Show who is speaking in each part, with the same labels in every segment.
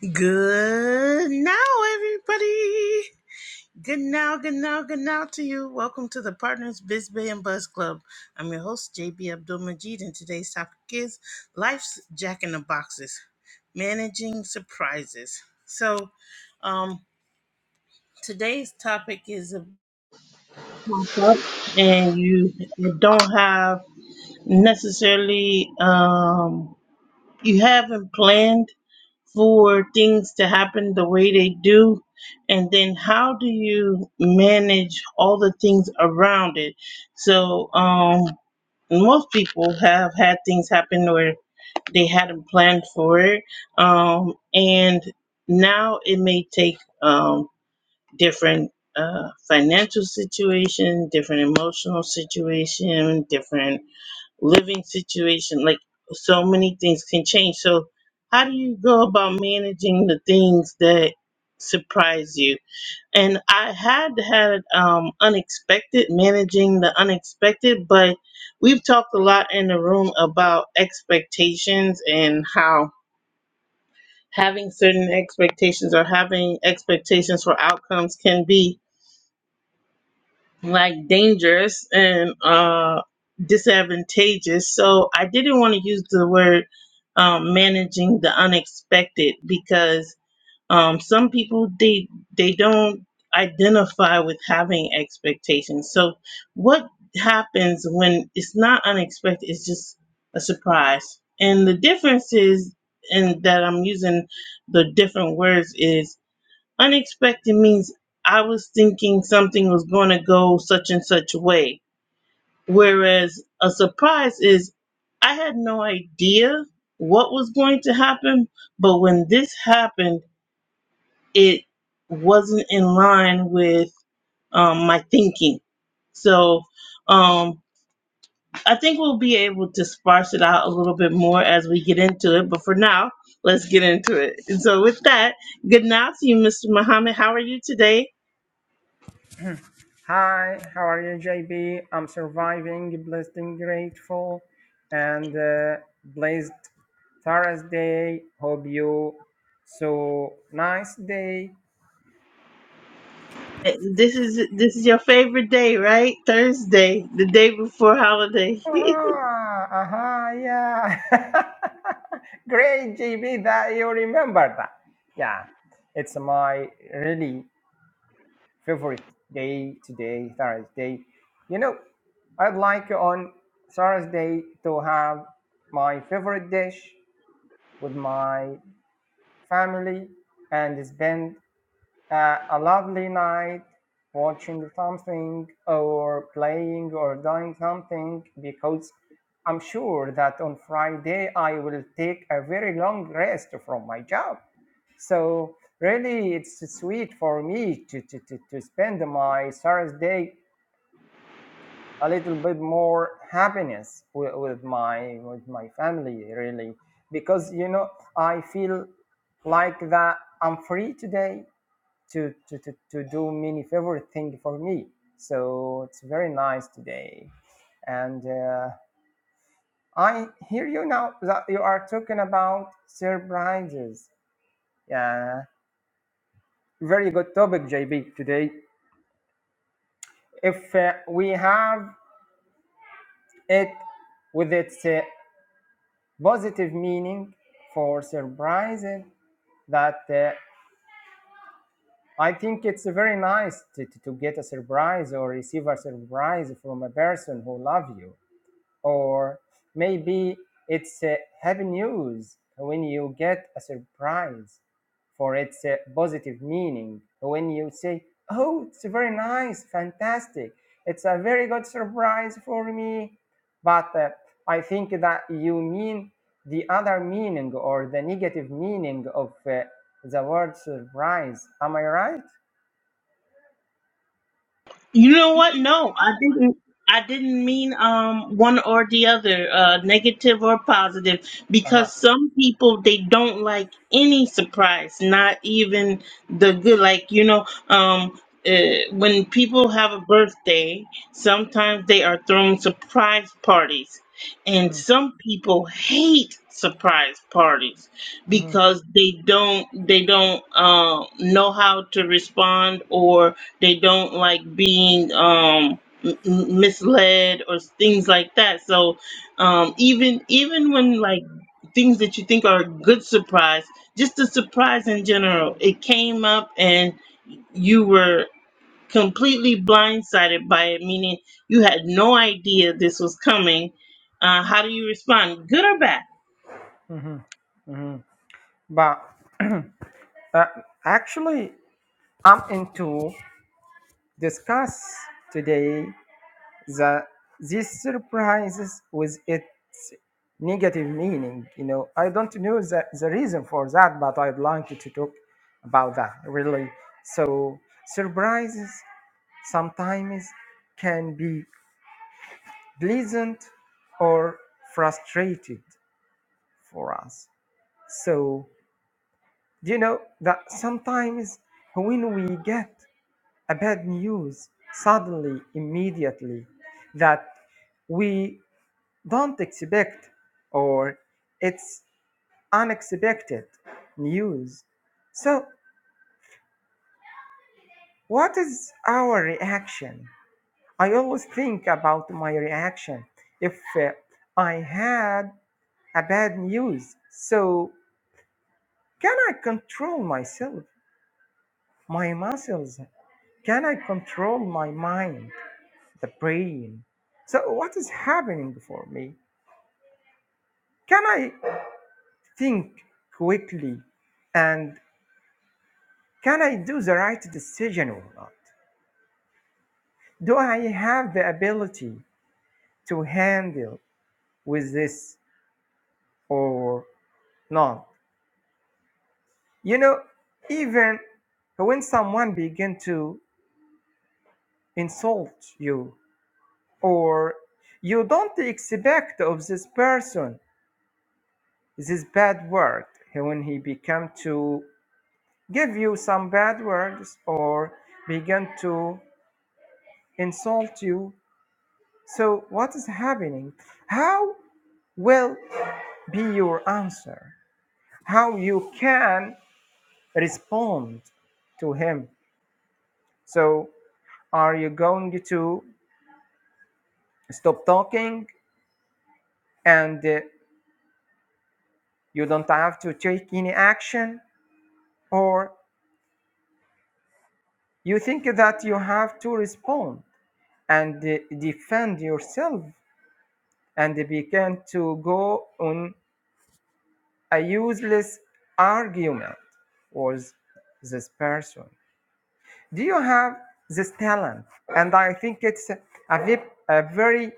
Speaker 1: Good now, everybody. Good now, good now, good now to you. Welcome to the Partners Biz Bay and Buzz Club. I'm your host, JB Abdul Majid, and today's topic is Life's Jack in the Boxes Managing Surprises. So, um, today's topic is, uh, and you don't have necessarily, um, you haven't planned for things to happen the way they do? And then how do you manage all the things around it? So, um, most people have had things happen where they hadn't planned for it. Um, and now it may take um, different uh, financial situation, different emotional situation, different living situation like so many things can change so how do you go about managing the things that surprise you and i had had um unexpected managing the unexpected but we've talked a lot in the room about expectations and how having certain expectations or having expectations for outcomes can be like dangerous and uh, disadvantageous. So I didn't want to use the word um, managing the unexpected because um, some people they they don't identify with having expectations. So what happens when it's not unexpected? It's just a surprise, and the difference is, and that I'm using the different words is Unexpected means I was thinking something was going to go such and such a way. Whereas a surprise is I had no idea what was going to happen, but when this happened, it wasn't in line with um, my thinking. So um, I think we'll be able to sparse it out a little bit more as we get into it. But for now, let's get into it. And so with that, good night to you, Mr. Muhammad. How are you today?
Speaker 2: Hi, how are you, JB? I'm surviving, blessed and grateful, and uh, blessed Thursday. Hope you so nice day.
Speaker 1: This is this is your favorite day, right? Thursday, the day before holiday.
Speaker 2: Aha, aha, yeah. Great, JB, that you remember that. Yeah, it's my really favorite day today, Thursday. You know, I'd like on Thursday to have my favorite dish with my family, and spend uh, a lovely night watching something or playing or doing something because I'm sure that on Friday I will take a very long rest from my job. So really, it's sweet for me to, to, to, to spend my Thursday a little bit more happiness with, with my with my family really because you know i feel like that i'm free today to to, to, to do many favorite thing for me so it's very nice today and uh, i hear you now that you are talking about surprises yeah very good topic jb today if uh, we have it with its uh, positive meaning for surprise that uh, I think it's very nice to, to, get a surprise or receive a surprise from a person who loves you or maybe it's uh, happy news when you get a surprise for its uh, positive meaning when you say oh it's very nice fantastic it's a very good surprise for me but uh, i think that you mean the other meaning or the negative meaning of uh, the word surprise am i right
Speaker 1: You know
Speaker 2: You
Speaker 1: what?
Speaker 2: know what?
Speaker 1: No,
Speaker 2: No.
Speaker 1: I didn't. I didn't mean um one or the other, uh, negative or positive,
Speaker 2: uh-huh.
Speaker 1: because some people they don't like any surprise, not even the good. Like you know, um, uh, when people have a birthday, sometimes they are throwing surprise parties, and
Speaker 2: Mhm,
Speaker 1: some people hate surprise parties
Speaker 2: mhm,
Speaker 1: because they don't they don't uh, know how to respond or they don't like being um m- m- misled or things like that so um even even when like things that you think are a good surprise just a surprise in general it came up and you were completely blindsided by it meaning you had no idea this was coming uh how do you respond good or bad
Speaker 2: mhm. but uh, actually I'm into discuss today the these surprises with its negative meaning. You know, I don't know the, the reason for that, but I'd like to talk about that really. So surprises sometimes can be pleasant or frustrated for us. So do you know that sometimes when we get a bad news suddenly, immediately, that we don't expect or it's unexpected news. So, what is our reaction? I always think about my reaction if uh, I had a bad news. So, can I control myself, my muscles? Can I control my mind, the brain? So, what is happening for me? Can I think quickly and can I do the right decision or not? Do I have the ability to handle with this or not? You know, even when someone begin to insult you or you don't expect of this person this bad word when he become to give you some bad words or begin to insult you So, what is happening? How will be your answer? How you can respond to him? So, are you going to stop talking and uh, you don't have to take any action, or you think that you have to respond and uh, defend yourself and begin to go on a useless argument with this person? do you have this talent and i think it's a, a very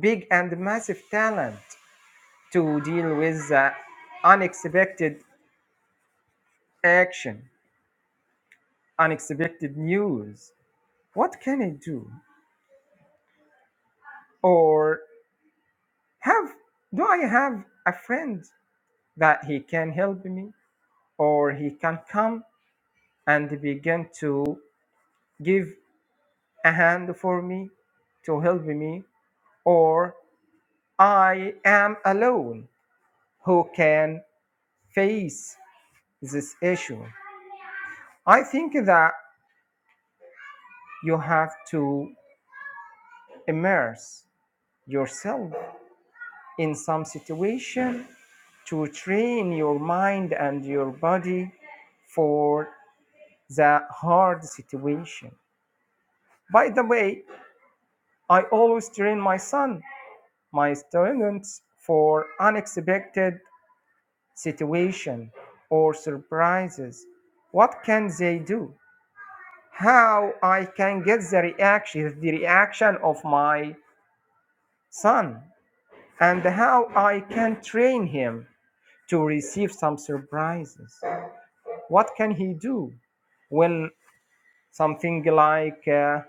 Speaker 2: big and massive talent to deal with uh, unexpected action unexpected news what can i do or have do i have a friend that he can help me or he can come and begin to give a hand for me to help me or i am alone who can face this issue. I think that you have to immerse yourself in some situation to train your mind and your body for the hard situation. By the way, I always train my son, my students for unexpected situation or surprises. What can they do? how I can get the reaction, the reaction of my son, and how I can train him to receive some surprises. What can he do? Well, something like uh,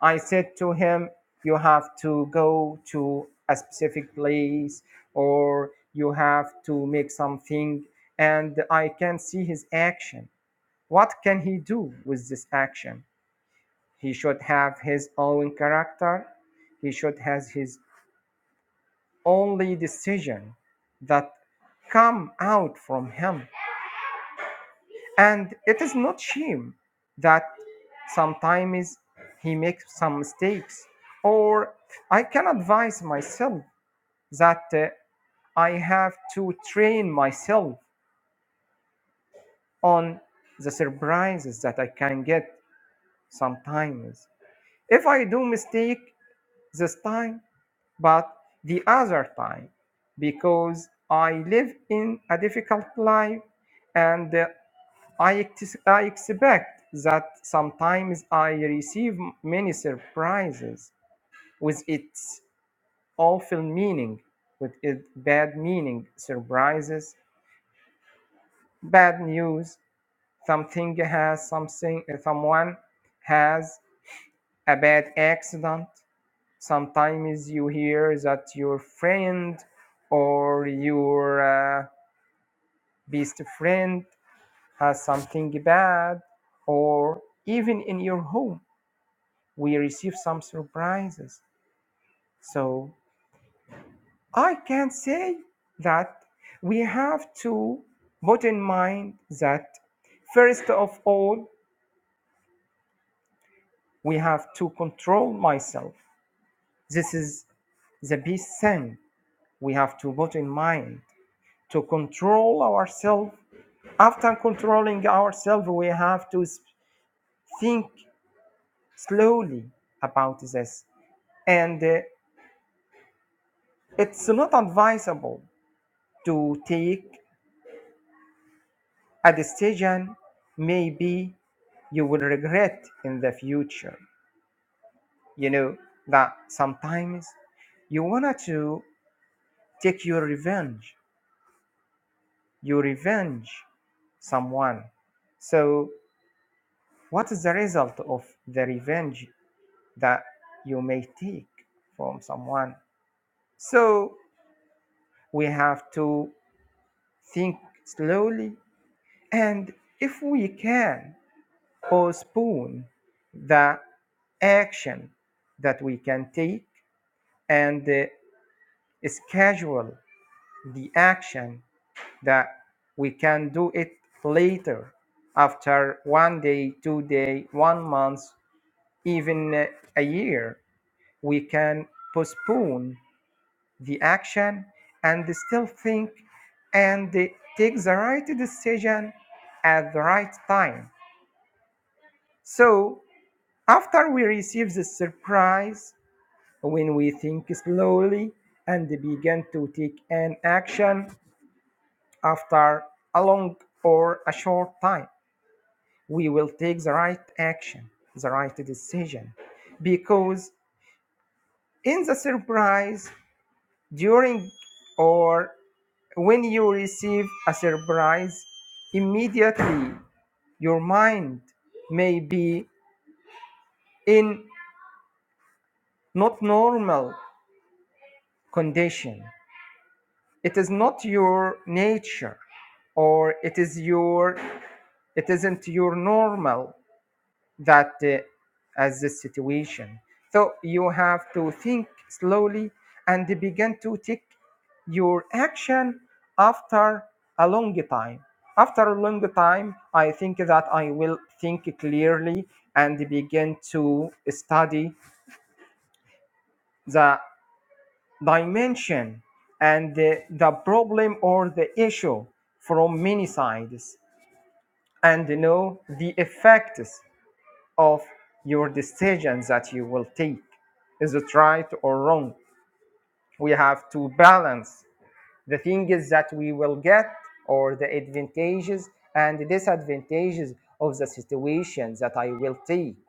Speaker 2: I said to him, you have to go to a specific place or you have to make something, and I can see his action. What can he do with this action? He should have his own character. He should have his only decision that come out from him. And it is not shame that sometimes he makes some mistakes. Or I can advise myself that uh, I have to train myself on the surprises that I can get sometimes. If I do mistake this time, but the other time because I live in a difficult life and uh, I, ex- I expect that sometimes I receive many surprises with its awful meaning, with its bad meaning, surprises, bad news, something has something, someone has a bad accident, sometimes you hear that your friend or your uh, best friend has something bad or even in your home we receive some surprises so i can say that we have to put in mind that first of all we have to control myself this is the best thing we have to put in mind to control ourselves After controlling ourselves, we have to think slowly about this. And uh, it's not advisable to take a decision maybe you will regret in the future. You know that sometimes you want to take your revenge, you revenge someone. So, what is the result of the revenge that you may take from someone? So we have to think slowly. And if we can postpone the action that we can take and uh, schedule the action that we can do it later after one day, two day, one month, even uh, a year, we can postpone the action and still think and take the right decision at the right time. So, after we receive the surprise, when we think slowly and begin to take an action after a long or a short time, we will take the right action, the right decision. Because in the surprise, during or When you receive a surprise, immediately your mind may be in not normal condition. It is not your nature or it is your it isn't your normal that uh, as the situation. So you have to think slowly and begin to take your action after a long time. After a long time, I think that I will think clearly and begin to study the dimension and the, the problem or the issue from many sides and know the effects of your decisions that you will take. Is it right or wrong? We have to balance the things that we will get or the advantages and disadvantages of the situations that I will take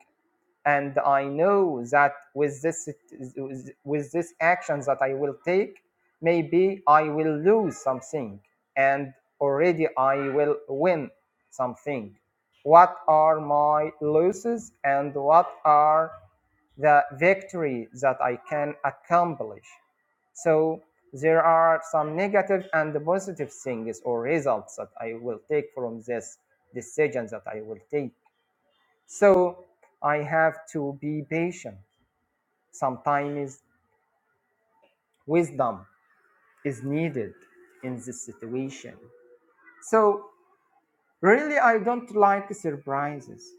Speaker 2: and i know that with this with this actions that i will take maybe i will lose something and already i will win something what are my losses and what are the victory that i can accomplish so there are some negative and positive things or results that i will take from this decisions that i will take so I have to be patient. Sometimes wisdom is needed in this situation. So really, I don't like surprises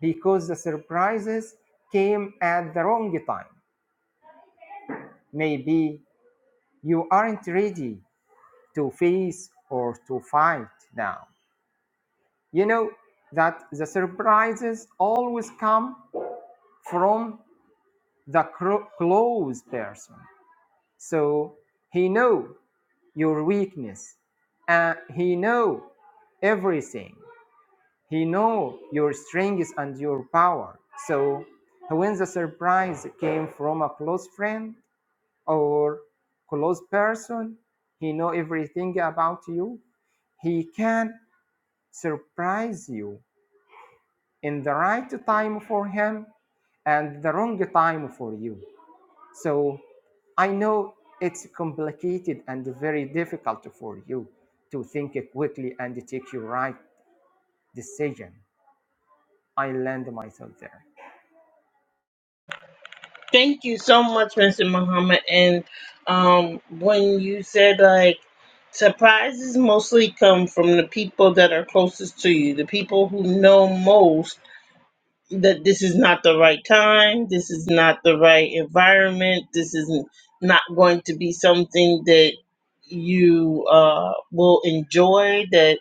Speaker 2: because the surprises came at the wrong time. Maybe you aren't ready to face or to fight now. You know that the surprises always come from the cro- close person. So he know your weakness. And he know everything. He know your strengths and your power. So when the surprise came from a close friend or close person, he know everything about you. He can surprise you in the right time for him and the wrong time for you. So I know it's complicated and very difficult for you to think quickly and take your right decision. I land myself there.
Speaker 1: Thank you so much, Mr. Muhammad. And um, when you said like surprises mostly come from the people that are closest to you, the people who know most that this is not the right time, this is not the right environment, this is not going to be something that you uh, will enjoy. That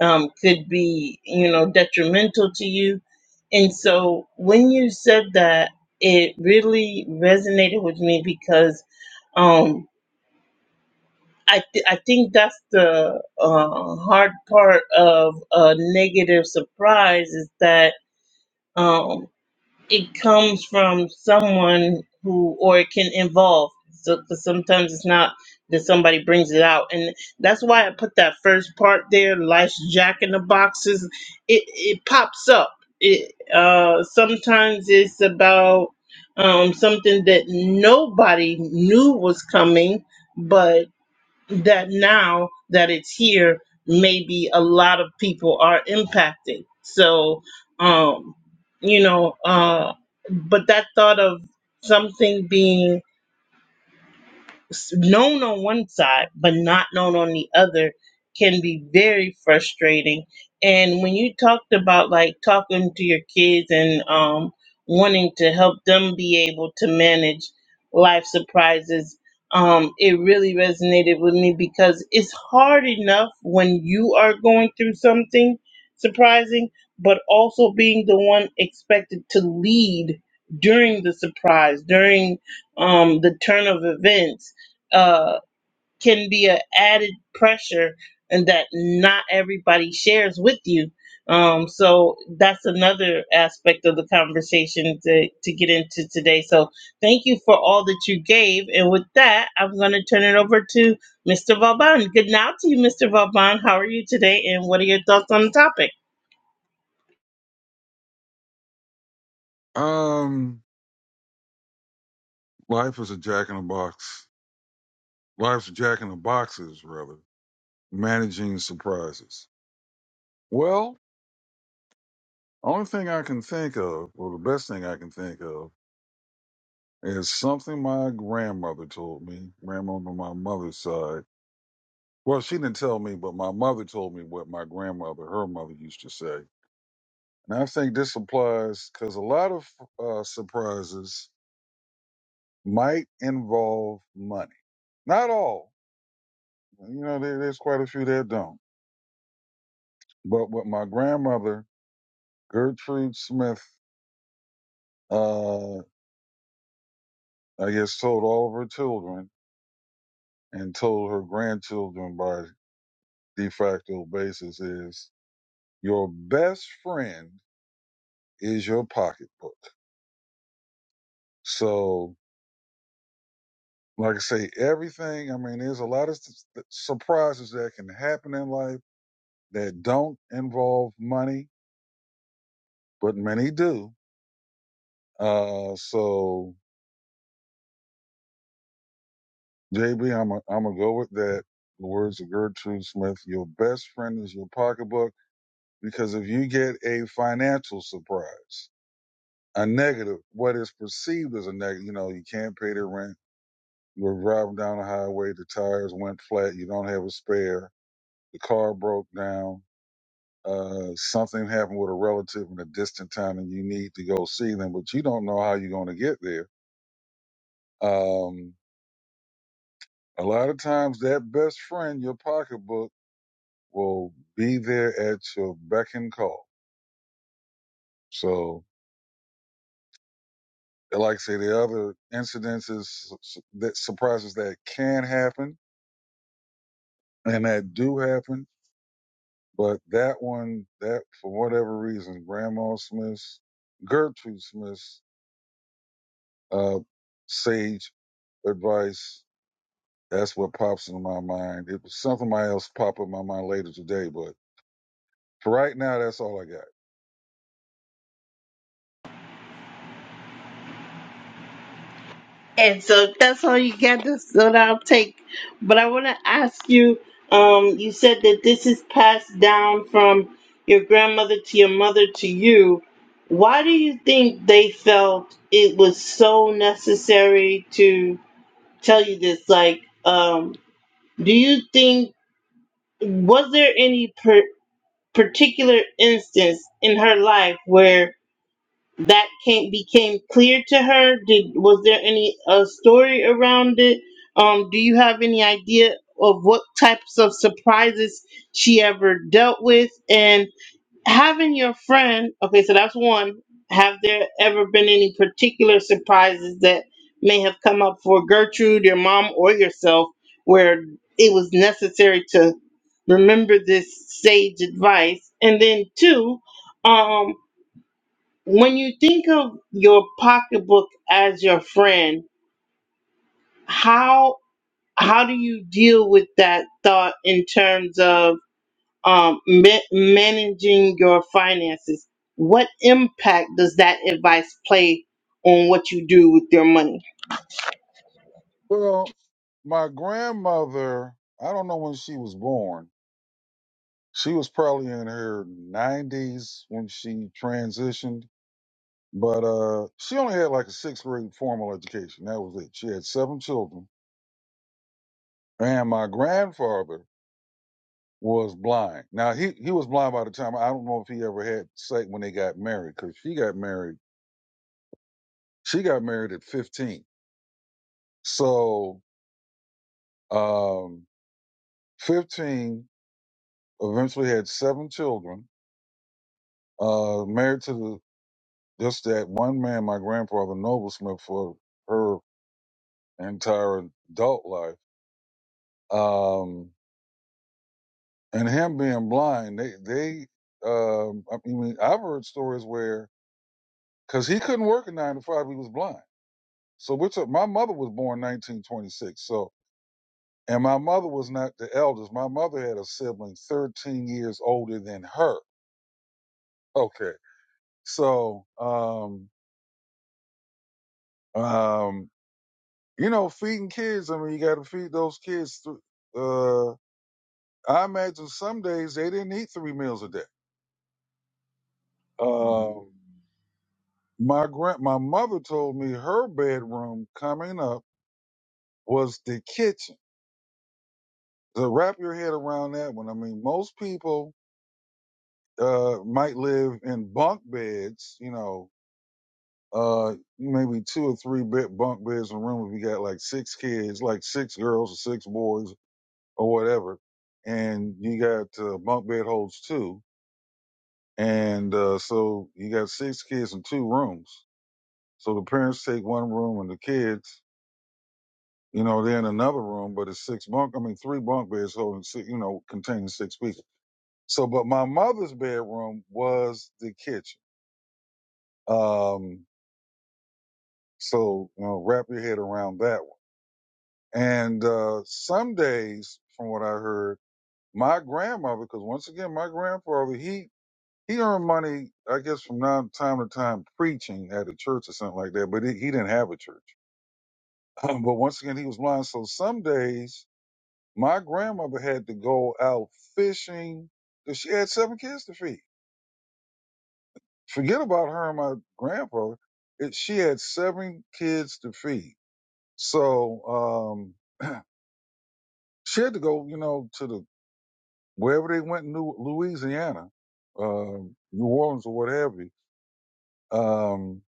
Speaker 1: um, could be, you know, detrimental to you. And so when you said that, it really resonated with me because um, I, th- I think that's the uh, hard part of a negative surprise is that um, it comes from someone who or it can involve so cause sometimes it's not that somebody brings it out and that's why i put that first part there life's jack in the boxes it it pops up it uh sometimes it's about um something that nobody knew was coming but that now that it's here, maybe a lot of people are impacted. So, um, you know, uh, but that thought of something being s- known on one side but not known on the other can be very frustrating and when you talked about like talking to your kids and um wanting to help them be able to manage life surprises um it really resonated with me because it's hard enough when you are going through something surprising but also being the one expected to lead during the surprise during um the turn of events uh, can be an added pressure and that not everybody shares with you. Um, so that's another aspect of the conversation to, to get into today. So thank you for all that you gave. And with that, I'm going to turn it over to Mr. Vauban. Good night to you, Mr. Vauban. How are you today? And what are your thoughts on the topic?
Speaker 3: Um, life is a jack in a box. Life's a jack in the boxes, rather. Managing surprises. Well, only thing I can think of, or the best thing I can think of, is something my grandmother told me. Grandmother on my mother's side. Well, she didn't tell me, but my mother told me what my grandmother, her mother, used to say. And I think this applies because a lot of uh, surprises might involve money. Not all. You know, there, there's quite a few that don't But what my grandmother, Gertrude Smith, uh, I guess told all of her children and told her grandchildren by de facto basis is your best friend is your pocketbook. So, like I say, everything, I mean, there's a lot of s- surprises that can happen in life that don't involve money, but many do. Uh, so JB, I'm i I'm gonna go with that. The words of Gertrude Smith: "Your best friend is your pocketbook, because if you get a financial surprise, a negative, what is perceived as a negative, you know, you can't pay the rent, you're driving down the highway, the tires went flat, you don't have a spare, the car broke down, uh, something happened with a relative in a distant town, and you need to go see them, but you don't know how you're gonna get there. Um, a lot of times, that best friend, your pocketbook." will be there at your beck and call. So, like I say, the other incidences, that surprises that can happen and that do happen, but that one, that for whatever reason, Grandma Smith's, Gertrude Smith's, uh, sage advice, that's what pops into my mind. It was something else pop in my mind later today, but for right now, that's all I got.
Speaker 1: And so that's all you got. That's what I'll take. But I want to ask you. Um, you said that this is passed down from your grandmother to your mother to you. Why do you think they felt it was so necessary to tell you this? Like, um, do you think was there any per- particular instance in her life where that came became clear to her did was there any uh, story around it um do you have any idea of what types of surprises she ever dealt with and having your friend okay so that's one have there ever been any particular surprises that may have come up for gertrude your mom or yourself where it was necessary to remember this sage advice and then two um when you think of your pocketbook as your friend how how do you deal with that thought in terms of um, ma- managing your finances what impact does that advice play on what you do with your money
Speaker 3: Well, my grandmother, I don't know when she was born, She was probably in her 90s when she transitioned, but uh, she only had like a sixth grade formal education. That was it. She had seven children, and my grandfather was blind. Now he he was blind by the time I don't know if he ever had sight when they got married because she got married. She got married at 15. So um, 15 eventually had seven children. Uh, married to the, just that one man, my grandfather Noble Smith, for her entire adult life. Um, and him being blind, they, they, um, I mean, I've heard stories where, cause he couldn't work a nine to five, he was blind. So which my mother was born 1926. So, and my mother was not the eldest. My mother had a sibling 13 years older than her. Okay. So, um, um, you know, feeding kids, I mean, you got to feed those kids. Through, uh, I imagine some days they didn't eat three meals a day. Um, My grand, my mother told me her bedroom coming up was the kitchen. To wrap your head around that one, I mean, most people uh, might live in bunk beds, you know, uh, maybe two or three bed bunk beds in a room if you got like six kids, like six girls or six boys or whatever, and you got uh, bunk bed holds two, and uh, so you got six kids in two rooms. So the parents take one room and the kids You know, they're in another room, but it's six bunk. I mean, three bunk beds holding six, you know, containing six people. So, but my mother's bedroom was the kitchen. Um, so you know, wrap your head around that one. And uh, some days, from what I heard, my grandmother, because once again, my grandfather, he he earned money, I guess, from non- time to time preaching at a church or something like that. But he, he didn't have a church. but once again, he was blind. So some days My grandmother had to go out fishing. She had seven kids to feed. Forget about her and my grandpa. It, she had seven kids to feed. So um, she had to go, you know, to the wherever they went in New, Louisiana, um, New Orleans or what have you. Because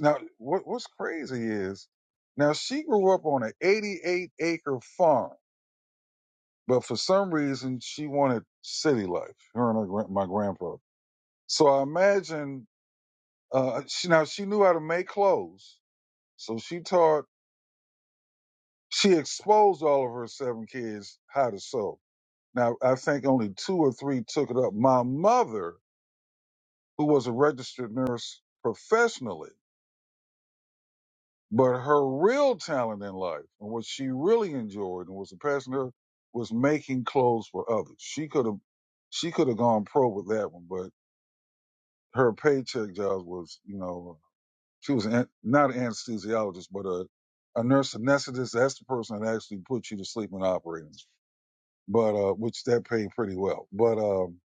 Speaker 3: now, what, what's crazy is now she grew up on an 88 acre farm, but for some reason she wanted city life. Her and her, my grandpa. So I imagine uh, she now she knew how to make clothes, so she taught she exposed all of her seven kids how to sew. Now I think only two or three took it up. My mother, who was a registered nurse professionally, but her real talent in life and what she really enjoyed and was a passion her was making clothes for others. She could have she could have gone pro with that one, but her paycheck jobs was, you know, She was an, not an anesthesiologist, but a, a nurse anesthetist. That's the person that actually put you to sleep in the operating, room. but uh, which that paid pretty well. But um,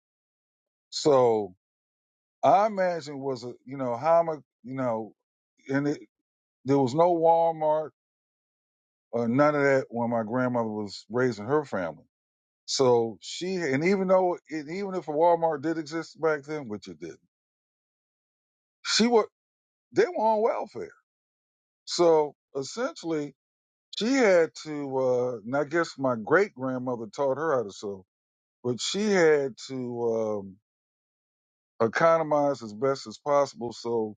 Speaker 3: so I imagine was a you know how am I you know, and it, there was no Walmart or none of that when my grandmother was raising her family. So she and even though and even if a Walmart did exist back then, which it didn't, she was they were on welfare. So essentially, She had to, uh, and I guess my great grandmother taught her how to sew, but she had to um, economize as best as possible. So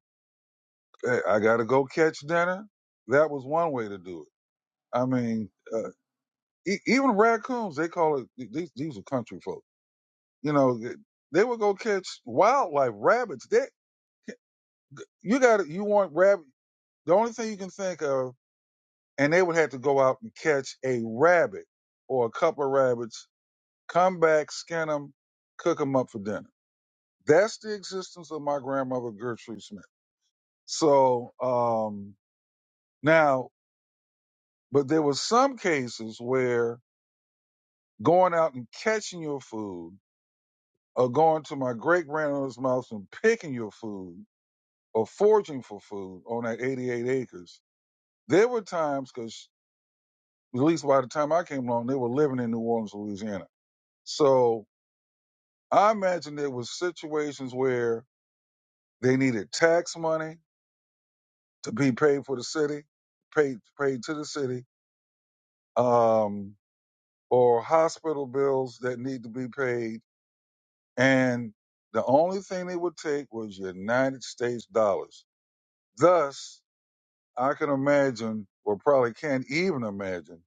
Speaker 3: hey, I got to go catch dinner. That was one way to do it. I mean, uh, e- even raccoons, they call it, these, these are country folk. You know, they they would go catch wildlife, rabbits. They, you got to, you want rabbit. The only thing you can think of, and they would have to go out and catch a rabbit or a couple of rabbits come back, skin them, cook them up for dinner. That's the existence of my grandmother Gertrude Smith. So um, now, but there were some cases where going out and catching your food, or going to my great grandmother's mouth and picking your food, or foraging for food on that 88 acres. There were times because at least by the time I came along, they were living in New Orleans, Louisiana. So I imagine there was situations where they needed tax money to be paid for the city, paid paid to the city, um, or hospital bills that need to be paid. And the only thing they would take was United States dollars. Thus, I can imagine, or probably can't even imagine,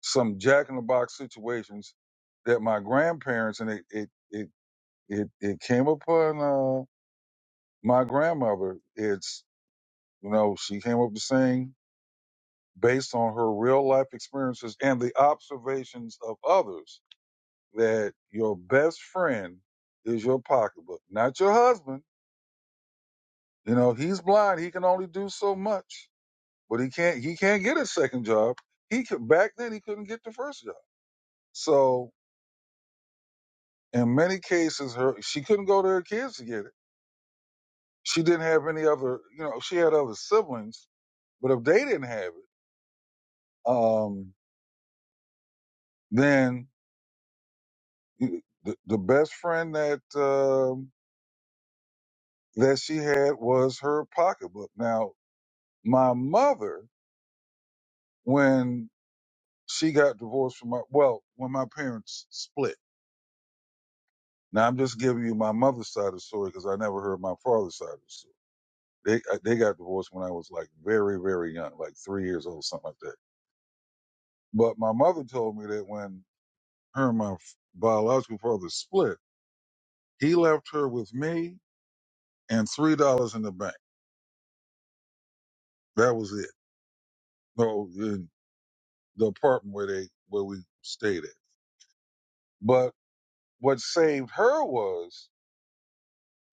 Speaker 3: some jack in the box situations that my grandparents and it it it it, it came upon uh, my grandmother. It's you know she came up to sing based on her real life experiences and the observations of others that your best friend is your pocketbook, not your husband. You know, he's blind. He can only do so much, but he can't, he can't get a second job. He could, back then he couldn't get the first job. So in many cases, her, she couldn't go to her kids to get it. She didn't have any other, you know, she had other siblings, but if they didn't have it, um, then the, the best friend that, um, that she had was her pocketbook. Now, my mother, when she got divorced from my, well, when my parents split. Now, I'm just giving you my mother's side of the story because I never heard my father's side of the story. They, uh, they got divorced when I was like very, very young, like three years old, something like that. But my mother told me that when her and my f- biological father split, he left her with me and $3 in the bank. That was it. No, in the apartment where they, where we stayed at. But What saved her was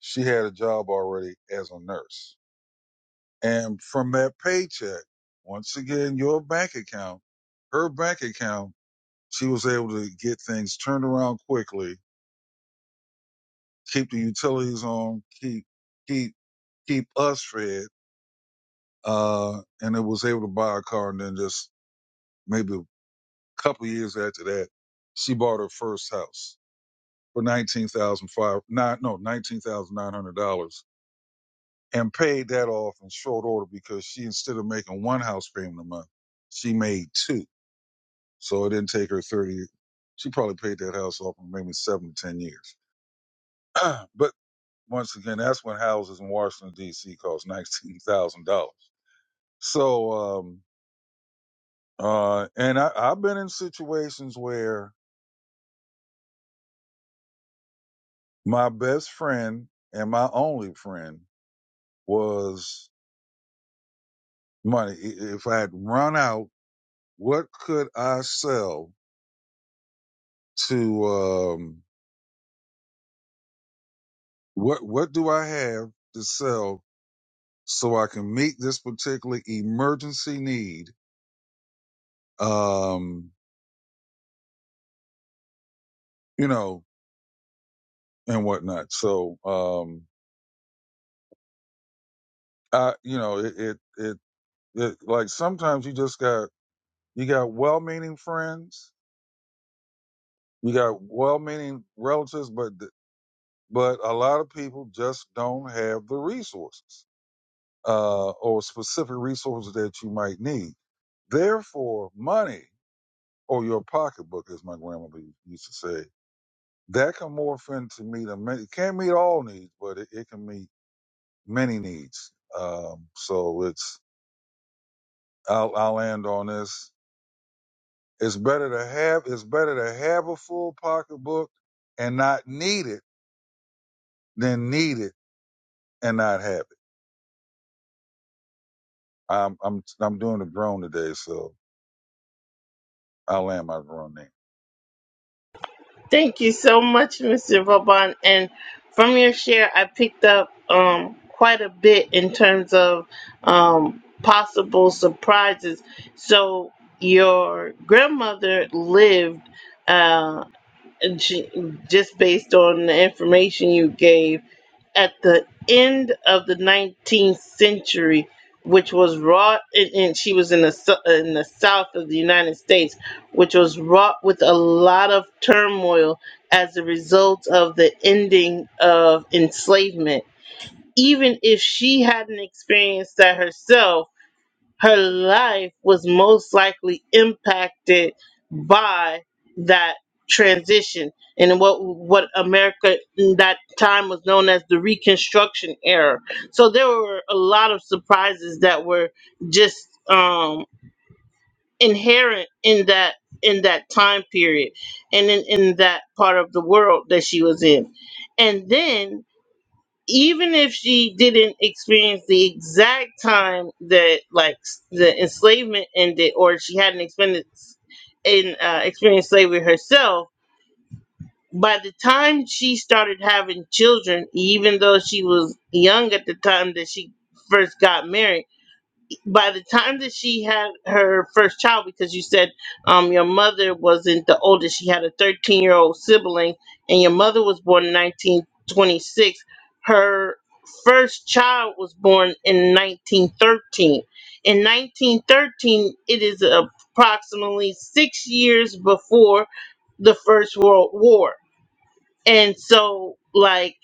Speaker 3: she had a job already as a nurse. And from that paycheck, once again, your bank account, her bank account, she was able to get things turned around quickly, keep the utilities on, keep, keep, keep us fed. Uh, and it was able to buy a car. And then just maybe a couple of years after that, she bought her first house for nineteen thousand five, not, no, $19,900 and paid that off in short order because she instead of making one house payment a month, she made two. So it didn't take her thirty. She probably paid that house off in maybe seven to ten years. but once again, that's when houses in Washington D.C. cost nineteen thousand dollars. So, um, uh, and I, I've been in situations where my best friend and my only friend was money. If I had run out, what could I sell to? Um, What what do I have to sell so I can meet this particular emergency need? Um, you know, and whatnot. So, um, I you know, it it it, it like sometimes you just got you got well-meaning friends, you got well-meaning relatives, but th- but a lot of people just don't have the resources uh, or specific resources that you might need. Therefore, money or your pocketbook, as my grandmother used to say, that can morph into meet a many, can't meet all needs, but it, it can meet many needs. Um, so it's I'll I'll end on this. It's better to have it's better to have a full pocketbook and not need it than need it and not have it. I'm I'm I'm doing a drone today, so I'll land my drone name.
Speaker 1: Thank you so much, Mr. Vauban. And from your share, I picked up um, quite a bit in terms of um, possible surprises. So, your grandmother lived uh, and she, just based on the information you gave at the end of the 19th century, which was wrought, and, and she was in the sou- in the south of the United States, which was wrought with a lot of turmoil as a result of the ending of enslavement. Even if she hadn't experienced that herself her life was most likely impacted by that transition and what what America in that time was known as the Reconstruction era. So there were a lot of surprises that were just um, inherent in that in that time period and in, in that part of the world that she was in. And then even if she didn't experience the exact time that like s- the enslavement ended or she hadn't experienced in uh, experienced slavery herself by the time she started having children even though she was young at the time that she first got married by the time that she had her first child, because you said um, your mother wasn't the oldest, she had a 13 year old sibling, and your mother was born in 1926. Her first child was born in 1913. In 1913, it is approximately six years before the First World War. And so, like,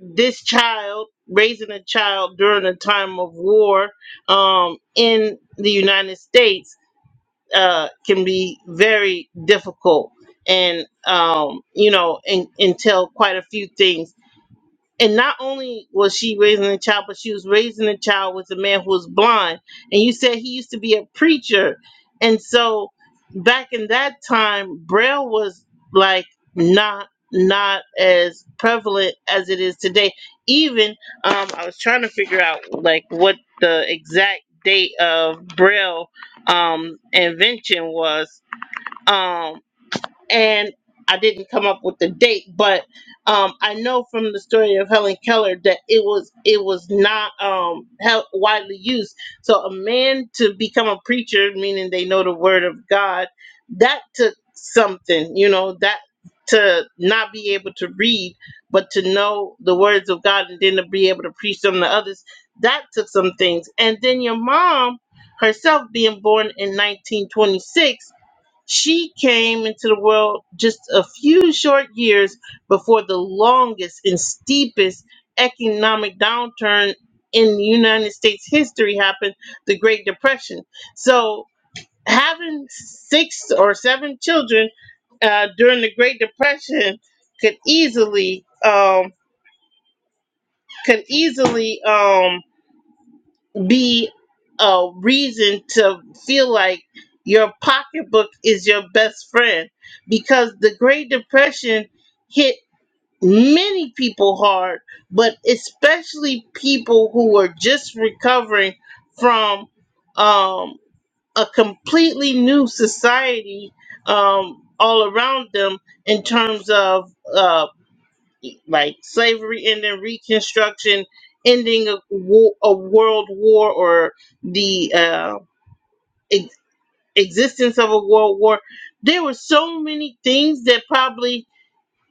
Speaker 1: this child raising a child during a time of war um, in the united states uh, can be very difficult and um, you know and, entail quite a few things and not only was she raising a child, but she was raising a child with a man who was blind. And you said he used to be a preacher, and so back in that time, Braille was like not not as prevalent as it is today. Even um, I was trying to figure out like what the exact date of Braille um, invention was. Um, and I didn't come up with the date, but um, I know from the story of Helen Keller that it was it was not um, hel- widely used. So a man to become a preacher, meaning they know the word of God, that took something, you know, that to not be able to read, but to know the words of God and then to be able to preach them to others, that took some things. And then your mom herself being born in 1926 she came into the world just a few short years before the longest and steepest economic downturn in United States history happened, the Great Depression. So, having six or seven children uh, during the Great Depression could easily um, could easily um, be a reason to feel like your pocketbook is your best friend because the Great Depression hit many people hard, but especially people who were just recovering from um, a completely new society um, all around them in terms of. uh, like slavery ending, Reconstruction ending, a, war, a world war, or the uh, ex- existence of a world war. There were so many things that probably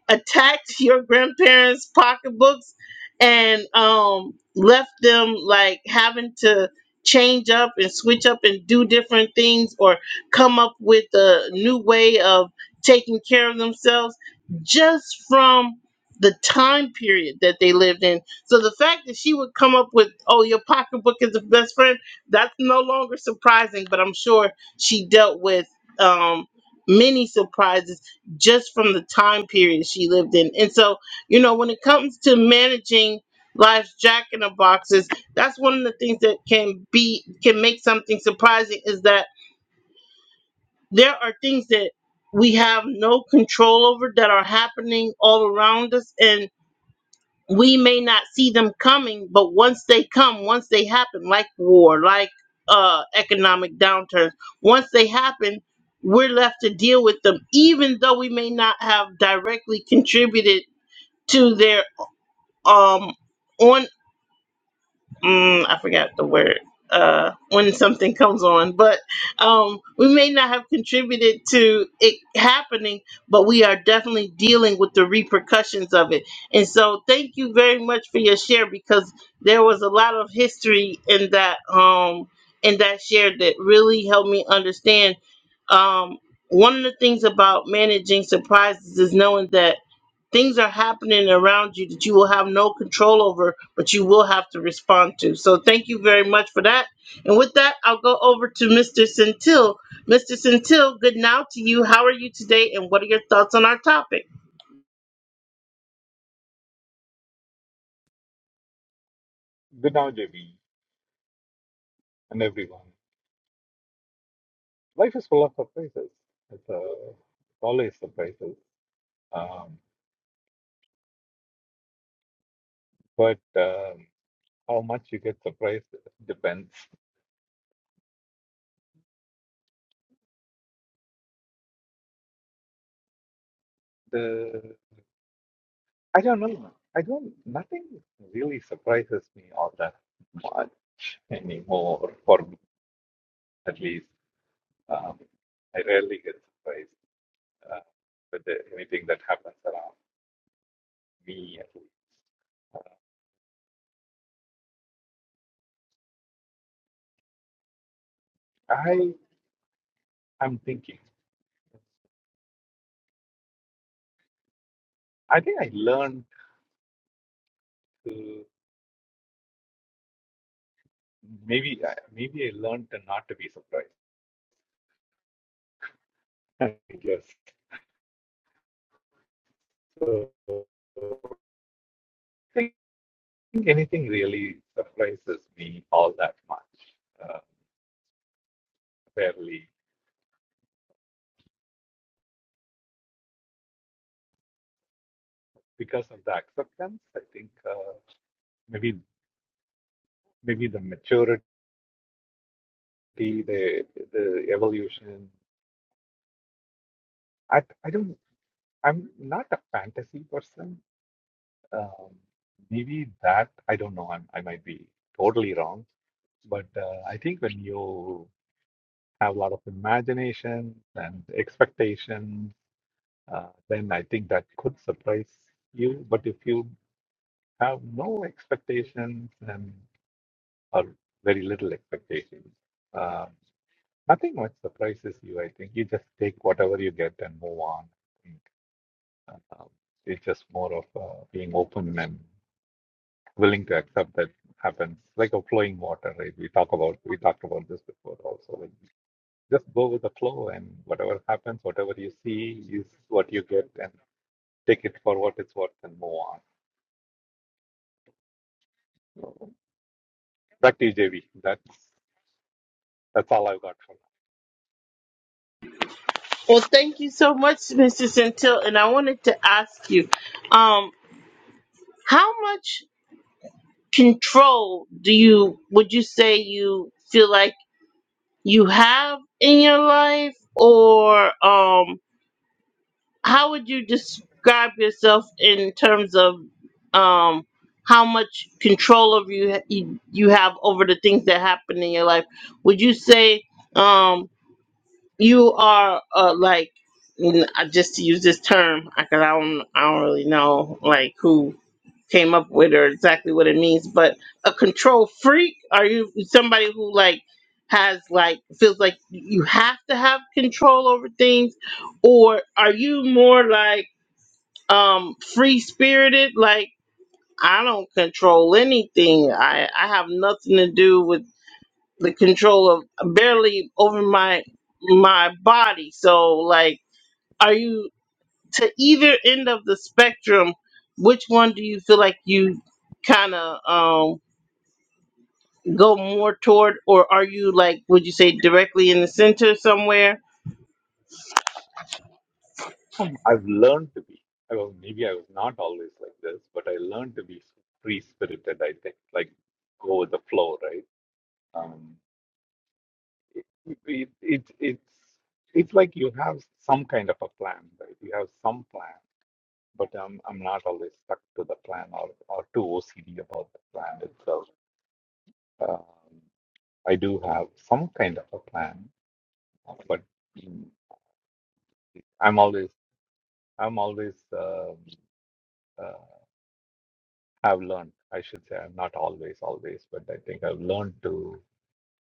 Speaker 1: attacked your grandparents' pocketbooks and um, left them like having to change up and switch up and do different things or come up with a new way of taking care of themselves just from the time period that they lived in. So the fact that she would come up with, oh, your pocketbook is the best friend, that's no longer surprising, but I'm sure she dealt with um, many surprises just from the time period she lived in. And so, you know, when it comes to managing life's jack in the boxes, that's one of the things that can be can make something surprising is that there are things that we have no control over that are happening all around us and we may not see them coming, but once they come, once they happen, like war, like uh, economic downturns, once they happen, we're left to deal with them, even though we may not have directly contributed to their um, on mm, I forgot the word uh when something comes on but um we may not have contributed to it happening but we are definitely dealing with the repercussions of it and so thank you very much for your share because there was a lot of history in that um in that share that really helped me understand um one of the things about managing surprises is knowing that Things are happening around you that you will have no control over, but you will have to respond to. So thank you very much for that. And with that, I'll go over to Mr. Centil. Mr. Centil, good now to you. How are you today, and what are your thoughts on our topic?
Speaker 4: Good now, JB, and everyone. Life is full of surprises. It's uh, it's always surprises. Um, but um, how much you get surprised depends. The I don't know. I don't. Nothing really surprises me all that much anymore. For me, at least, um, I rarely get surprised uh, with the, anything that happens around me. At least, I am thinking. I think I learned. maybe I- maybe I learned not to be surprised. I guess so. I think anything really surprises me all that much, uh, fairly because of the acceptance. I think uh, maybe maybe the maturity, the the evolution. I I don't. I'm not a fantasy person. Um, maybe that I don't know. I'm, I might be totally wrong. But uh, I think when you have a lot of imagination and expectations, uh, then I think that could surprise you. But if you have no expectations and or very little expectations, uh, nothing much surprises you. I think you just take whatever you get and move on. I think um, it's just more of uh, being open and willing to accept that happens, like a flowing water, right? We talk about we talked about this before also. Like Just go with the flow, and whatever happens, whatever you see is what you get, and take it for what it's worth and move on. Back to you, JB. That's that's all I've got for
Speaker 1: Well, thank you so much, Mr. Centil. And I wanted to ask you, um, how much control do you would you say you feel like you have in your life, or um, how would you describe yourself in terms of um how much control of you you you have over the things that happen in your life would you say um you are uh, like n- I- just to use this term because I don't I don't really know like who came up with or exactly what it means but a control freak are you somebody who like has like feels like you have to have control over things or are you more like um free spirited like i don't control anything i i have nothing to do with the control of barely over my my body so like are you to either end of the spectrum which one do you feel like you kind of um go more toward or are you like would you say directly in the center somewhere
Speaker 4: now. Um, I've learned to be. I was maybe I was not always like this, but I learned to be free spirited. I think like go with the flow, right? Um, it, it, it it's it's like you have some kind of a plan, right? You have some plan, but I'm I'm not always stuck to the plan or or too OCD about the plan itself Um, I do have some kind of a plan, but mm, I'm always I'm always um uh, have learned. I should say I'm not always always, but I think I've learned to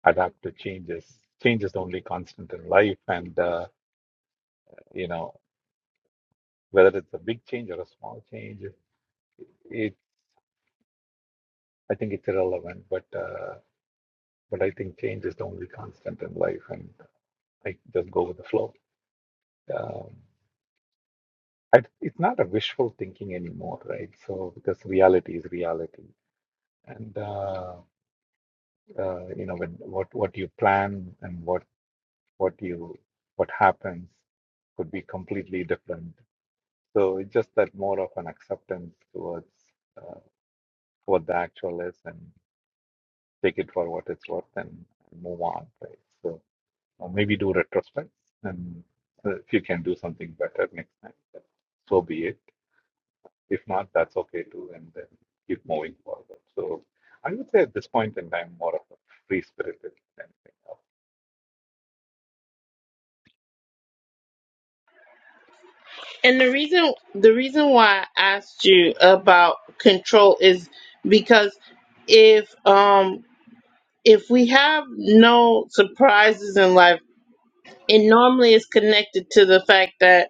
Speaker 4: adapt to changes. Change is the only constant in life, and uh, you know whether it's a big change or a small change, it I think it's irrelevant. But uh, but I think change is the only constant in life, and I just go with the flow. Um, I, it's not a wishful thinking anymore, right? So because reality is reality, and uh, uh, you know when what what you plan and what what you what happens could be completely different. So it's just that more of an acceptance towards uh, what the actual is and take it for what it's worth and move on, right? So or maybe do retrospects and uh, if you can do something better next time, then so be it. If not, that's okay too, and then keep moving forward. So I would say at this point in time, more of a free spirited than anything else.
Speaker 1: And the reason the reason why I asked you about control is because if um if we have no surprises in life, it normally is connected to the fact that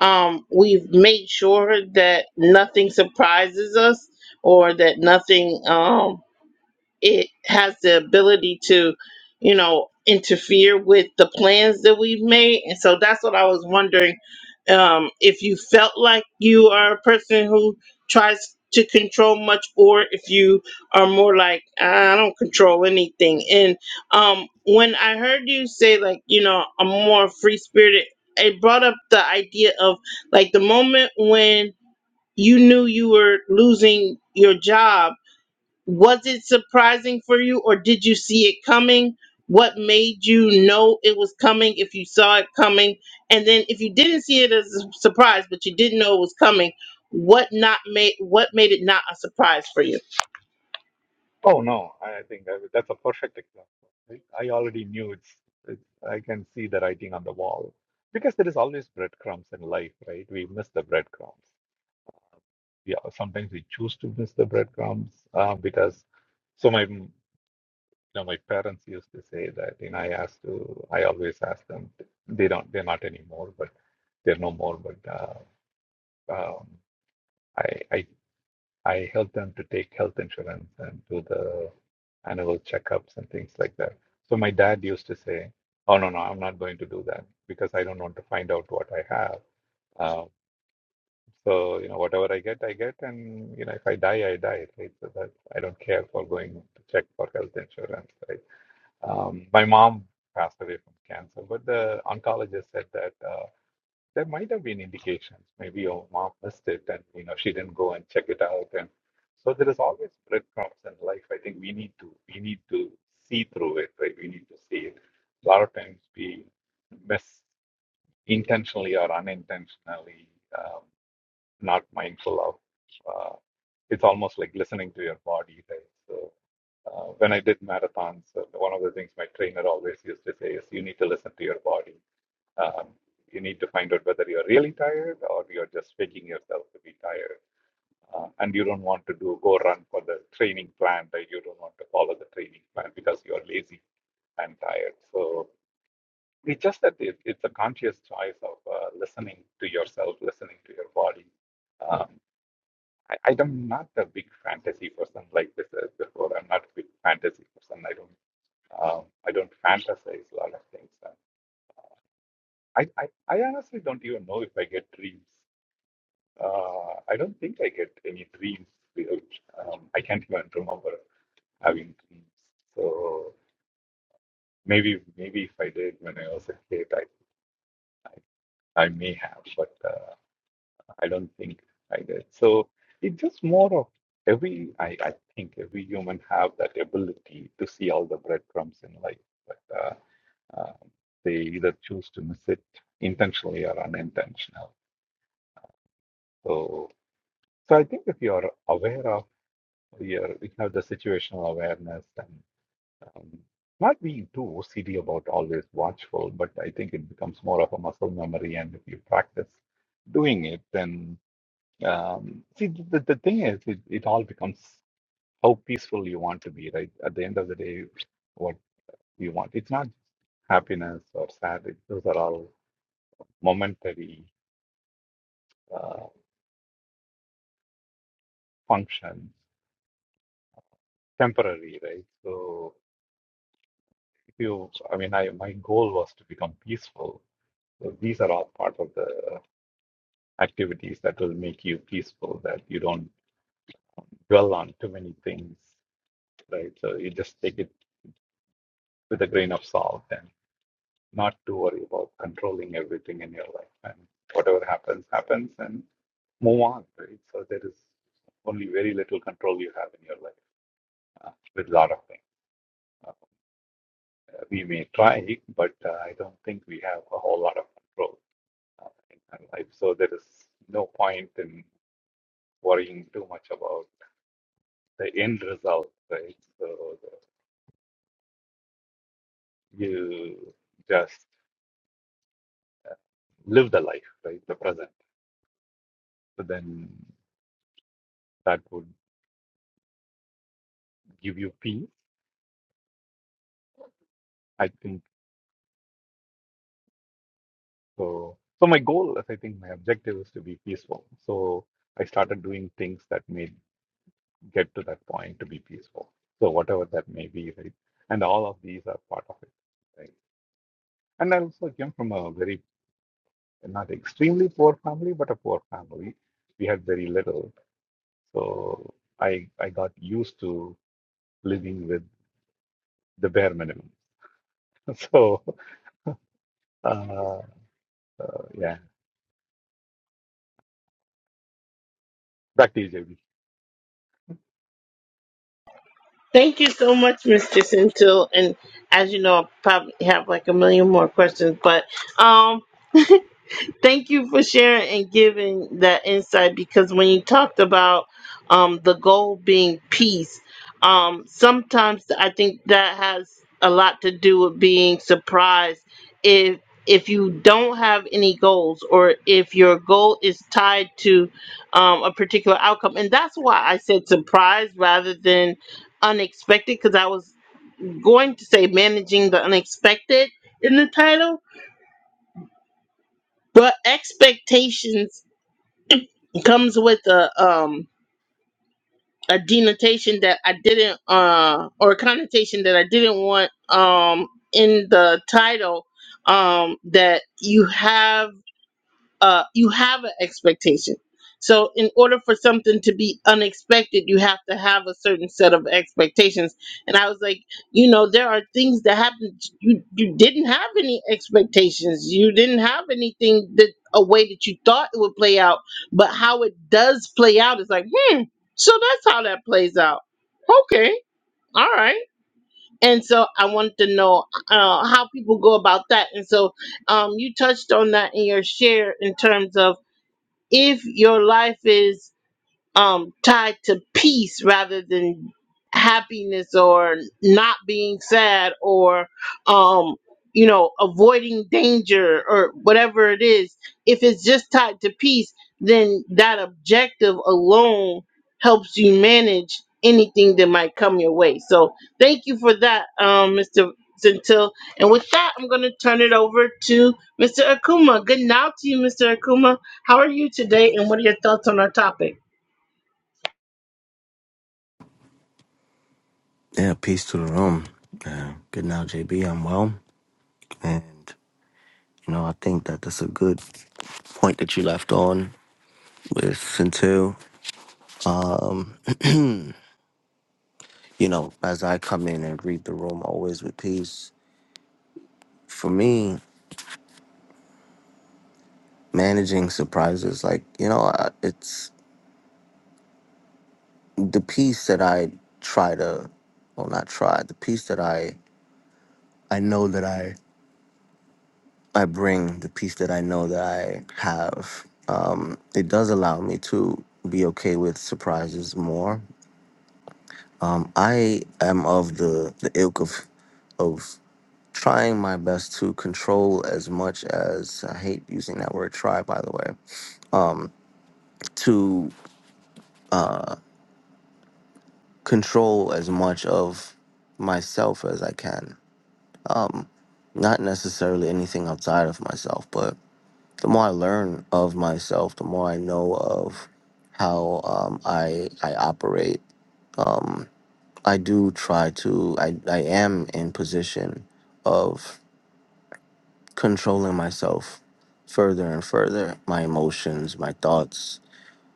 Speaker 1: um we've made sure that nothing surprises us or that nothing um it has the ability to you know interfere with the plans that we've made and so that's what i was wondering um, if you felt like you are a person who tries to control much or if you are more like i don't control anything and um, when i heard you say like you know i'm more free spirited it brought up the idea of like the moment when you knew you were losing your job was it surprising for you or did you see it coming? What made you know it was coming if you saw it coming? And then if you didn't see it as a surprise but you didn't know it was coming, what not made what made it not a surprise for you?
Speaker 4: Oh no, I think that- that's a perfect example. I I already knew it's, it's. I can see the writing on the wall because there is always breadcrumbs in life, right? We miss the breadcrumbs. Yeah, sometimes we choose to miss the breadcrumbs uh, because. So my you know my parents used to say that, and I asked to. I always ask them. They don't. They're not anymore, but they're no more. But. uh, Um, I, I, I help them to take health insurance and do the annual checkups and things like that. So my dad used to say, "Oh no, no, I'm not going to do that because I don't want to find out what I have." Um, so you know, whatever I get, I get, and you know, if I die, I die, right? So that I don't care for going to check for health insurance, right? Um, my mom passed away from cancer, but the oncologist said that. Uh, there might have been indications. Maybe your mom missed it and you know she didn't go and check it out. And so there is always breadcrumbs in life. I think we need to we need to see through it, right? We need to see it. A lot of times we miss intentionally or unintentionally, um, not mindful of. Uh, it's almost like listening to your body, right? So uh, when I did marathons, uh, one of the things my trainer always used to say is you need to listen to your body um, you need to find out whether you're really tired or you're just faking yourself to be tired. Uh, and you don't want to do go run for the training plan that you don't want to follow the training plan because you're lazy and tired. So it's just that it, it's a conscious choice of uh, listening to yourself, listening to your body. Um, I, I am not a big fantasy person like this uh, before. I'm not a big fantasy person. I don't um, I don't fantasize a lot of things. Uh, I, I I honestly don't even know if I get dreams. Uh, I don't think I get any dreams. because, Um, I can't even remember having dreams. So maybe maybe if I did when I was a kid, I I, I may have, but uh, I don't think I did. So it's just more of every. I I think every human have that ability to see all the breadcrumbs in life, but uh, uh, they either choose to miss it intentionally or unintentional. So so I think if you are aware of You're, you have the situational awareness and um, not being too OCD about always watchful, but I think it becomes more of a muscle memory. And if you practice doing it, then um, see, the, the thing is, it, it all becomes how peaceful you want to be, right? At the end of the day, what you want. It's not happiness or sadness, those are all momentary uh, functions, temporary, right? So, if you, I mean, I, my goal was to become peaceful So these are all part of the activities that will make you peaceful, that you don't dwell on too many things, right? So you just take it with a grain of salt and not to worry about controlling everything in your life. And whatever happens, happens and move on, right? So there is only very little control you have in your life uh, with a lot of things. Uh, we may try, but uh, I don't think we have a whole lot of control uh, in our life. So there is no point in worrying too much about. the end result, right? So the- you just live the life, right? The present. So then that would give you peace, I think. So, so my goal is, I think, my objective is to be peaceful. So I started doing things that may get to that point to be peaceful. So whatever that may be, right? And all of these are part of it, right? And I also came from a very, not extremely poor family, but a poor family. We had very little. So I I got used to living with the bare minimum. So, uh, uh, yeah, back to you, JB.
Speaker 1: Thank you so much, Mr. Centil. And as you know, I probably have like a million more questions, but um Thank you for sharing and giving that insight because when you talked about um, the goal being peace, um, sometimes I think that has a lot to do with being surprised. If if you don't have any goals, or if your goal is tied to um, a particular outcome, and that's why I said surprise rather than unexpected, because I was going to say managing the unexpected in the title, but expectations comes with a um a denotation that I didn't uh or a connotation that I didn't want um in the title um that you have uh, you have an expectation. So, in order for something to be unexpected, you have to have a certain set of expectations. And I was like, you know, there are things that happen. You you didn't have any expectations. You didn't have anything that a way that you thought it would play out. But how it does play out is like, hmm. So that's how that plays out. Okay, all right. And so I wanted to know uh, how people go about that. And so um, you touched on that in your share in terms of if your life is um tied to peace rather than happiness or not being sad or um you know avoiding danger or whatever it is if it's just tied to peace then that objective alone helps you manage anything that might come your way so thank you for that um mr Centil. and with that i'm going to turn it over to mr akuma good now to you mr akuma how are you today and what are your thoughts on our topic
Speaker 5: Yeah, peace to the room. Uh, good now, JB. I'm well. And, you know, I think that that's a good point that you left on with Centil. Um, you know, as I come in and read the room, always with peace. For me, managing surprises, like, you know, I- it's the piece that I try to, well, not try, the piece that I, I know that I I bring the peace that I know that I have. Um, it does allow me to be okay with surprises more. I am of the the ilk of of trying my best to control as much as I hate using that word try by the way to control as much of myself as I can. Not necessarily anything outside of myself, but the more I learn of myself, the more I know of how um, I I operate. Um, I do try to. I I am in position of controlling myself further and further. My emotions, my thoughts,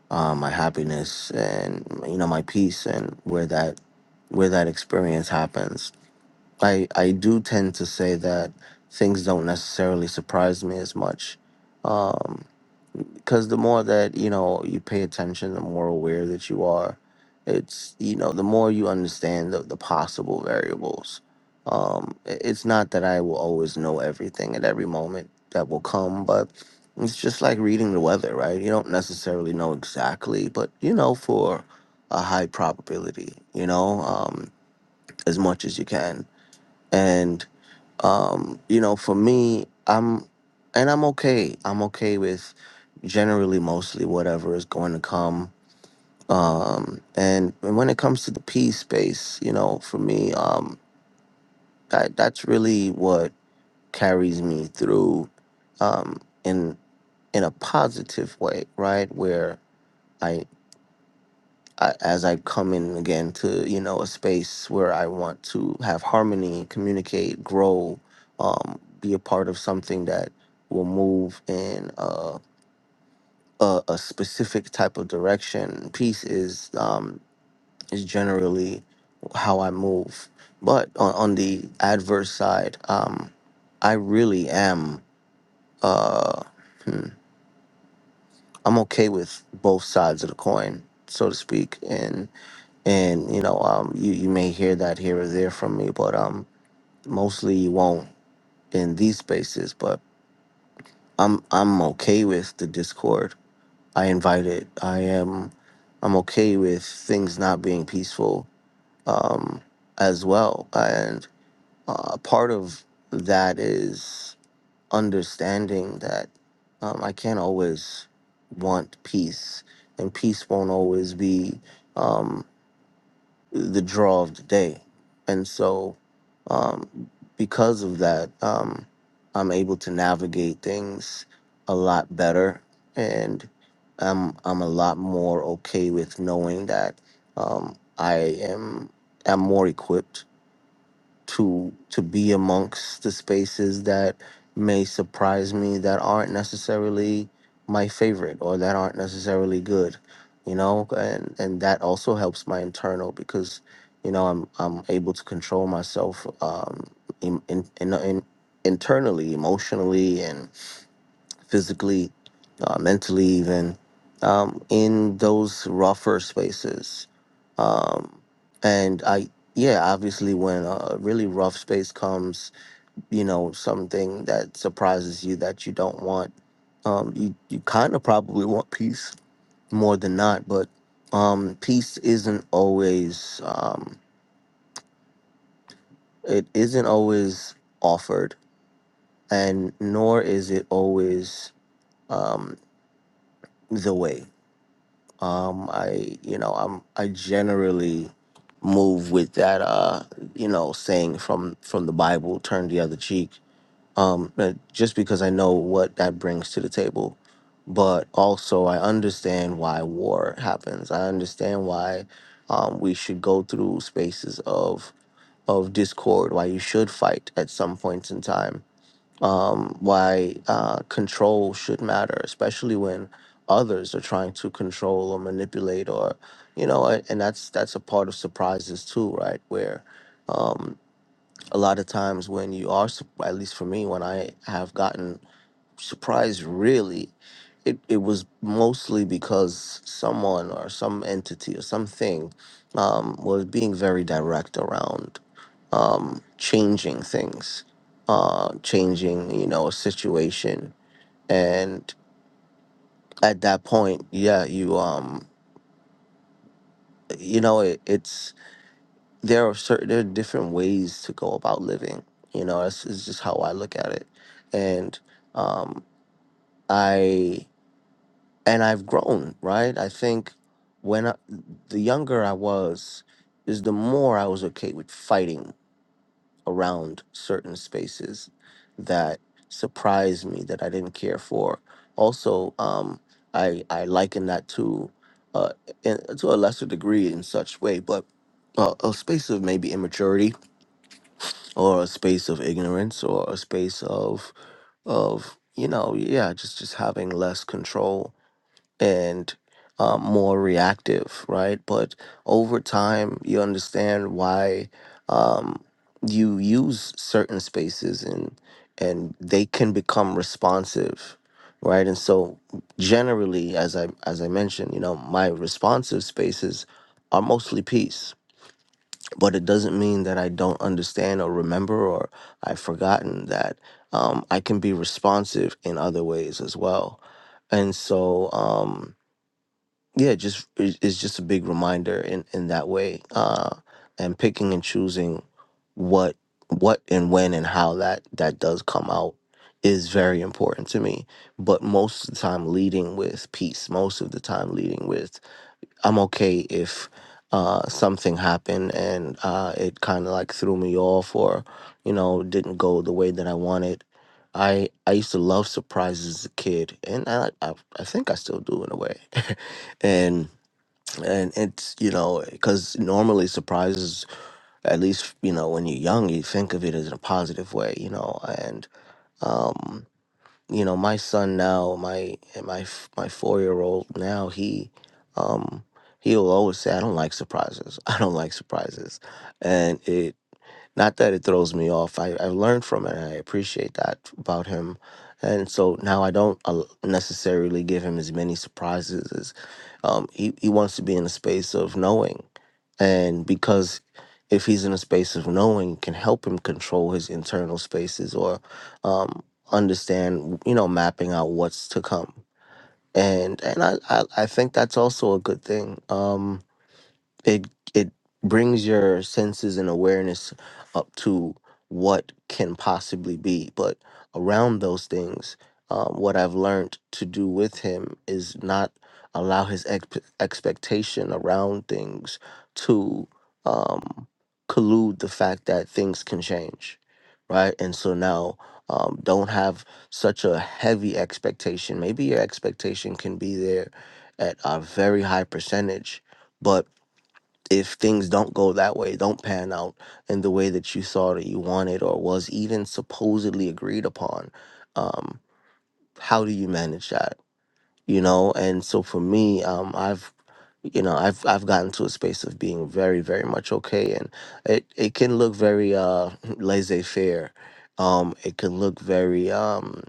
Speaker 5: uh, my happiness, and you know my peace, and where that where that experience happens. I I do tend to say that things don't necessarily surprise me as much um, because the more that you know you pay attention the more aware that you are it's you know the more you understand the, the possible variables um i- it's not that i will always know everything at every moment that will come but it's just like reading the weather right you don't necessarily know exactly but you know for a high probability you know um as much as you can and um you know for me i'm and i'm okay i'm okay with generally mostly whatever is going to come um and, and when it comes to the peace space you know for me um that that's really what carries me through um in in a positive way right where I. I, as I come in again to you know a space where I want to have harmony, communicate, grow, um, be a part of something that will move in a, a, a specific type of direction. Peace is um, is generally how I move, but on, on the adverse side, um, I really am. Uh, hmm, I'm okay with both sides of the coin, so to speak, and. and you know um you you may hear that here or there from me but um mostly you won't in these spaces but i'm i'm okay with the discord i invite it i am i'm okay with things not being peaceful um as well and uh, part of that is understanding that um, i can't always want peace and peace won't always be um, the draw of the day. And so, um, because of that, um, I'm able to navigate things a lot better. And I'm, I'm a lot more okay with knowing that um, I am, am more equipped to to be amongst the spaces that may surprise me that aren't necessarily my favorite or that aren't necessarily good you know and and that also helps my internal because you know i'm i'm able to control myself um in in, in, in internally emotionally and physically, uh, mentally, even um, in those rougher spaces. Um, and I, yeah, obviously, when a really rough space comes, you know, something that surprises you that you don't want, um, you, you kind of probably want peace more than not, but um, peace isn't always, um, it isn't always offered, and nor is it always um, the way Um, I, you know, I'm I generally move with that, uh, you know, saying from from the Bible, turn the other cheek. Um, but just because I know what that brings to the table, but also I understand why war happens. I understand why um, we should go through spaces of of discord. Why you should fight at some points in time um, why uh, control should matter, especially when others are trying to control or manipulate, or you know, a- and that's that's a part of surprises too, right? Where um, a lot of times when you are, sup- at least for me, when I have gotten surprised really it, it was mostly because someone or some entity or something um, was being very direct around um, changing things, uh, changing you know a situation, and at that point, yeah, you um, you know it, it's there are certain there are different ways to go about living. You know, it's it's just how I look at it, and um, I. and I've grown, right? I think when I, the younger I was, is the more I was okay with fighting around certain spaces that surprised me that I didn't care for. Also, um, I I liken that to uh, in, to a lesser degree in such way, but uh, a space of maybe immaturity or a space of ignorance or a space of of you know yeah just just having less control and um, more reactive, right? But over time, you understand why um, you use certain spaces, and and they can become responsive, right? And so, generally, as I as I mentioned, you know, my responsive spaces are mostly peace, but it doesn't mean that I don't understand or remember or I've forgotten that um, I can be responsive in other ways as well. And so, um, yeah just it- it's just a big reminder in in that way uh and picking and choosing what what and when and how that that does come out is very important to me but most of the time leading with peace most of the time leading with I'm okay if uh, something happened and uh, it kind of like threw me off or, you know, didn't go the way that I wanted. I I used to love surprises as a kid, and I I, I think I still do in a way, and and it's you know because normally surprises at least you know when you're young you think of it as in a positive way you know and um you know my son now my my f- my four year old now he um he'll always say i don't like surprises i don't like surprises and it not that it throws me off i i learned from it and i appreciate that about him and so now i don't uh, necessarily give him as many surprises as um he, he wants to be in a space of knowing and because if he's in a space of knowing can help him control his internal spaces or um, understand you know mapping out what's to come and and I, I i think that's also a good thing um it it brings your senses and awareness up to what can possibly be but around those things um, what i've learned to do with him is not allow his exp expectation around things to um, collude the fact that things can change right and so now um, don't have such a heavy expectation maybe your expectation can be there at a very high percentage but if things don't go that way, don't pan out in the way that you thought or you wanted or was even supposedly agreed upon, um, how do you manage that? You know, and so for me, um, I've you know I've I've gotten to a space of being very very much okay, and it it can look very uh, laissez faire. Um, it can look very. Um,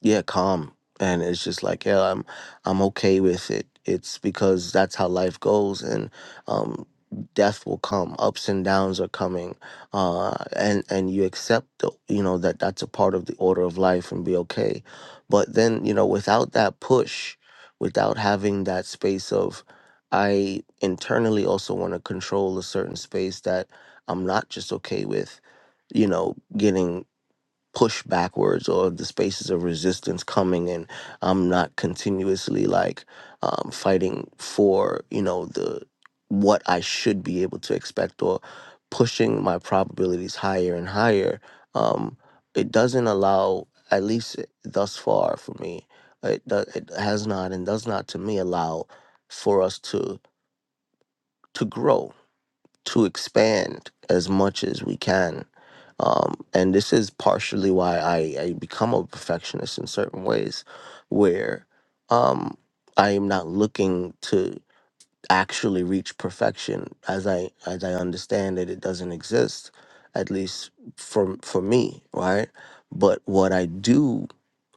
Speaker 5: yeah calm and it's just like yeah i'm i'm okay with it it's because that's how life goes and um death will come ups and downs are coming uh and and you accept the, you know that that's a part of the order of life and be okay but then you know without that push without having that space of i internally also want to control a certain space that i'm not just okay with you know getting push backwards or the spaces of resistance coming and i'm not continuously like um, fighting for you know the what i should be able to expect or pushing my probabilities higher and higher um, it doesn't allow at least thus far for me it, do, it has not and does not to me allow for us to to grow to expand as much as we can. Um, and this is partially why I, I become a perfectionist in certain ways, where um, I am not looking to actually reach perfection as i as i understand it it doesn't exist at least for for me right but what i do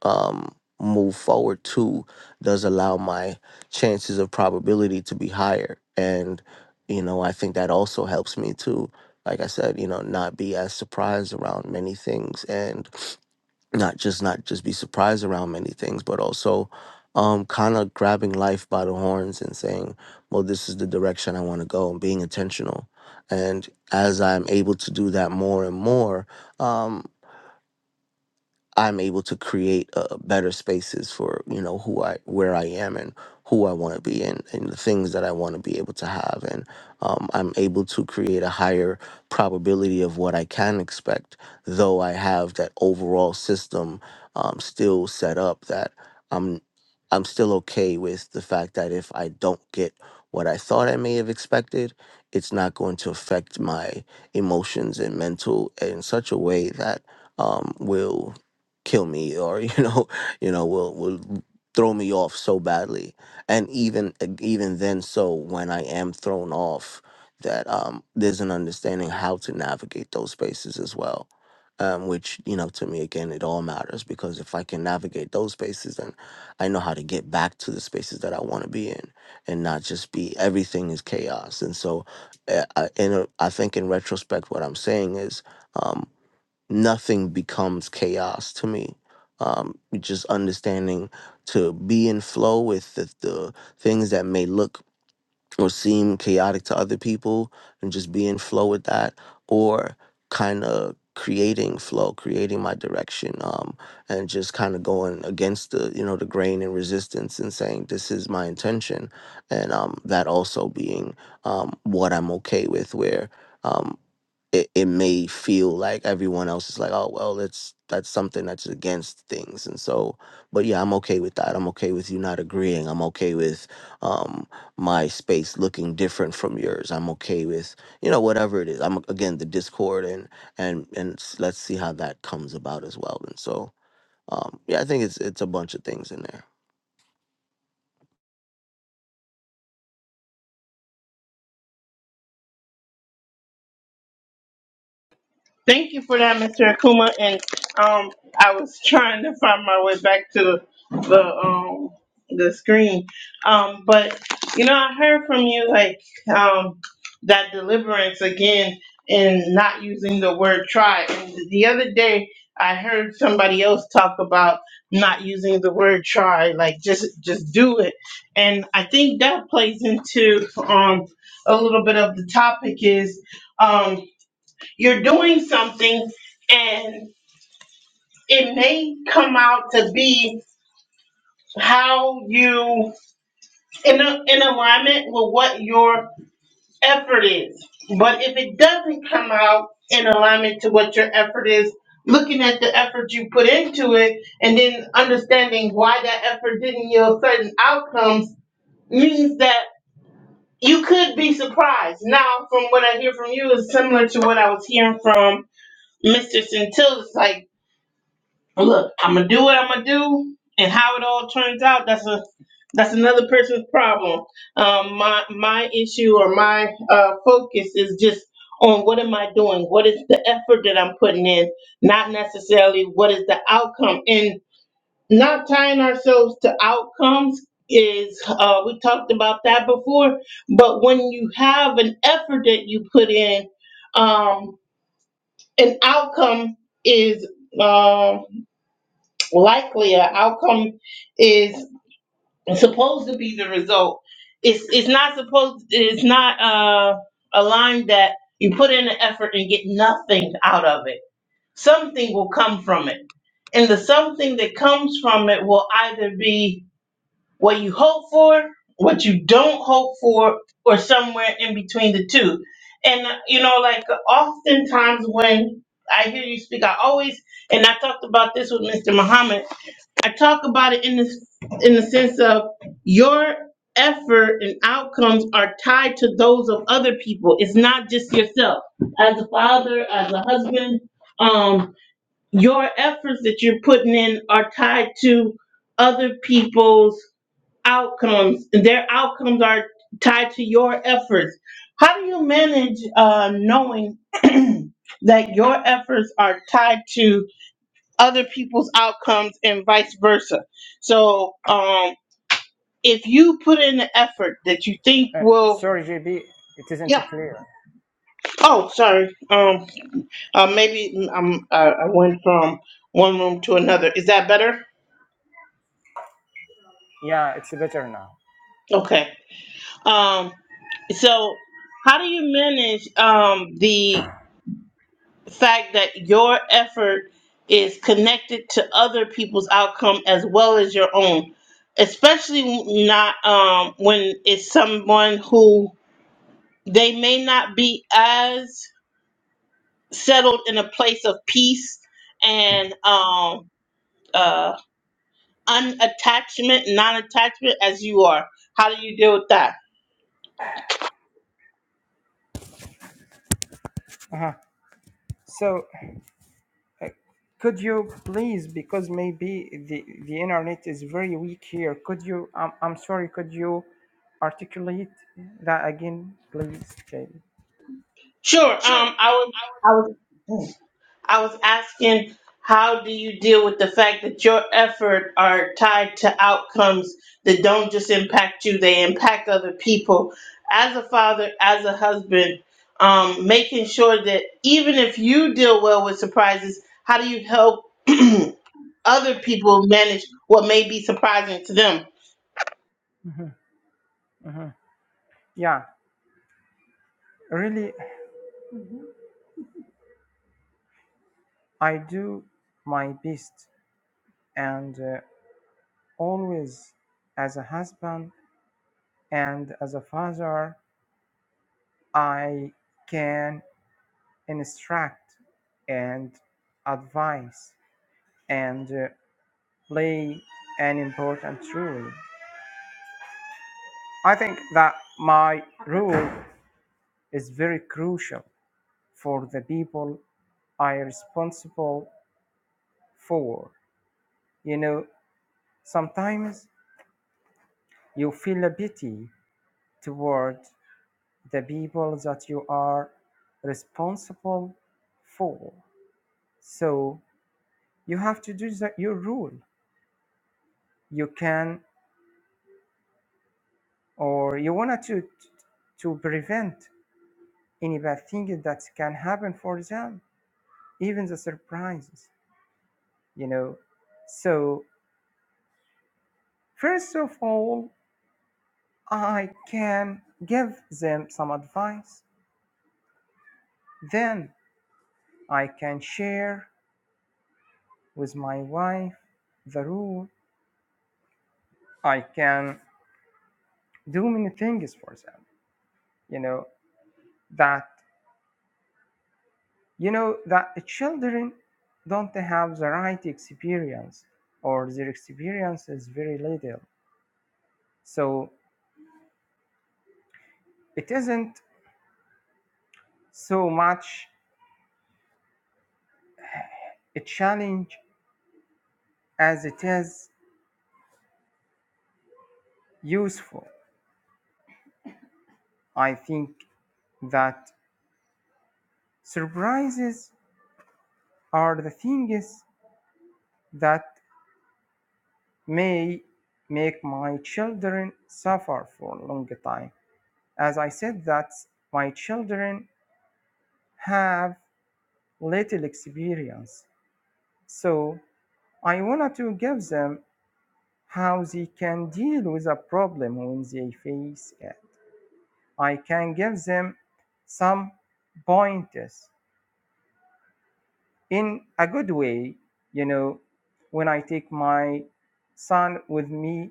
Speaker 5: um move forward to does allow my chances of probability to be higher and you know i think that also helps me to like i said you know not be as surprised around many things and not just not just be surprised around many things, but also um, kind of grabbing life by the horns and saying, "Well, this is the direction I want to go," and being intentional. And as I'm able to do that more and more, um, I'm able to create uh, better spaces for you know who I where I am and who I want to be and, and the things that I want to be able to have and um, I'm able to create a higher probability of what I can expect though I have that overall system um, still set up that I'm I'm still okay with the fact that if I don't get what I thought I may have expected it's not going to affect my emotions and mental in such a way that um, will kill me or you know you know will will throw me off so badly and even even then so when i am thrown off that um there's an understanding how to navigate those spaces as well um which you know to me again it all matters because if i can navigate those spaces then i know how to get back to the spaces that i want to be in and not just be everything is chaos and so uh, I, in a, I think in retrospect what i'm saying is um nothing becomes chaos to me. Um, just understanding to be in flow with the, the things that may look or seem chaotic to other people and just be in flow with that or kind of creating flow creating my direction um, and just kind of going against the you know the grain and resistance and saying this is my intention and um, that also being um, what i'm okay with where Um, it, it may feel like everyone else is like, oh well, that's that's something that's against things, and so. But yeah, I'm okay with that. I'm okay with you not agreeing. I'm okay with um, my space looking different from yours. I'm okay with you know whatever it is. I'm again the discord and and and s- let's see how that comes about as well. And so um, yeah, I think it's it's a bunch of things in there.
Speaker 1: Thank you for that, Mr. Akuma. And um, I was trying to find my way back to the um the screen. Um, but you know, I heard from you like um that deliverance again and not using the word try. And the other day, I heard somebody else talk about not using the word try, like just just do it. And I think that plays into um a little bit of the topic is. um you're doing something and it may come out to be how you in a, in alignment with what your effort is. But if it doesn't come out in alignment to what your effort is, looking at the effort you put into it and then understanding why that effort didn't yield certain outcomes means that you could be surprised. Now, from what I hear from you is similar to what I was hearing from Mr. Centil. It's like Well, Look, I'm gonna do what I'm gonna do, and how it all turns out, that's a that's another person's problem. Um, my my issue or my uh, focus is just on what am I doing? What is the effort that I'm putting in? Not necessarily what is the outcome. And not tying ourselves to outcomes is uh, we talked about that before. But when you have an effort that you put in, um, an outcome is. um likely a outcome is supposed to be the result. It's it's not supposed it's not uh, a line that you put in the effort and get nothing out of it. Something will come from it. And the something that comes from it will either be what you hope for, what you don't hope for, or somewhere in between the two. And uh, you know, like oftentimes when I hear you speak, I always and I talked about this with Mr. Muhammad I talk about it in this in the sense of your effort and outcomes are tied to those of other people. It's not just yourself. As a father, as a husband, um, your efforts that you're putting in are tied to other people's outcomes, and their outcomes are tied to your efforts. How do you manage uh, knowing that your efforts are tied to other people's outcomes and vice versa. So um if you put in the effort that you think
Speaker 2: Uh,
Speaker 1: will
Speaker 2: sorry, JB, it isn't
Speaker 1: yeah
Speaker 2: clear.
Speaker 1: oh sorry um uh, maybe mm, I'm, uh, I went from one room to another is that better
Speaker 2: Yeah, it's better now.
Speaker 1: okay um so how do you manage um the fact that your effort is connected to other people's outcome as well as your own especially not um when it's someone who they may not be as settled in a place of peace and um uh unattachment non-attachment as you are how do you deal with that
Speaker 2: Uh-huh. So, uh, could you please, because maybe the, the internet is very weak here, could you, um, I'm sorry, could you articulate that again, please, JB?
Speaker 1: sure um
Speaker 2: Sure.
Speaker 1: i
Speaker 2: Um,
Speaker 1: was
Speaker 2: I would.
Speaker 1: i was I was asking, how do you deal with the fact that your effort are tied to outcomes that don't just impact you, they impact other people? As a father, as a husband, um, making sure that even if you deal well with surprises, how do you help other people manage what may be surprising to them?
Speaker 2: hmm Yeah, really, I do my best, and uh, always as a husband and as a father, I can instruct and advise and uh, play an important role. I think that my role is very crucial for the people I responsible for. You know, sometimes you feel a pity toward the people that you are responsible for. So you have to do the, your rule. You can, or you want to to prevent any bad thing that can happen for them, even the surprises. You know. So first of all, I can give them some advice. Then I can share with my wife the rule. I can do many things for them you know that you know that the children don't have the right experience or their experience is very little so it isn't so much a challenge as it is useful i think that surprises are the things that may make my children suffer for a long time as i said that my children have little experience. So I wanted to give them how they can deal with a problem when they face it. I can give them some pointers in a good way, you know, when I take my son with me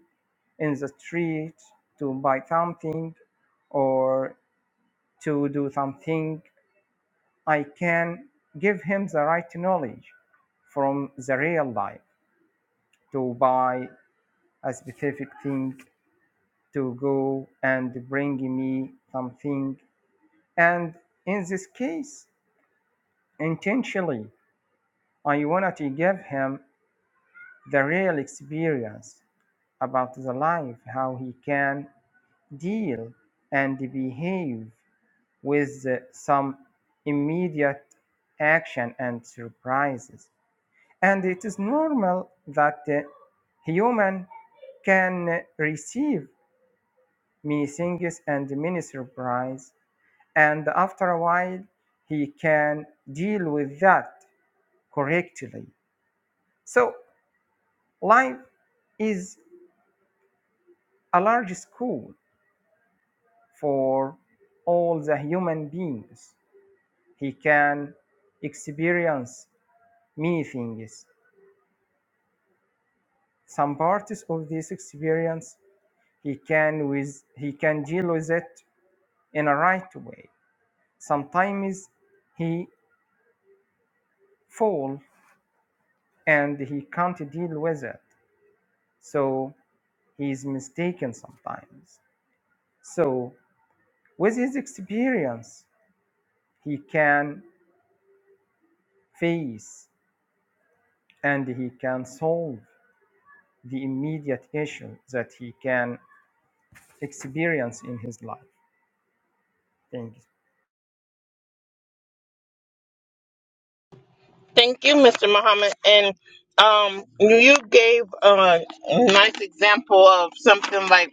Speaker 2: in the street to buy something or to do something, I can give him the right knowledge from the real life to buy a specific thing to go and bring me something. And in this case, intentionally, I wanted to give him the real experience about the life, how he can deal and behave with uh, some immediate action and surprises. And it is normal that uh, human can receive many things and many surprises. and after a while he can deal with that correctly so life is a large school for all the human beings he can experience many things some parts of this experience he can with he can deal with it in a right way sometimes he fall and he can't deal with it so he is mistaken sometimes. So, with his experience, he can face and he can solve the immediate issue that he can experience in his life. Thank you.
Speaker 1: Thank you, Mr. Muhammad. And um, you you gave a nice example of something like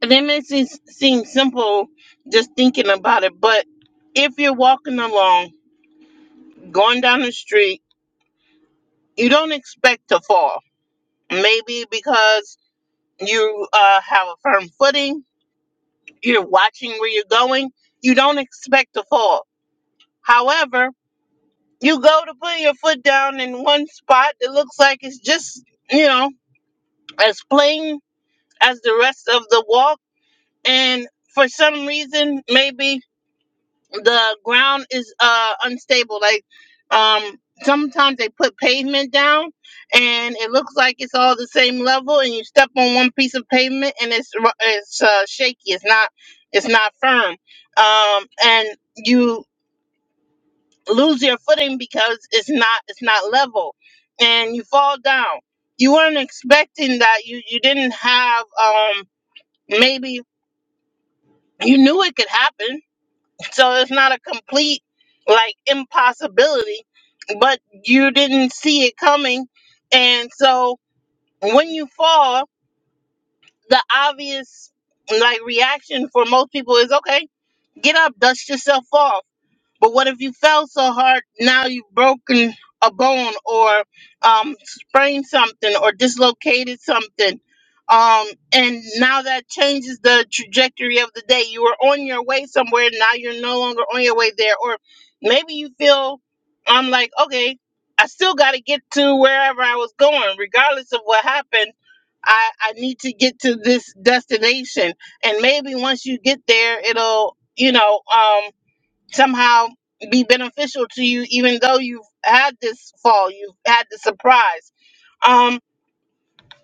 Speaker 1: That makes it seem simple just thinking about it, but if you're walking along, going down the street, you don't expect to fall. Maybe because you uh, have a firm footing, you're watching where you're going, you don't expect to fall. However, you go to put your foot down in one spot that looks like it's just, you know, as plain as the rest of the walk, and for some reason, maybe the ground is uh unstable like um sometimes they put pavement down and it looks like it's all the same level and you step on one piece of pavement and it's ru- it's uh, shaky it's not it's not firm um and you lose your footing because it's not it's not level and you fall down you weren't expecting that you you didn't have um maybe you knew it could happen So it's not a complete like impossibility, but you didn't see it coming. And so when you fall, the obvious like reaction for most people is okay, get up, dust yourself off. But what if you fell so hard now you've broken a bone or um, sprained something or dislocated something? Um, and now that changes the trajectory of the day. You were on your way somewhere, now you're no longer on your way there. Or maybe you feel, I'm like, okay, I still got to get to wherever I was going, regardless of what happened. I, I need to get to this destination. And maybe once you get there, it'll, you know, um, somehow be beneficial to you, even though you've had this fall, you've had the surprise. Um,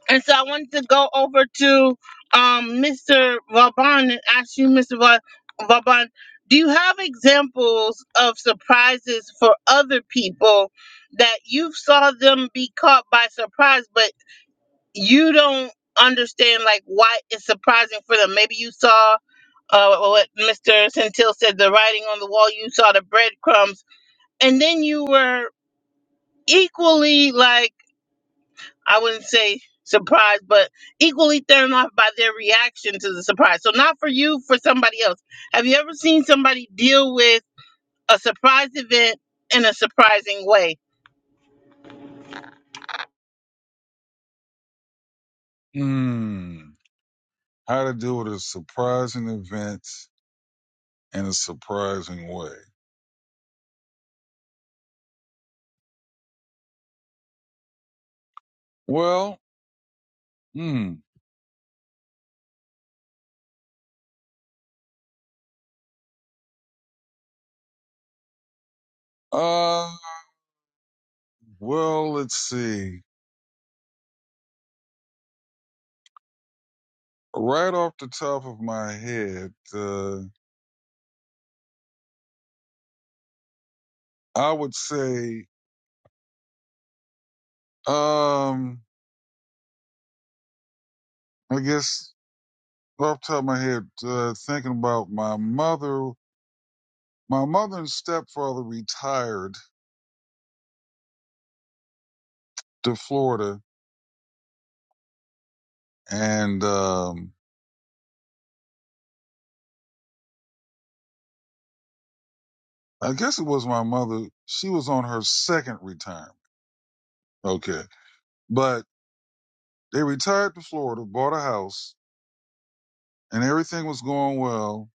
Speaker 1: and so I wanted to go over to um, Mr. Vauban and ask you, Mr. Va- Vauban, do you have examples of surprises for other people that you saw them be caught by surprise, but you don't understand like why it's surprising for them? Maybe you saw uh, what Mr. Centil said, the writing on the wall. You saw the breadcrumbs and then you were equally like I wouldn't say surprised, but equally thrown off by their reaction to the surprise. So not for you, for somebody else. Have you ever seen somebody deal with a surprise event in a surprising way?
Speaker 3: Mm, how to deal with a surprising event in a surprising way. Well, hmm. Uh, well, let's see. Right off the top of my head, uh, I would say, um, I guess off the top of my head, uh, thinking about my mother, my mother and stepfather retired to Florida. And, um, I guess it was my mother. She was on her second retirement. Okay. But they retired to Florida, bought a house and everything was going well.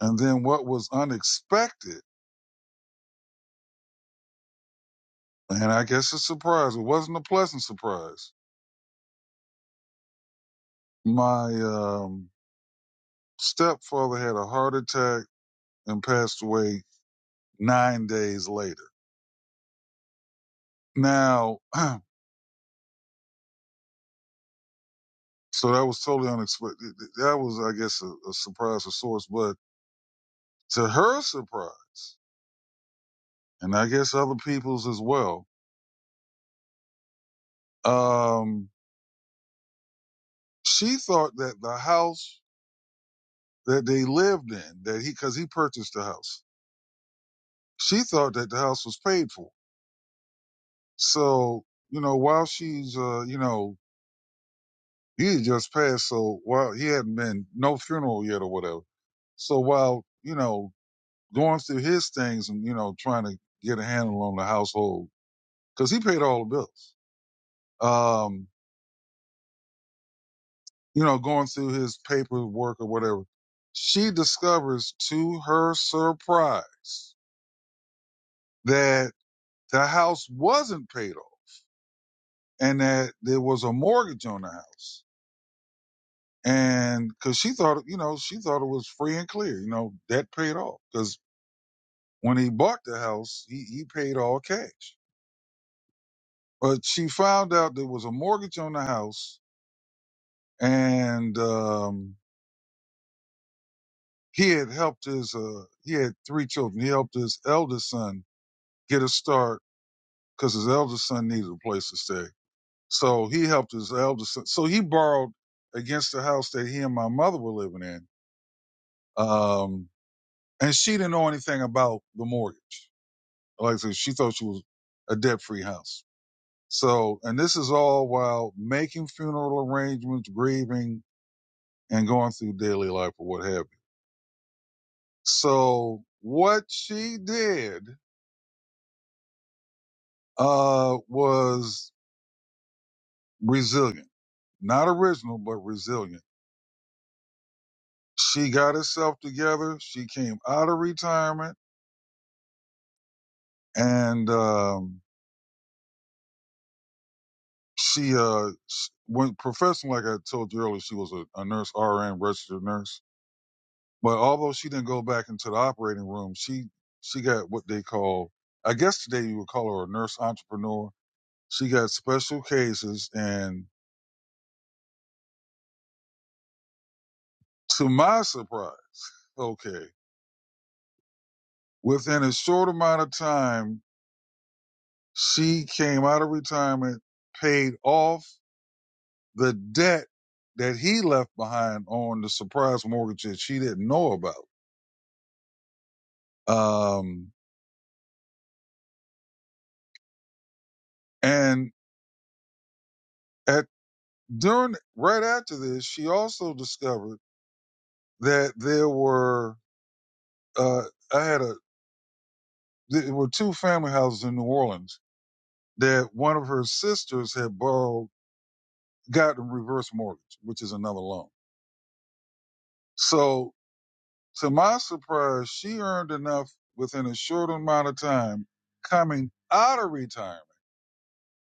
Speaker 3: And then what was unexpected, and I guess a surprise, it wasn't a pleasant surprise My um, stepfather had a heart attack and passed away nine days later. Now, so that was totally unexpected. That was, I guess, a, a surprise of sorts. But to her surprise, and I guess other people's as well, um, she thought that the house that they lived in, that he, because he purchased the house, she thought that the house was paid for. So, you know, while she's, uh, you know, He had just passed, so while he hadn't been no funeral yet or whatever. So while you know going through his things and you know trying to get a handle on the household, because he paid all the bills. Um, you know, going through his paperwork or whatever, she discovers to her surprise that the house wasn't paid off and that there was a mortgage on the house. And because she thought, you know, she thought it was free and clear, you know, debt paid off, because. When he bought the house, he, he paid all cash. But she found out there was a mortgage on the house, and um, he had helped his uh, he had three children. He helped his eldest son get a start because his eldest son needed a place to stay. So he helped his eldest son. So he borrowed against the house that he and my mother were living in. Um, and she didn't know anything about the mortgage. Like I said, she thought she was a debt free house. So, and this is all while making funeral arrangements, grieving, and going through daily life or what have you. So, what she did uh, was resilient, not original, but resilient. She got herself together. She came out of retirement, and um, she uh, s- went professional. Like I told you earlier, she was a, a nurse, RN, registered nurse But although she didn't go back into the operating room, she she got what they call, I guess today you would call her a nurse entrepreneur. She got special cases, and to my surprise, okay, within a short amount of time, she came out of retirement, paid off the debt that he left behind on the surprise mortgage that she didn't know about. Um, and at during right after this, she also discovered that there were uh, I had a there were two family houses in New Orleans that one of her sisters had borrowed got a reverse mortgage, which is another loan. So to my surprise, she earned enough within a short amount of time coming out of retirement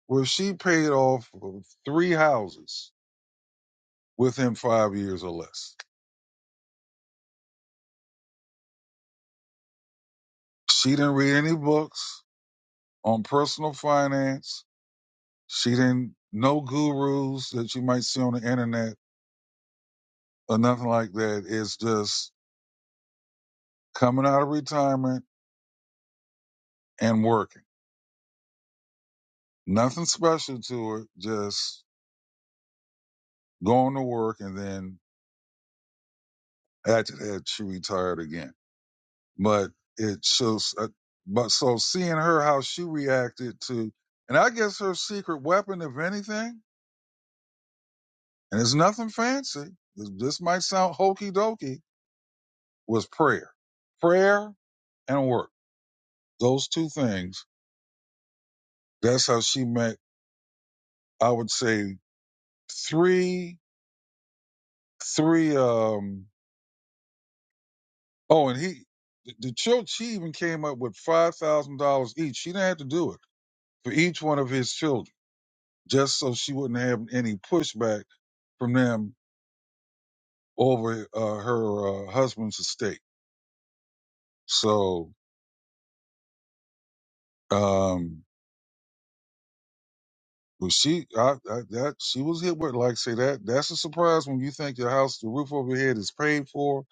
Speaker 3: where she paid off of three houses within five years or less. She didn't read any books on personal finance. She didn't know gurus that you might see on the internet or nothing like that. It's just coming out of retirement and working. Nothing special to it. Just going to work and then after that she retired again. But it shows. Uh, but so seeing her how she reacted to, and I guess her secret weapon, if anything, and it's nothing fancy. This this might sound hokey dokey. Was prayer, prayer and work. Those two things. That's how she met. I would say three three um oh and he the the church she even came up with five thousand dollars each she didn't have to do it for each one of his children just so she wouldn't have any pushback from them over uh, her uh, husband's estate so um but she I, I that she was hit with like say that that's a surprise when you think your house the roof over your head is paid for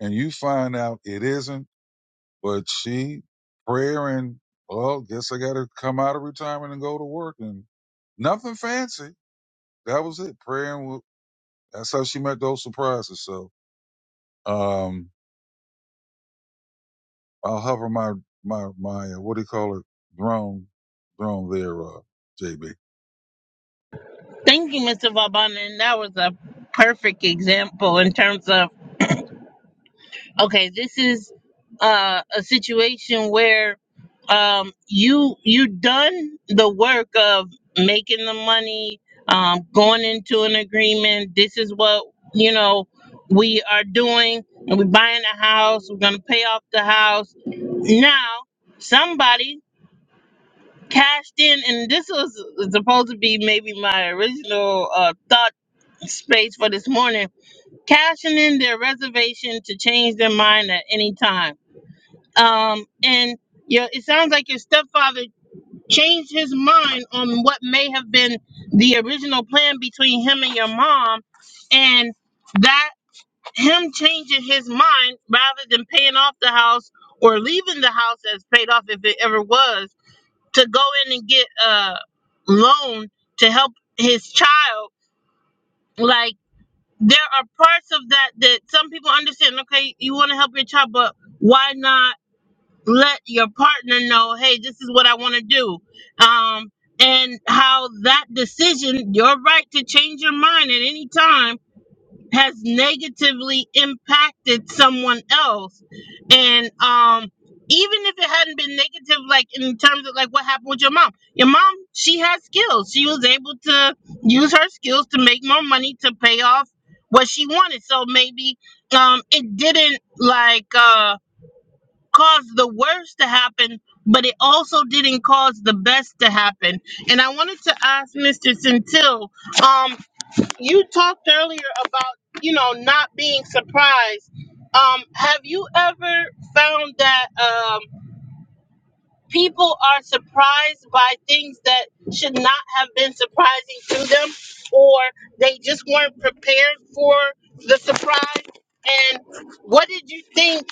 Speaker 3: and you find out it isn't But she prayer and well, guess I got to come out of retirement and go to work and nothing fancy. That was it. Prayer and wo- that's how she met those surprises. So um, I'll hover my my my uh, what do you call it drone drone there, uh, JB.
Speaker 1: Thank you, Mr. Vauban, and that was a perfect example in terms of okay this is uh, a situation where um, you you done the work of making the money um, going into an agreement this is what you know we are doing and we're buying a house we're gonna pay off the house now somebody cashed in and this was supposed to be maybe my original uh, thought space for this morning cashing in their reservation to change their mind at any time um, and yeah, it sounds like your stepfather changed his mind on what may have been the original plan between him and your mom, and that him changing his mind rather than paying off the house or leaving the house as paid off if it ever was to go in and get a loan to help his child like there are parts of that that some people understand okay you want to help your child but why not let your partner know, hey, this is what I want to do. Um, and how that decision, your right to change your mind at any time, has negatively impacted someone else. And um, even if it hadn't been negative, like in terms of like what happened with your mom, your mom, she has skills. She was able to use her skills to make more money to pay off what she wanted. So maybe um, it didn't like. Uh, caused the worst to happen, but it also didn't cause the best to happen. And I wanted to ask Mr. Centil, um, you talked earlier about, you know, not being surprised. Um, have you ever found that? um, people are surprised by things that should not have been surprising to them or they just weren't prepared for the surprise and what did you think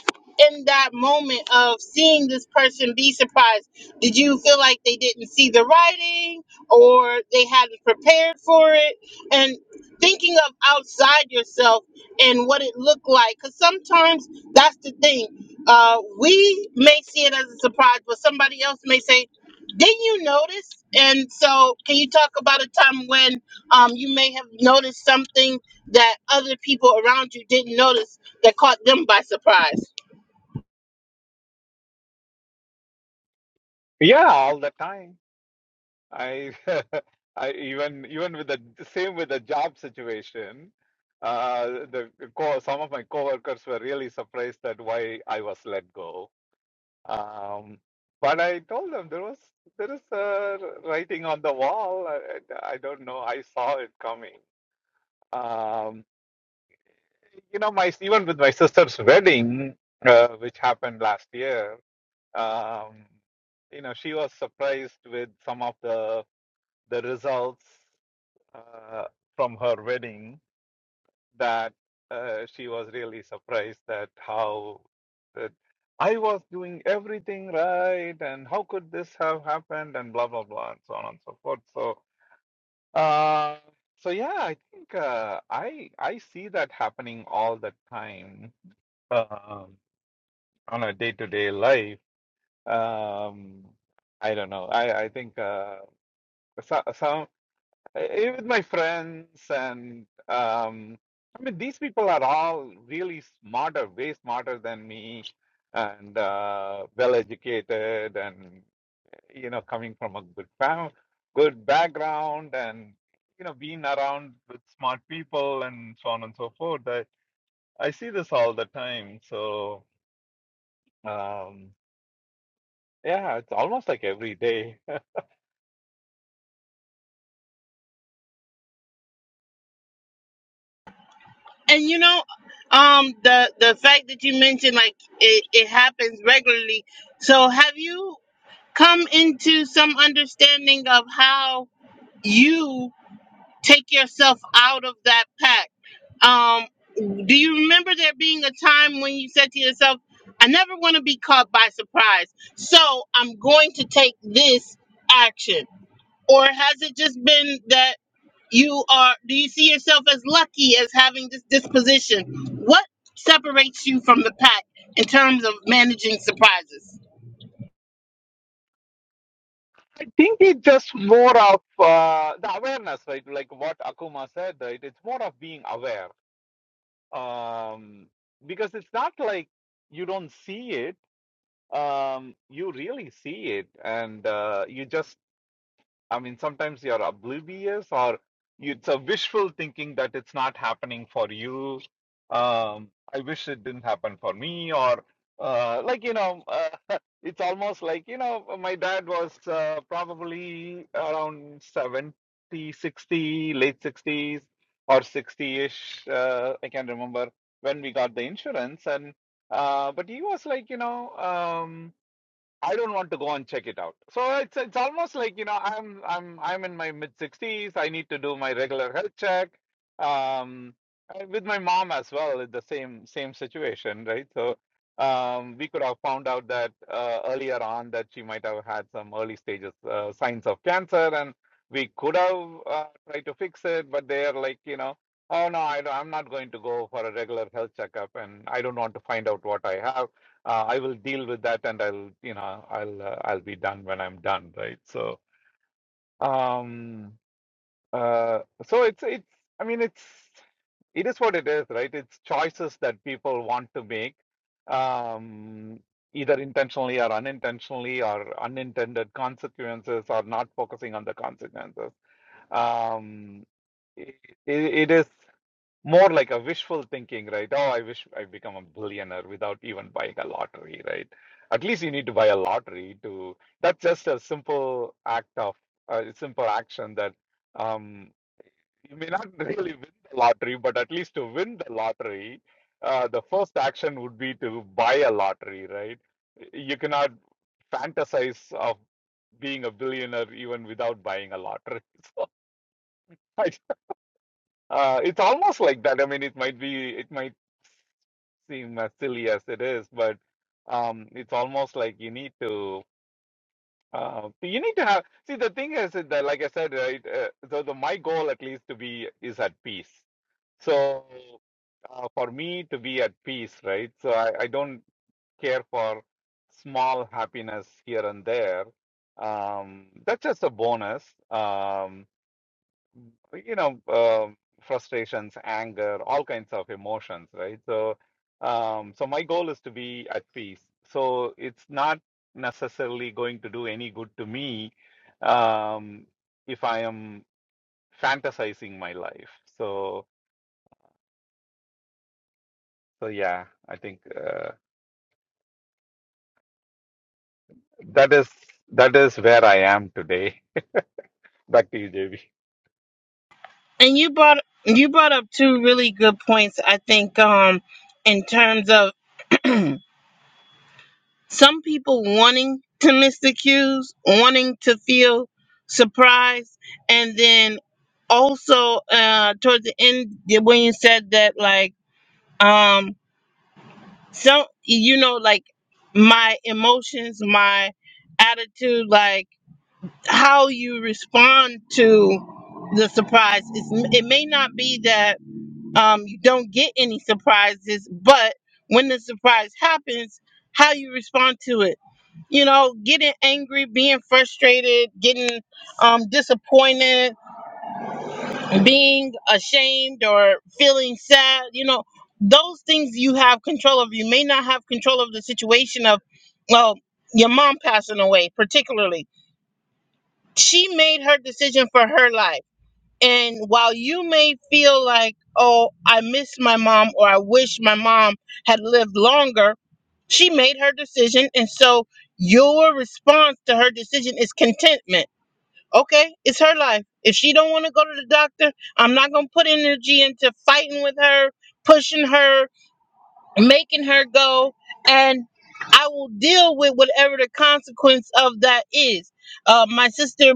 Speaker 1: in that moment of seeing this person be surprised did you feel like they didn't see the writing or they hadn't prepared for it and thinking of outside yourself and what it looked like because sometimes that's the thing uh, we may see it as a surprise, but somebody else may say, "Didn't you notice?" And so, can you talk about a time when um, you may have noticed something that other people around you didn't notice that caught them by surprise?
Speaker 4: Yeah, I, I, I went with the same with the job situation. Uh, the co- some of my coworkers were really surprised that why I was let go. Um, but I told them there was there is a writing on the wall. I, I don't know. I saw it coming. Um, you know, my even with my sister's wedding, uh, which happened last year um, you know she was surprised with some of the the results uh, from her wedding that uh, she was really surprised that how that I was doing everything right and how could this have happened and blah blah blah and so on and so forth so uh, so yeah I think uh, I I see that happening all the time um, on a day-to-day life Um, I don't know. I I think uh, so, some eh, with my friends and um, I mean these people are all really smarter, way smarter than me, and uh, well educated, and you know coming from a good fam, good background, and you know being around with smart people and so on and so forth. I I see this all the time. So um, yeah, it's almost like every day.
Speaker 1: And you know, um, the the fact that you mentioned like it, it happens regularly. So, have you come into some understanding of how? you? take yourself out of that pack. Um, do you remember there being a time when you said to yourself, I never want to be caught by surprise, so I'm going to take this action? Or has it just been that you are, do you see yourself as lucky as having this disposition? What separates you from the pack in terms of managing surprises?
Speaker 4: think it's just more of uh, the awareness, right? Like what Akuma said, right? It's more of being aware um, because it's not like you don't see it. Um, you really see it, and uh, you just I mean, sometimes you're oblivious or it's a wishful thinking that it's not happening for you. Um, I wish it didn't happen for me, or uh, like, you know, uh, it's almost like, you know, my dad was uh, probably around 70, 60, late 60s or 60-ish. Uh, I can't remember when we got the insurance. And uh, but he was like, you know, um, I don't want to go and check it out. So it's it's almost like you know I'm I'm I'm in my mid sixties. I need to do my regular health check. Um, and with my mom as well, it's the same same situation, right? So um, we could have found out that uh, earlier on that she might have had some early stages uh, signs of cancer, and we could have uh, tried to fix it. But they are like you know, oh no, I don't, I'm not going to go for a regular health checkup, and I don't want to find out what I have uh, I will deal with that and I'll you know I'll uh, I'll be done when I'm done right so um uh so it's it's I mean it's it is what it is right it's choices that people want to make um either intentionally or unintentionally or unintended consequences or not focusing on the consequences um it, it is more like a wishful thinking, right? Oh, I wish I become a billionaire without even buying a lottery, right? At least you need to buy a lottery to. That's just a simple act of a simple action that um, you may not really win the lottery, but at least to win the lottery, uh, the first action would be to buy a lottery, right? You cannot fantasize of being a billionaire even without buying a lottery. So I, uh, it's almost like that. I mean, it might be, it might seem as silly as it is, but um, it's almost like you need to uh, you need to have see the thing is that like I said right uh, so the my goal at least to be is at peace. So uh, for me to be at peace, right? So I, I don't care for small happiness here and there. Um, that's just a bonus. Um, you know, um frustrations, anger, all kinds of emotions, right? So, um, so my goal is to be at peace. So it's not necessarily going to do any good to me um, if I am fantasizing my life. So, so yeah, I think uh, that is that is where I am today. Back to you, Devi.
Speaker 1: And you brought you brought up two really good points, I think, um, in terms of some people wanting to miss the cues, wanting to feel surprised, and then also uh towards the end when you said that like um so you know like my emotions, my attitude, like how you respond to the surprise is it may not be that um you don't get any surprises, but when the surprise happens, how you respond to it you know, getting angry, being frustrated, getting um, disappointed, being ashamed, or feeling sad. You know, those things you have control of. You may not have control of the situation of, well, your mom passing away, particularly. She made her decision for her life. And while you may feel like, oh, I miss my mom or I wish my mom had lived longer, she made her decision, and so your response to her decision is contentment. Okay, it's her life. If she don't want to go to the doctor, I'm not gonna put energy into fighting with her, pushing her making her go and I will deal with whatever the consequence of that is. Uh, my sister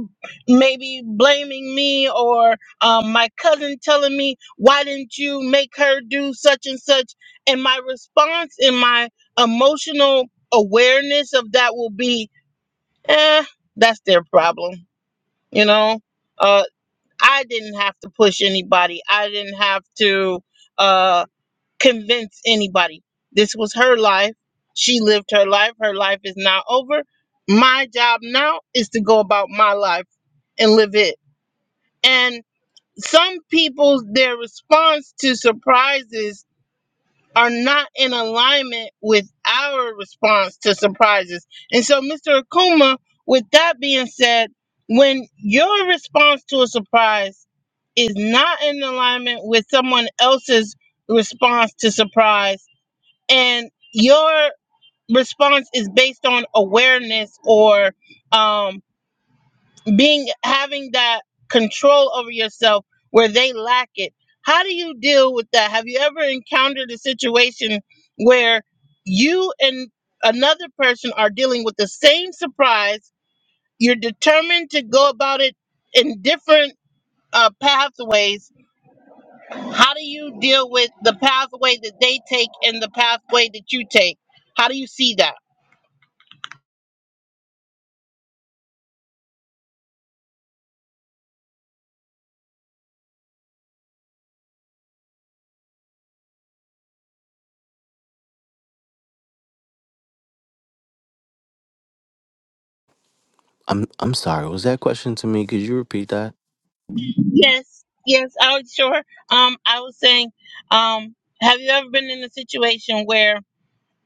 Speaker 1: maybe blaming me or um, my cousin telling me, why didn't you make her do such and such? And my response and my emotional awareness of that will be, eh, that's their problem. You know, uh, I didn't have to push anybody. I didn't have to. Uh, convince anybody. This was her life. She lived her life. Her life is now over. My job now is to go about my life and live it. And some people, their response to surprises are not in alignment with our response to surprises. And so, Mr. Akuma, with that being said, when your response to a surprise is not in alignment with someone else's response to surprise, and your response is based on awareness or um, being having that control over yourself where they lack it how do you deal with that have you ever encountered a situation where you and another person are dealing with the same surprise you're determined to go about it in different uh, pathways how do you deal with the pathway that they take and the pathway that you take how do you see that
Speaker 5: I'm I'm sorry. Was that question to me? Could you repeat that?
Speaker 1: Yes, yes, I was sure. Um, I was saying, um, have you ever been in a situation where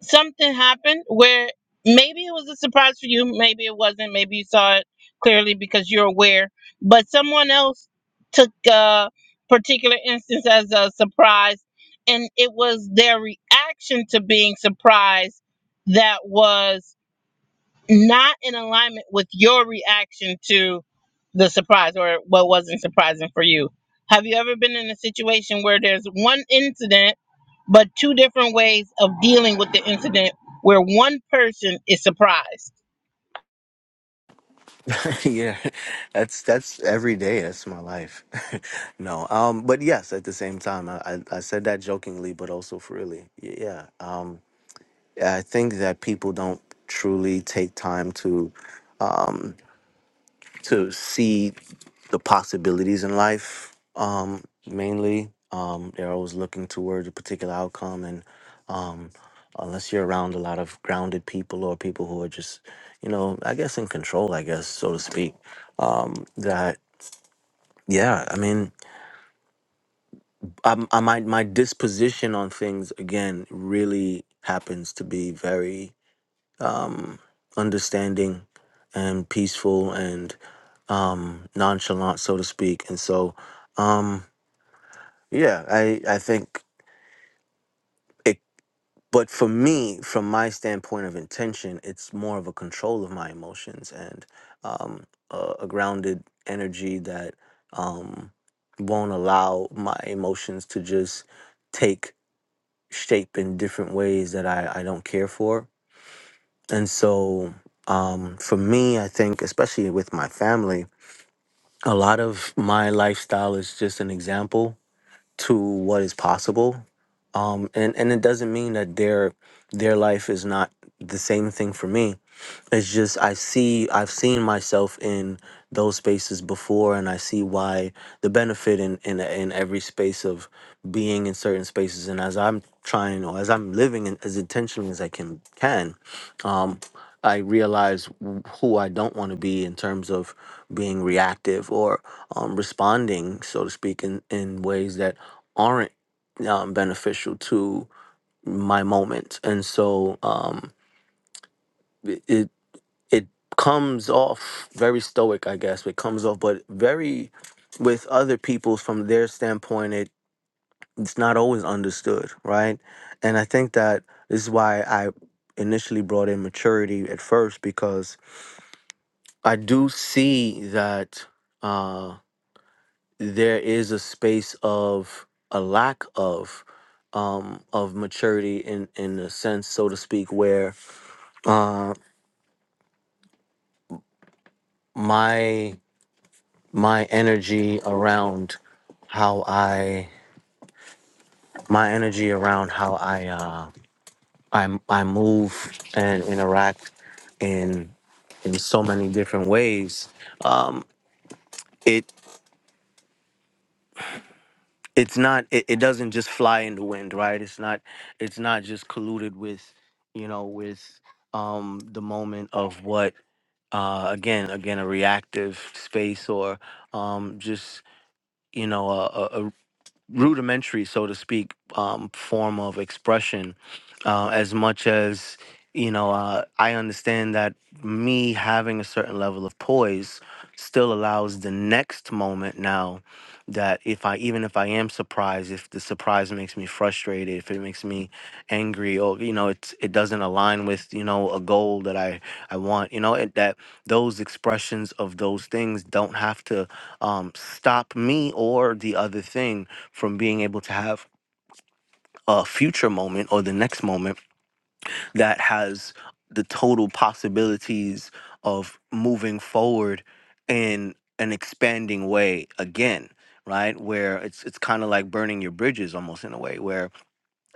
Speaker 1: something happened where maybe it was a surprise for you, maybe it wasn't, maybe you saw it clearly because you're aware, but someone else took a particular instance as a surprise, and it was their reaction to being surprised that was not in alignment with your reaction to the surprise or what wasn't surprising for you. Have you ever been in a situation where there's one incident, but two different ways of dealing with the incident where one person is surprised?
Speaker 5: yeah, that's that's every day. That's my life. no, um, but yes, at the same time, I, I I said that jokingly, but also for really, Y- yeah. Um, I think that people don't truly take time to to see the possibilities in life. Um, mainly, um, they're always looking towards a particular outcome, and um, unless you're around a lot of grounded people or people who are just, you know, I guess in control, I guess so to speak. Um, that Yeah, I mean, I, I my my disposition on things again really happens to be very um, understanding and peaceful and um, nonchalant, so to speak. And so, um, yeah, I I think it. But for me, from my standpoint of intention, it's more of a control of my emotions and um, a, a grounded energy that um, won't allow my emotions to just take shape in different ways that I, I don't care for. And so um, for me, I think, especially with my family, a lot of my lifestyle is just an example to what is possible. Um, and, and it doesn't mean that their their life is not the same thing for me it's just I see I've seen myself in those spaces before, and I see why the benefit in in in every space of being in certain spaces. And as I'm trying or as I'm living in, as intentionally as I can can, um, I realize w- who I don't want to be in terms of being reactive or um, responding, so to speak, in in ways that aren't um, beneficial to my moment. And so. Um, it, it comes off very stoic, I guess. It comes off, but very with other people's from their standpoint, it it's not always understood, right? And I think that this is why I initially brought in maturity at first because I do see that uh, there is a space of a lack of um, of maturity in in a sense, so to speak, where uh, my my energy around how I my energy around how I uh I I move and interact in in so many different ways. Um it it's not it, it doesn't just fly in the wind, right? It's not it's not just colluded with, you know, with um the moment of what uh again again a reactive space or um just you know a a rudimentary, so to speak, um, form of expression. Uh, as much as you know, uh, I understand that me having a certain level of poise still allows the next moment now that if I even if I am surprised, if the surprise makes me frustrated, if it makes me angry, or you know, it's it doesn't align with you know a goal that I I want, you know, it, that those expressions of those things don't have to um, stop me or the other thing from being able to have a future moment or the next moment that has the total possibilities of moving forward in an expanding way again right where it's it's kind of like burning your bridges almost in a way where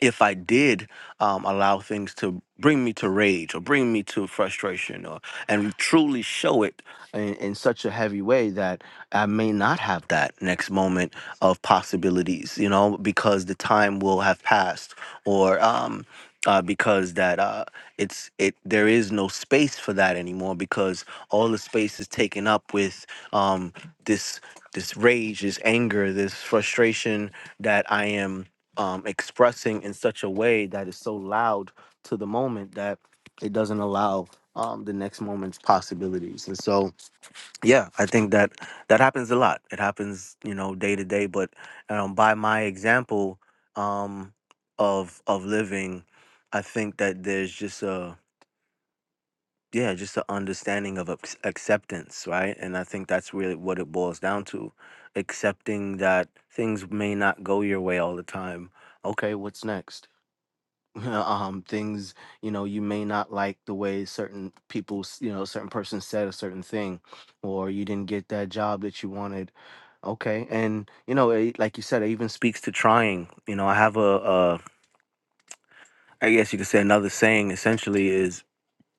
Speaker 5: if I did um, allow things to bring me to rage or bring me to frustration or and truly show it in, in such a heavy way that I may not have that next moment of possibilities, you know, because the time will have passed or um, uh, because that uh, it's it there is no space for that anymore because all the space is taken up with um, this this rage, this anger, this frustration that I am um, expressing in such a way that is so loud to the moment that it doesn't allow um, the next moment's possibilities. And so, yeah, I think that that happens a lot. It happens, you know, day to day. But um, by my example um, of of living, I think that there's just a yeah, just an understanding of ac- acceptance, right? And I think that's really what it boils down to, accepting that things may not go your way all the time. Okay, what's next? um things you know you may not like the way certain people s- you know certain person said a certain thing or you didn't get that job that you wanted okay and you know it, like you said it even speaks to trying you know i have a, a i guess you could say another saying essentially is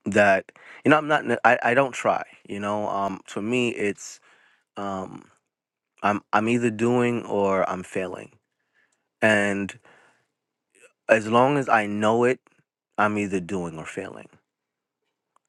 Speaker 5: that you know i'm not n- i, I don't try you know um to me it's um i'm i'm either doing or i'm failing and as long as i know it i'm either doing or failing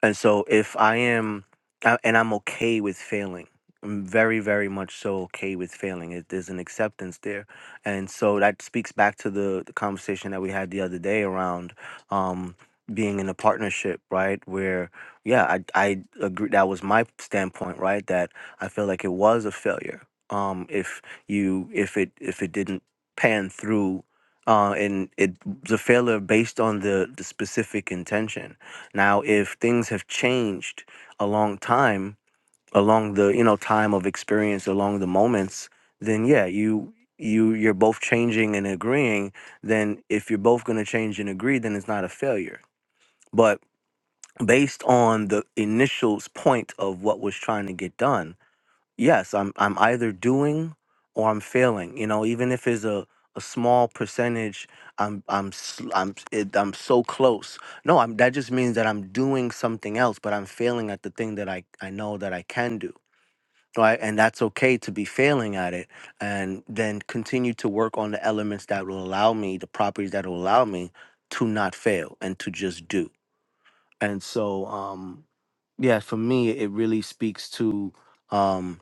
Speaker 5: And so if I am, a- and I'm okay with failing, I'm very, very much so okay with failing. It, there's an acceptance there. And so that speaks back to the, the conversation that we had the other day around um, being in a partnership, right? Where, yeah, I, I agree. That was my standpoint, right? That I feel like it was a failure. Um, if you, if it, if it didn't pan through, uh, and it was a failure based on the, the specific intention now, if things have changed a long time, along the you know time of experience, along the moments, then yeah, you you you're both changing and agreeing. Then if you're both going to change and agree, then it's not a failure. But based on the initial point of what was trying to get done, yes i'm i'm either doing or i'm failing you know even if it's a a small percentage i'm i'm sl- i'm it, i'm so close no i'm that just means that i'm doing something else but i'm failing at the thing that i i know that i can do right and that's okay to be failing at it and then continue to work on the elements that will allow me the properties that will allow me to not fail and to just do and so um yeah for me it really speaks to um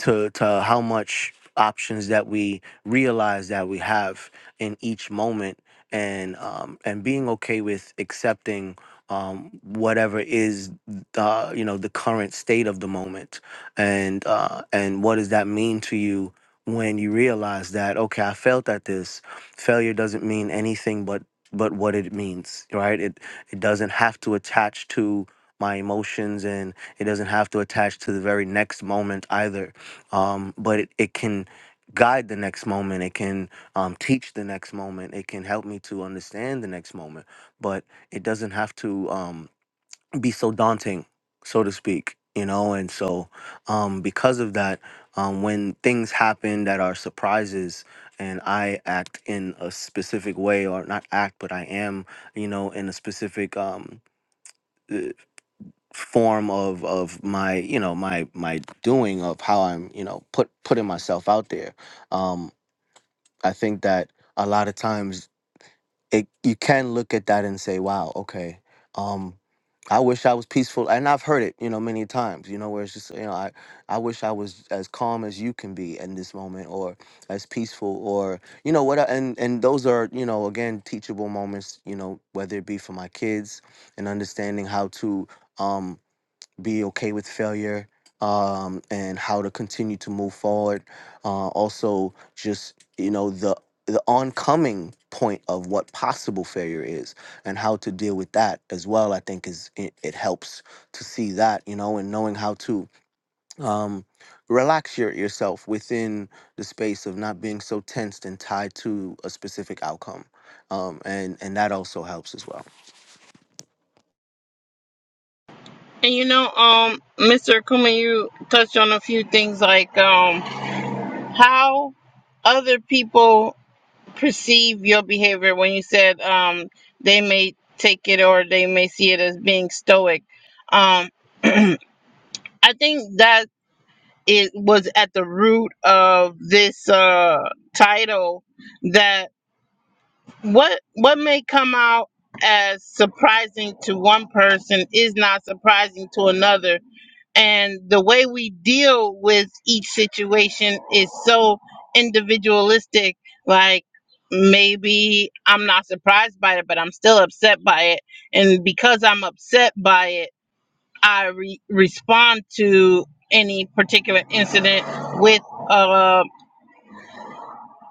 Speaker 5: to to how much options that we realize that we have in each moment and um and being okay with accepting um whatever is uh you know the current state of the moment and uh and what does that mean to you when you realize that okay I failed at this failure doesn't mean anything but but what it means right it it doesn't have to attach to my emotions and it doesn't have to attach to the very next moment either um, but it, it can guide the next moment it can um, teach the next moment it can help me to understand the next moment but it doesn't have to um, be so daunting so to speak you know and so um, because of that um, when things happen that are surprises and i act in a specific way or not act but i am you know in a specific um, form of of my you know my my doing of how I'm you know put putting myself out there. Um, I think that a lot of times it you can look at that and say, wow, okay, um, I wish I was peaceful, and I've heard it you know many times. You know where it's just you know I I wish I was as calm as you can be in this moment, or as peaceful, or you know what, I- and and those are you know again teachable moments. You know whether it be for my kids and understanding how to. Um, be okay with failure um, and how to continue to move forward. Uh, also, just you know the the oncoming point of what possible failure is and how to deal with that as well. I think is it, it helps to see that you know and knowing how to um, relax your, yourself within the space of not being so tensed and tied to a specific outcome, um, and and that also helps as well.
Speaker 1: And you know, um, Mr. Kuma, you touched on a few things like um, how other people perceive your behavior when you said um, they may take it or they may see it as being stoic. Um, I think that it was at the root of this uh, title that what what may come out as surprising to one person is not surprising to another, and the way we deal with each situation is so individualistic. Like maybe I'm not surprised by it, but I'm still upset by it, and because I'm upset by it. I re- respond to any particular incident with a,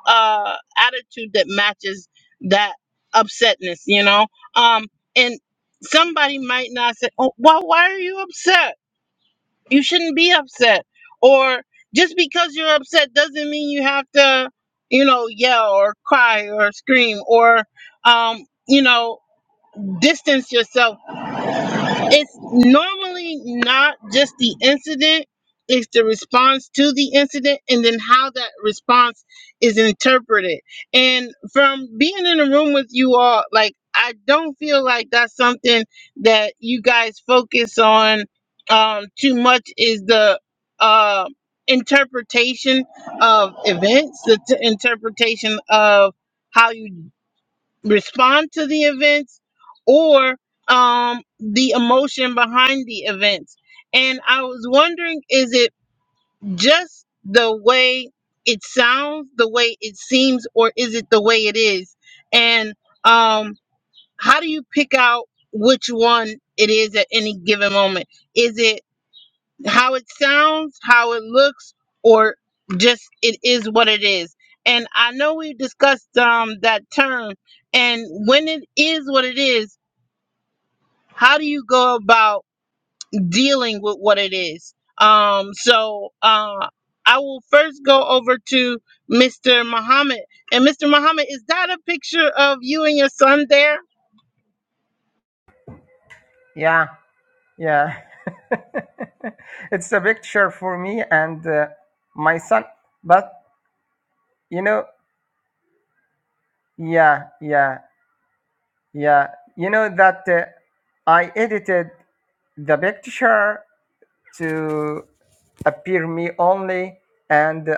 Speaker 1: a attitude that matches that upsetness, you know. Um, and somebody might not say, "Oh, well, why are you upset? You shouldn't be upset." Or just because you're upset doesn't mean you have to, you know, yell or cry or scream or, um, you know, distance yourself It's normally not just the incident, it's the response to the incident and then how that response is interpreted. And from being in a room with you all, like, I don't feel like that's something that you guys focus on um, too much is the uh, interpretation of events, the t- interpretation of how you respond to the events or um, the emotion behind the events. And I was wondering is it just the way it sounds, the way it seems, or is it the way it is? And um, how do you pick out which one it is at any given moment? Is it how it sounds, how it looks, or just it is what it is. And I know we discussed um that term and when it is what it is, how do you go about dealing with what it is? Um so uh I will first go over to Mr. Muhammad. And Mr. Muhammad, is that a picture of you and your son there?
Speaker 2: Yeah, yeah. it's a picture for me and uh, my son. But you know, yeah, yeah, yeah. You know that uh, I edited the picture to appear me only. And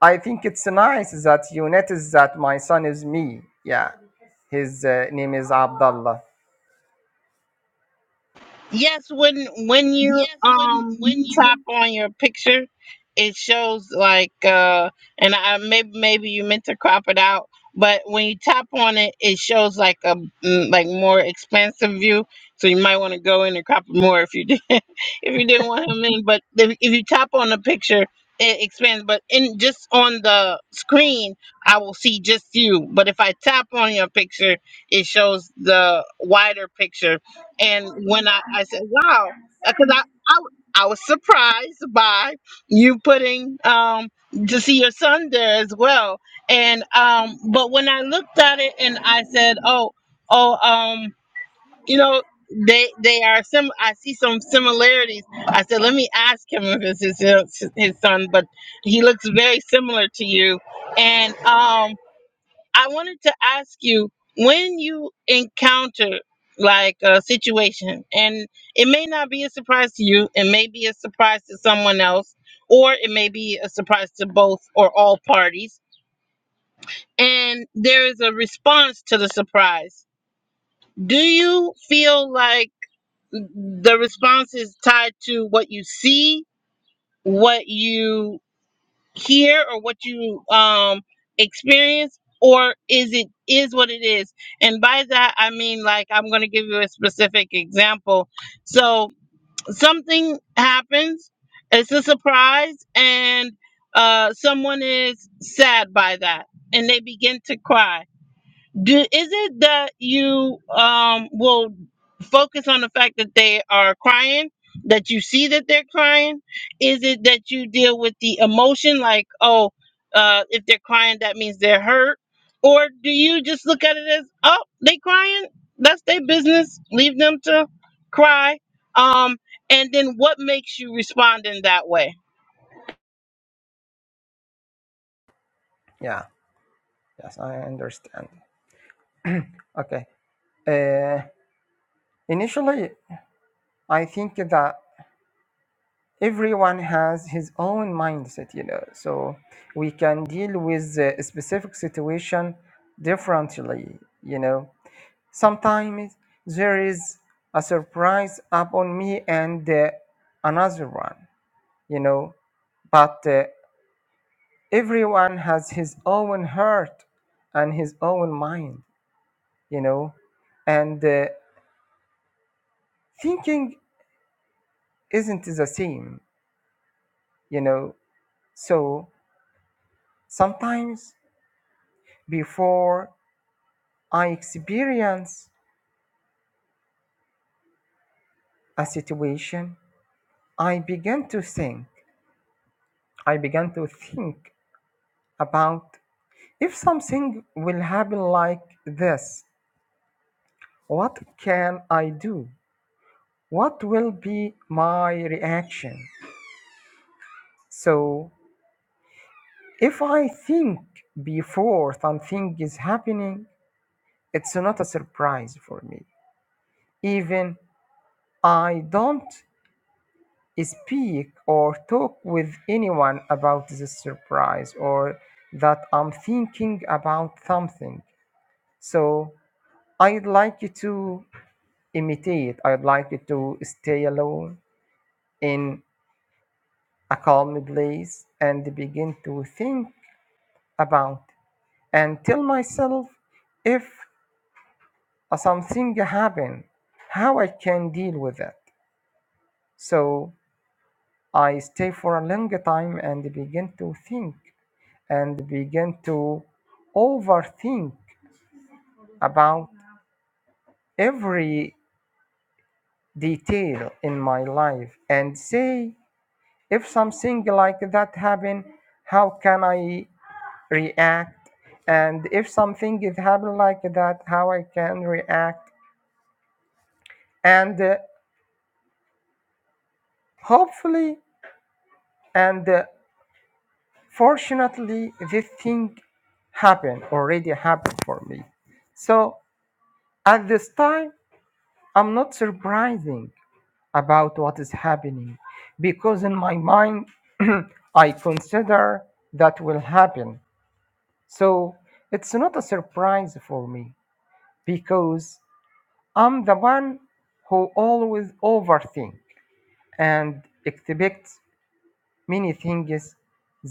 Speaker 2: I think it's nice that you notice that my son is me. Yeah, his uh, name is Abdullah.
Speaker 1: Yes, when when you
Speaker 2: Yes, when when
Speaker 1: um
Speaker 2: you
Speaker 1: tap on your picture, it shows like uh and I maybe maybe you meant to crop it out, but when you tap on it, it shows like a mm, like more expansive view. So you might want to go in and crop it more if you did if you didn't want him in. But if, if you tap on the picture, it expands. But in just on the screen, I will see just you. But if I tap on your picture, it shows the wider picture and when I, I said, wow, because I I I was surprised by you putting um, to see your son there as well. And, um, but when I looked at it and I said, oh, oh, um, you know, they, they are some, I see some similarities. I said, let me ask him if it's his, his son, but he looks very similar to you. And, um, I wanted to ask you when you encounter like a situation, and it may not be a surprise to you, it may be a surprise to someone else, or it may be a surprise to both or all parties, and there is a response to the surprise. Do you feel like the response is tied to what you see, what you hear or what you um experience or is it is what it is and by that i mean like i'm going to give you a specific example so something happens it's a surprise and uh someone is sad by that and they begin to cry do, is it that you um will focus on the fact that they are crying, that you see that they're crying? Is it that you deal with the emotion, like oh, uh, if they're crying, that means they're hurt, or do you just look at it as oh, they crying, that's their business, leave them to cry, um, and then what makes you respond in that way?
Speaker 2: Yeah, yes, I understand. Okay. Uh, initially, I think that everyone has his own mindset, you know, so we can deal with a specific situation differently, you know. Sometimes there is a surprise upon me and uh, another one, you know. But uh, everyone has his own heart and his own mind, you know. And uh, thinking isn't the same, you know. So sometimes before I experience a situation, I begin to think. I began to think about If something will happen like this, what can I do? What will be my reaction? So, if I think before something is happening, it's not a surprise for me. Even I don't speak or talk with anyone about this surprise or that I'm thinking about something. So, I'd like you to imitate. I'd like to stay alone in a calm place and begin to think about and tell myself if something happen, how I can deal with it. So I stay for a long time and begin to think and begin to overthink about every detail in my life and say if something like that happen how can i react and if something is happening like that how i can react and uh, hopefully and uh, fortunately this thing happened already happened for me so at this time i'm not surprising about what is happening because in my mind i consider that will happen so it's not a surprise for me because I'm the one who always overthink and expects many things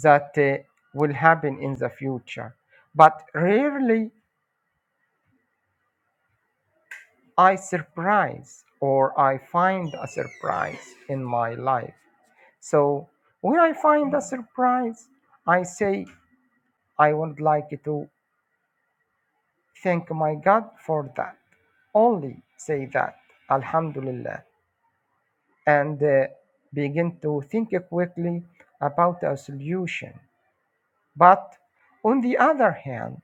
Speaker 2: that uh, will happen in the future, but rarely I surprise or I find a surprise in my life. So when I find a surprise, I say I would like to thank my God for that. Only say that. Alhamdulillah. and uh, begin to think quickly about a solution. But on the other hand,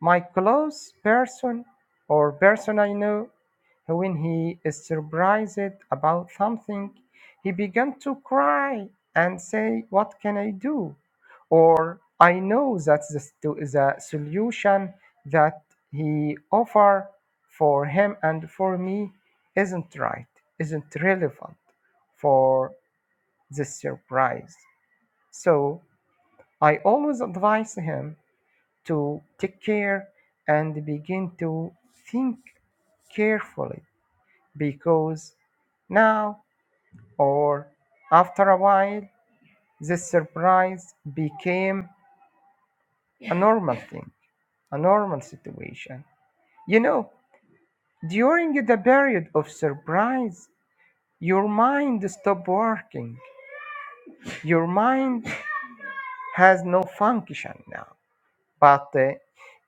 Speaker 2: my close person or person I know, when he is surprised about something, he began to cry and say, What can I do? Or I know that the, stu- the solution that he offer for him and for me isn't right, isn't relevant for this surprise. So I always advise him to take care and begin to think carefully because now or after a while this surprise became a normal thing, a normal situation. You know, during the period of surprise, your mind stopped working. Your mind has no function now. But uh,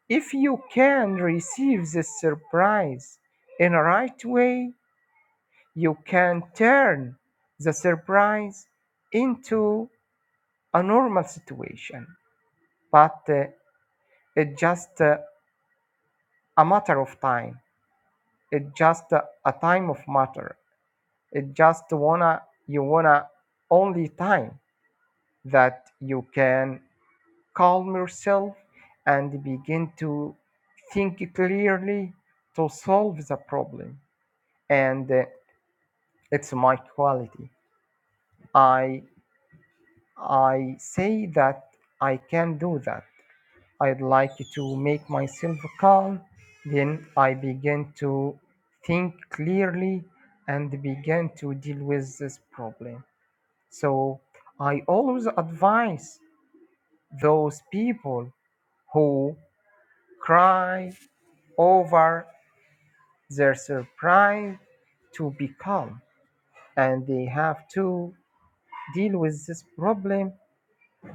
Speaker 2: if you can receive this surprise in a right way, You can turn the surprise into a normal situation, but uh, it's just uh, a matter of time. It's just uh, a time of matter. It just wanna you wanna only time that you can calm yourself and begin to think clearly to solve the problem. And uh, it's my quality. I I say that I can do that. I'd like to make myself calm. Then I begin to think clearly and begin to deal with this problem. So I always advise those people who cry over their surprise to be calm and they have to deal with this problem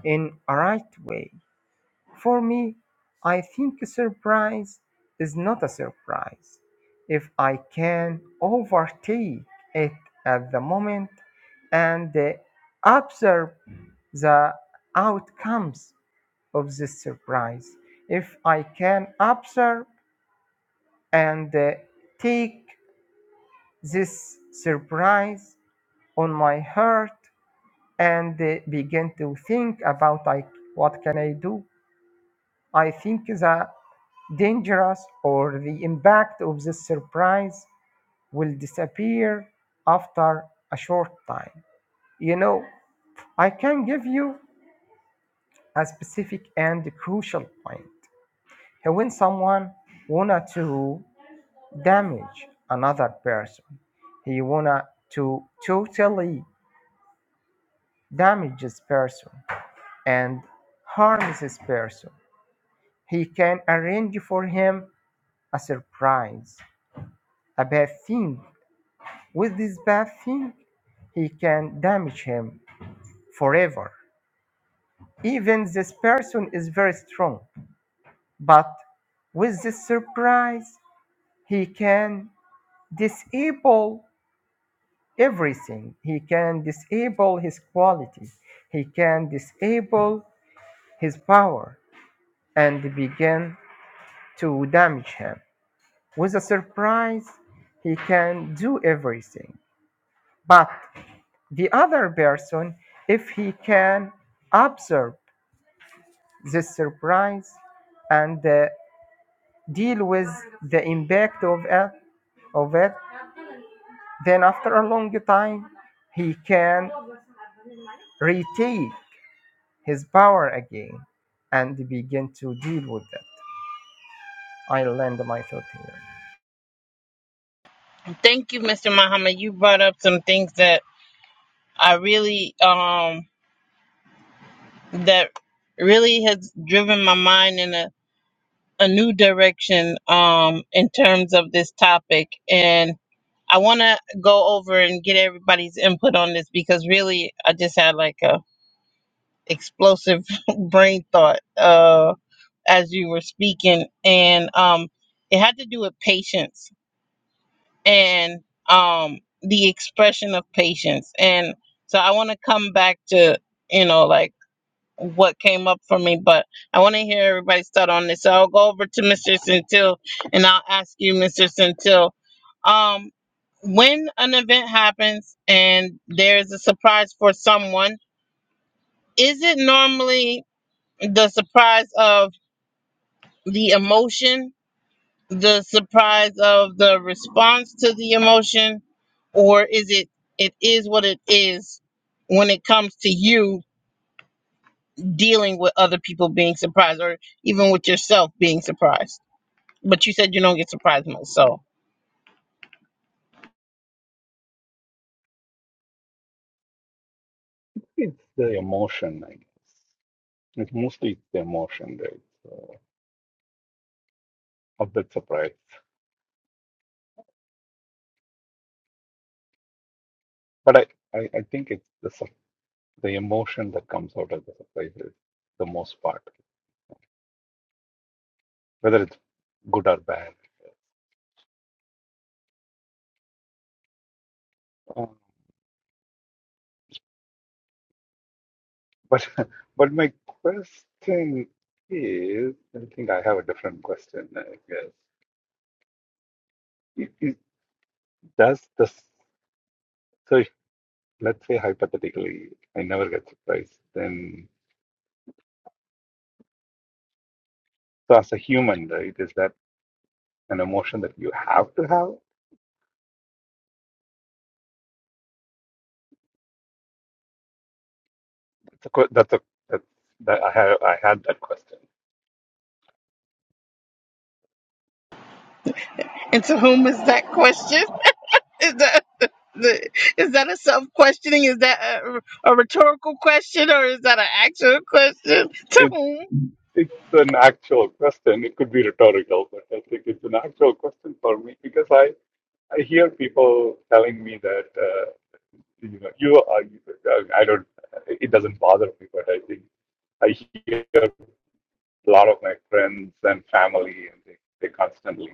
Speaker 2: in a right way For me, I think a surprise is not a surprise if I can overtake it at the moment and uh, observe the outcomes of this surprise. If I can observe and uh, take this surprise on my heart and uh, begin to think about like what can I do I think the dangerous or the impact of the surprise will disappear after a short time. You know, I can give you a specific and crucial point. When someone wanted to damage another person, he wanted to totally damage this person and harm this person. He can arrange for him a surprise, a bad thing With this bad thing, he can damage him forever. Even this person is very strong, but with this surprise, he can disable everything. He can disable his quality. He can disable his power and begin to damage him. With a surprise, he can do everything. But the other person, if he can observe the surprise and uh, deal with the impact of it, of it. Then, after a long time, he can retake his power again and begin to deal with that. I land my thought here.
Speaker 1: Thank you, Mr. Muhammad. You brought up some things that I really um that really has driven my mind in a, a new direction um in terms of this topic and I want to go over and get everybody's input on this because really I just had like a explosive brain thought uh, as you were speaking, and um, it had to do with patience and um, the expression of patience. And so I want to come back to you know like what came up for me, but I want to hear everybody's thought on this. So I'll go over to Mr. Centil, and I'll ask you, Mr. Centil. Um, when an event happens and there's a surprise for someone, is it normally the surprise of the emotion the surprise of the response to the emotion or is it it is what it is when it comes to you dealing with other people being surprised or even with yourself being surprised but you said you don't get surprised much so
Speaker 4: It's the emotion, I guess. It's mostly the emotion, right? So, of that surprise. But I, I, I think it's the sup- the emotion that comes out of the surprise is the most part, whether it's good or bad. Uh, But but my question is, I think I have a different question, I guess. It, it, does the so if- let's say hypothetically, I never get surprised. Then, so as a human, right, is that an emotion that you have to have? That's a, que- that's a that's, that I have I had that question.
Speaker 1: and to whom is that question is that the, is that a self questioning is that a, a rhetorical question or is that an actual question to
Speaker 4: It.
Speaker 1: whom
Speaker 4: It's an actual question. It could be rhetorical, but I think it's an actual question for me because I, I hear people telling me that uh, you know you are I don't it doesn't bother me, but I think I hear a lot of my friends and family and they they constantly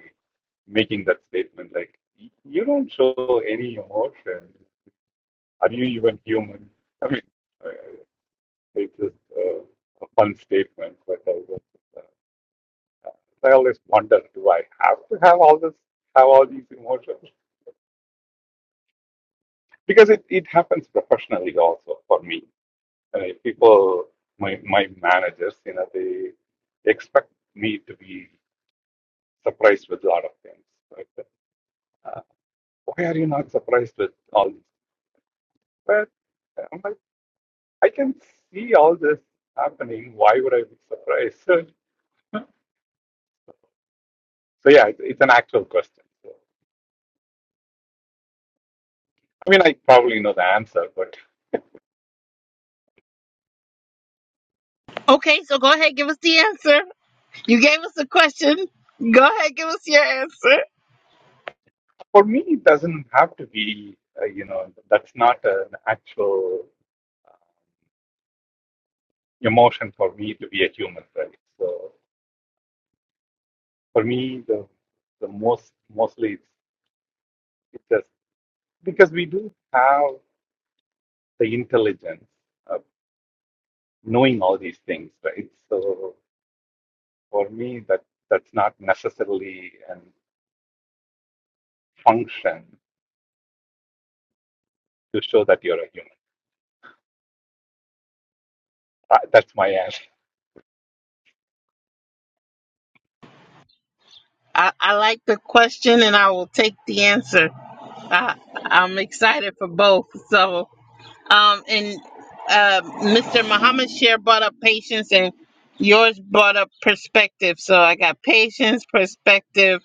Speaker 4: making that statement like "Y- you don't show any emotion. Are you even human? I mean, uh, it's just uh, a fun statement, but I guess. uh, I always wonder, do I have to have all this, have all these emotions? Because it, it happens professionally also for me. Uh, people, my my managers, you know, they expect me to be surprised with a lot of things. Like, uh, why are you not surprised with all this? But uh, I'm like, I can see all this happening. Why would I be surprised? So, so yeah, it's, it's an actual question. So, I mean, I probably know the answer, but.
Speaker 1: okay so go ahead give us the answer You gave us a question. Go ahead, give us your answer.
Speaker 4: For me, it doesn't have to be, uh, you know, that's not an actual uh, emotion for me to be a human, right? So for me, the the most mostly it's, it's just because we do have the intelligence of knowing all these things, right? So for me, that that's not necessarily an function to show that you're a human. Uh, That's my answer.
Speaker 1: I, I like the question and I will take the answer. I, I'm excited for both. So. Um, and uh, Mr. Muhammad share brought up patience, and yours brought up perspective. So I got patience, perspective.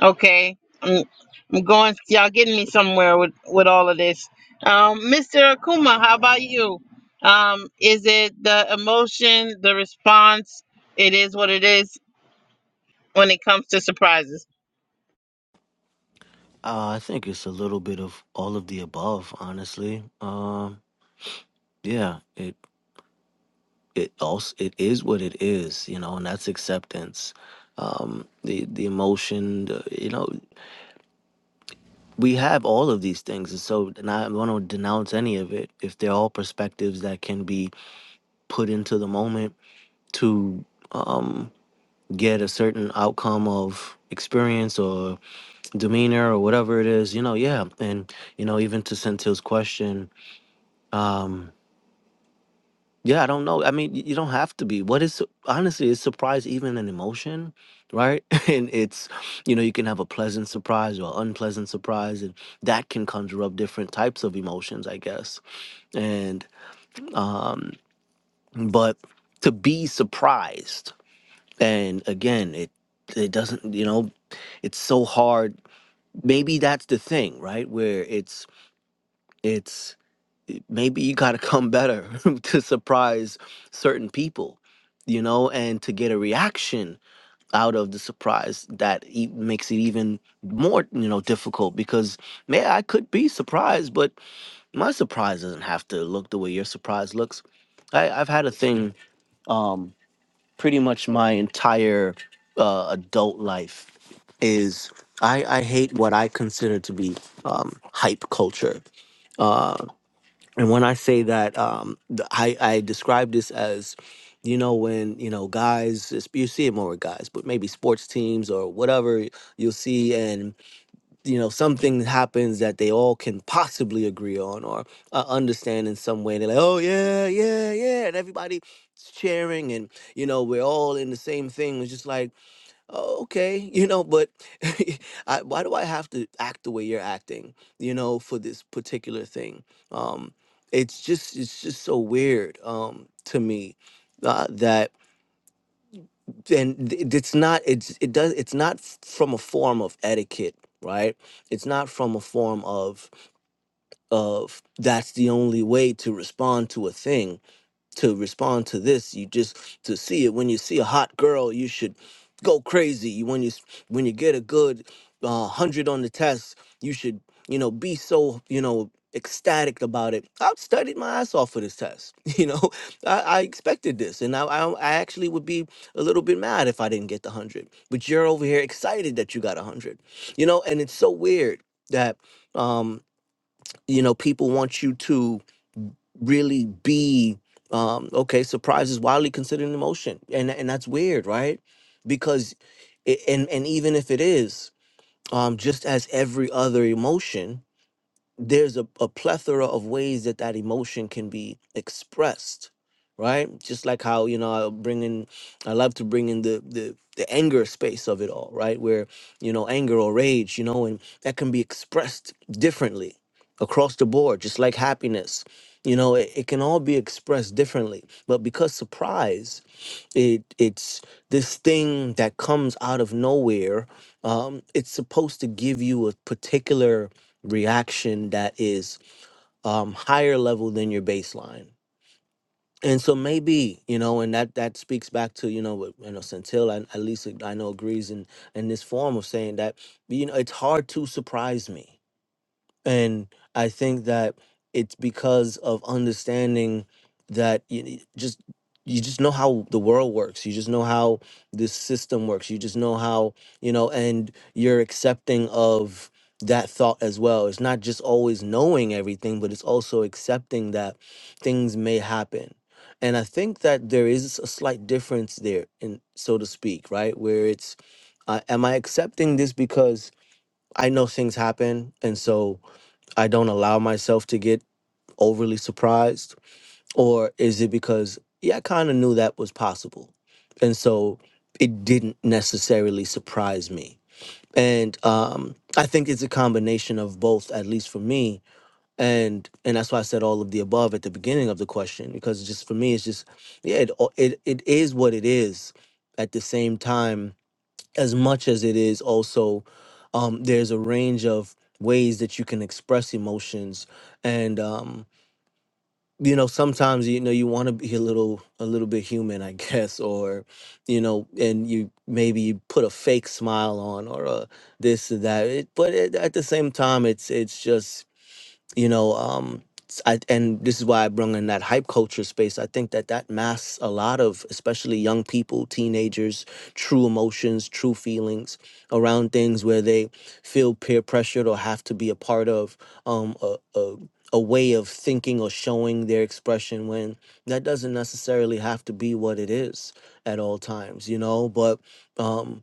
Speaker 1: Okay, I'm, I'm going. Y'all getting me somewhere with with all of this. Um, Mr. Akuma, how about you? Um, is it the emotion, the response? It is what it is when it comes to surprises.
Speaker 5: Uh, I think it's a little bit of all of the above, honestly. Um, yeah, it it also it is what it is, you know, and that's acceptance. Um, the the emotion, the, you know, we have all of these things, and so and I want to denounce any of it if they're all perspectives that can be put into the moment to um get a certain outcome of experience or demeanor or whatever it is, you know, yeah, and you know, even to Centil's question. um Yeah, I don't know. I mean, y- you don't have to be. What is honestly, is surprise even an emotion, right? And it's, you know, you can have a pleasant surprise or unpleasant surprise, and that can conjure up different types of emotions, I guess. And, um, but to be surprised, and again, it it doesn't, you know, it's so hard. Maybe that's the thing, right? Where it's it's maybe you got to come better to surprise certain people, you know, and to get a reaction out of the surprise that e- makes it even more, you know, difficult because, man, I could be surprised, but my surprise doesn't have to look the way your surprise looks. I, I've had a thing um, pretty much my entire uh, adult life is I, I hate what I consider to be um, hype culture Uh, and when I say that, um, th- I, I describe this as, you know, when, you know, guys, it's- you see it more with guys, but maybe sports teams or whatever you'll see, and, you know, something happens that they all can possibly agree on or uh, understand in some way. They're like, oh, yeah, yeah, yeah. And everybody's cheering, and, you know, we're all in the same thing. It's just like, oh, okay, you know, but I, why do I have to act the way you're acting, you know, for this particular thing? Um, it's just, it's just so weird um, to me uh, that, and th- it's not, it's, it does, it's not f- from a form of etiquette, right? It's not from a form of, of that's the only way to respond to a thing to respond to this you just to see it when you see a hot girl you should go crazy You- when you s- when you get a good uh, 100 on the test you should you know be so you know ecstatic about it i've studied my ass off for this test you know i, I expected this and I, I i actually would be a little bit mad if i didn't get the 100 but you're over here excited that you got a 100 you know and it's so weird that um you know people want you to really be um okay surprise is widely considered an emotion and and that's weird right because it, and and even if it is um just as every other emotion there's a, a plethora of ways that that emotion can be expressed right just like how you know i bring in i love to bring in the the the anger space of it all right where you know anger or rage you know and that can be expressed differently across the board just like happiness you know it, it can all be expressed differently but because surprise it it's this thing that comes out of nowhere um it's supposed to give you a particular reaction that is um higher level than your baseline and so maybe you know and that that speaks back to you know what you know centil and at least i know agrees in in this form of saying that you know it's hard to surprise me and I think that it's because of understanding that you ne- just you just know how the world works. You just know how this system works. You just know how you know, and you're accepting of that thought as well. It's not just always knowing everything, but it's also accepting that things may happen. And I think that there is a slight difference there, in so to speak, right? Where it's, uh, am I accepting this because I know things happen, and so I don't allow myself to get overly surprised? Or is it because, yeah, I kind of knew that was possible. And so it didn't necessarily surprise me. And um, I think it's a combination of both, at least for me. And and that's why I said all of the above at the beginning of the question, because just for me, it's just, yeah, it, it, it is what it is. At the same time, as much as it is also um, there's a range of ways that you can express emotions and um, you know sometimes you know you want to be a little a little bit human i guess or you know and you maybe you put a fake smile on or a this or that it, but it, at the same time it's it's just you know um s- I, and this is why i bring in that hype culture space i think that that masks a lot of especially young people teenagers true emotions true feelings around things where they feel peer pressured or have to be a part of um a, a a way of thinking or showing their expression when that doesn't necessarily have to be what it is at all times you know but um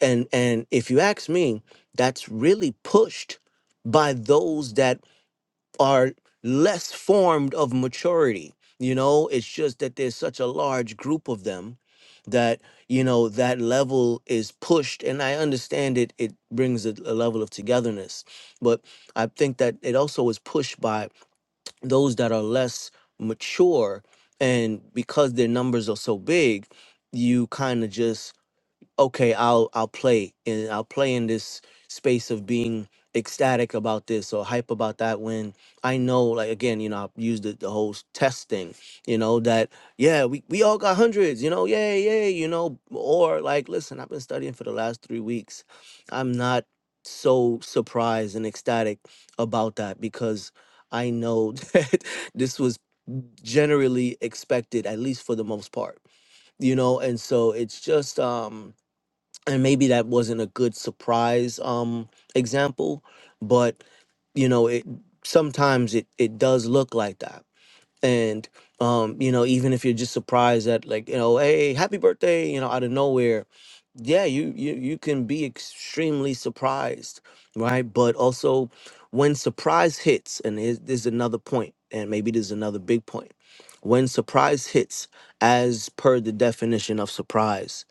Speaker 5: and and if you ask me that's really pushed by those that are less formed of maturity you know it's just that there's such a large group of them that you know that level is pushed and i understand it it brings a, a level of togetherness but i think that it also is pushed by those that are less mature and because their numbers are so big you kind of just okay i'll i'll play and i'll play in this space of being ecstatic about this or hype about that when i know like again you know i've used the, the whole s- test thing you know that yeah we, we all got hundreds you know yay yay you know or like listen i've been studying for the last three weeks i'm not so surprised and ecstatic about that because i know that this was generally expected at least for the most part you know and so it's just um and maybe that wasn't a good surprise um example but you know it sometimes it it does look like that and um you know even if you're just surprised at like you know hey happy birthday you know out of nowhere yeah you you you can be extremely surprised right but also when surprise hits and here's- there's another point and maybe there's another big point when surprise hits as per the definition of surprise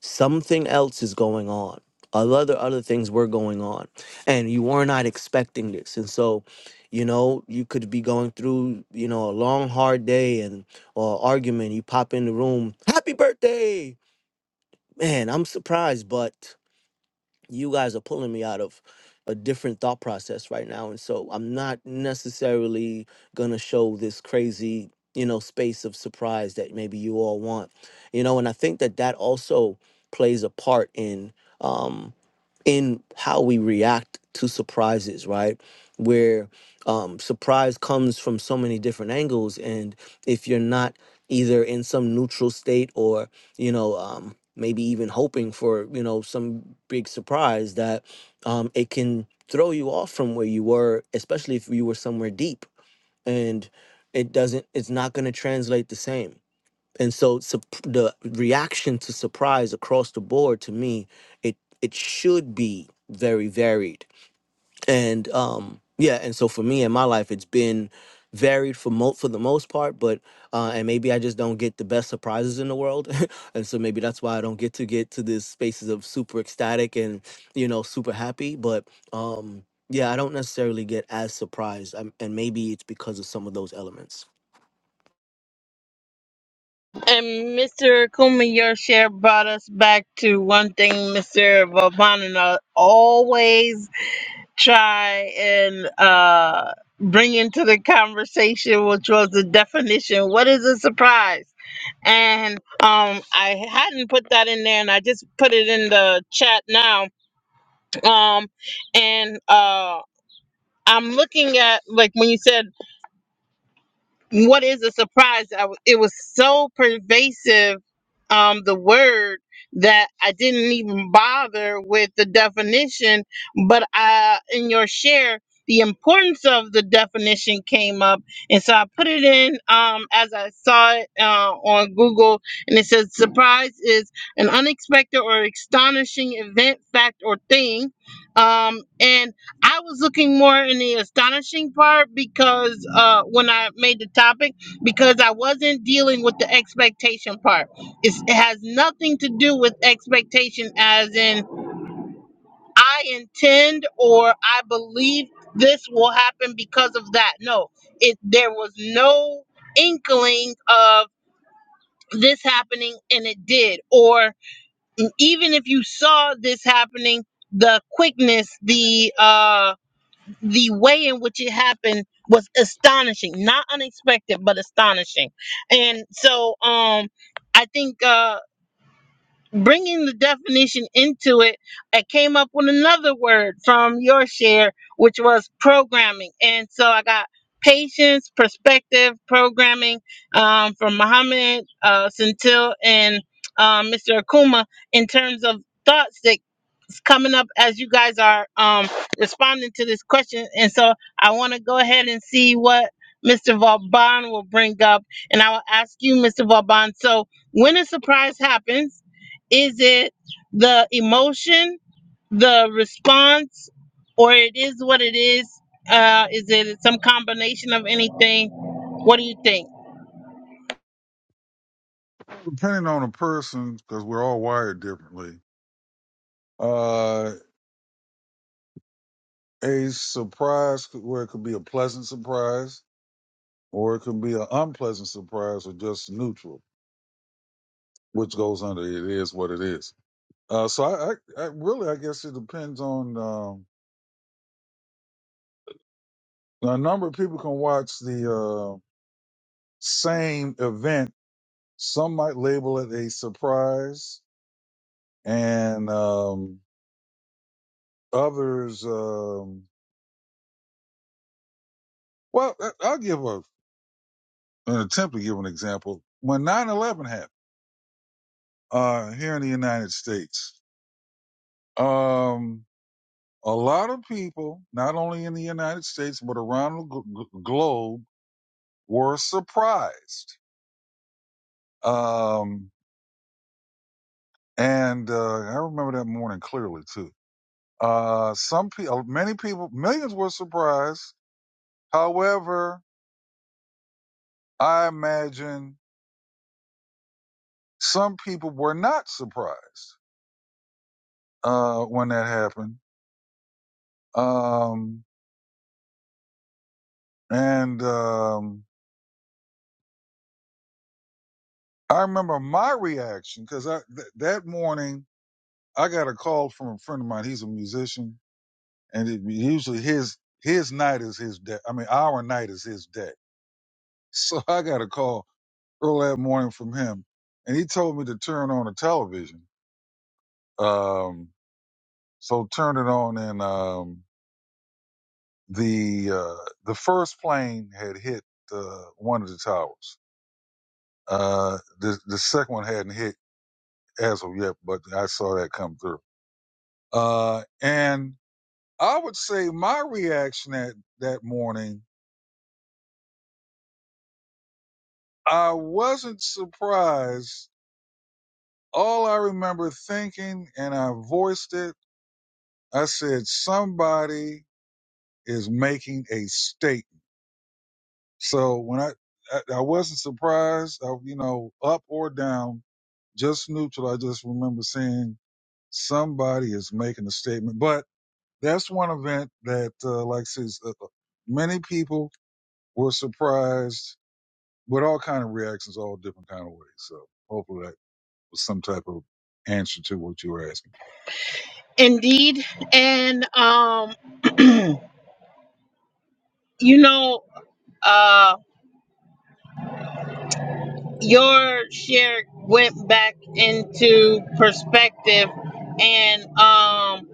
Speaker 5: something else is going on other other things were going on and you were not expecting this and so you know you could be going through you know a long hard day and or argument you pop in the room happy birthday man i'm surprised but you guys are pulling me out of a different thought process right now and so i'm not necessarily going to show this crazy you know space of surprise that maybe you all want you know and i think that that also plays a part in um in how we react to surprises, right? Where um, surprise comes from so many different angles, and if you're not either in some neutral state or you know um, maybe even hoping for you know some big surprise, that um, it can throw you off from where you were, especially if you were somewhere deep, and it doesn't. It's not going to translate the same and so sup- the reaction to surprise across the board to me it it should be very varied and um yeah and so for me in my life it's been varied for mo- for the most part but uh and maybe i just don't get the best surprises in the world and so maybe that's why i don't get to get to these spaces of super ecstatic and you know super happy but um yeah i don't necessarily get as surprised i and maybe it's because of some of those elements
Speaker 1: And Mr. Akuma, your share brought us back to one thing Mr. Vavana always try and uh, bring into the conversation, which was the definition. What is a surprise? And um, I hadn't put that in there, and I just put it in the chat now. Um, and uh, I'm looking at like when you said. what is a surprise? I w it was so pervasive, um, the word that I didn't even bother with the definition. But I, in your share, the importance of the definition came up, and so I put it in um, as I saw it uh, on Google, and it says surprise is an unexpected or astonishing event, fact, or thing, um, and I was looking more in the astonishing part because uh, when I made the topic, because I wasn't dealing with the expectation part. It's, it has nothing to do with expectation, as in I intend or I believe this will happen because of that. No, it there was no inkling of this happening, and it did. Or even if you saw this happening, the quickness, the uh the way in which it happened was astonishing not unexpected but astonishing and so um i think uh bringing the definition into it, I came up with another word from your share, which was programming. And so I got patience, perspective, programming um, from Muhammad, uh, Centil, and um, Mr. Akuma in terms of thoughts that is coming up as you guys are um, responding to this question. And so I want to go ahead and see what Mr. Vauban will bring up. And I will ask you, Mr. Vauban, so when a surprise happens, is it the emotion, the response, or it is what it is? Uh, is it some combination of anything? What do you think?
Speaker 3: Depending on the person, because we're all wired differently. Uh, a surprise could- where it could be a pleasant surprise, or it could be an unpleasant surprise, or just neutral, which goes under it is what it is. Uh, so I, I, I really, I guess it depends on um, a number of people can watch the uh, same event. Some might label it a surprise, and um, others. Um, well, I- I'll give a, an attempt to give an example. When nine eleven happened uh, here in the United States, um, a lot of people, not only in the United States but around the gl- gl- globe, were surprised. Um, And uh, I remember that morning clearly too. Uh, some people, many people, millions were surprised. However, I imagine some people were not surprised uh, when that happened. Um, and um, I remember my reaction because I th- that morning I got a call from a friend of mine. He's a musician, and it, usually his his night is his day. I mean, our night is his day. So I got a call early that morning from him, and he told me to turn on the television. Um, so turned it on, and um, the uh, the first plane had hit uh, one of the towers. Uh, the the second one hadn't hit as of yet, but I saw that come through. Uh, and I would say my reaction that that morning, I wasn't surprised. All I remember thinking, and I voiced it. I said, "Somebody." is making a statement. So when I, I, I wasn't surprised, I, you know, up or down, just neutral. I just remember seeing somebody is making a statement, but that's one event that, uh, like I said, uh, uh, many people were surprised with all kind of reactions, all different kind of ways. So hopefully that was some type of answer to what you were asking.
Speaker 1: Indeed, and um, you know, uh, your share went back into perspective, and um,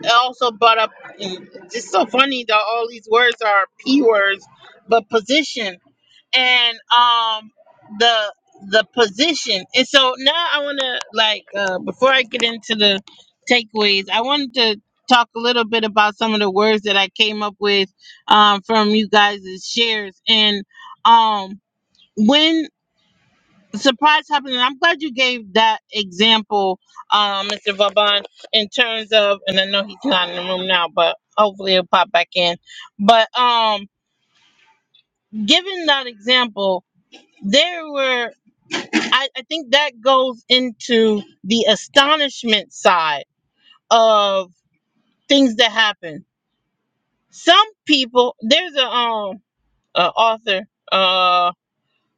Speaker 1: it also brought up. mm, It's so funny that all these words are p words, but position. and um the the position. And so now I want to like uh before I get into the takeaways, I wanted to talk a little bit about some of the words that I came up with um from you guys' shares and um when surprise happened and I'm glad you gave that example um Mr. Vaban in terms of and I know he's not in the room now but hopefully he'll pop back in but um given that example there were I, I think that goes into the astonishment side of things that happen. Some people, there's a um a author, uh,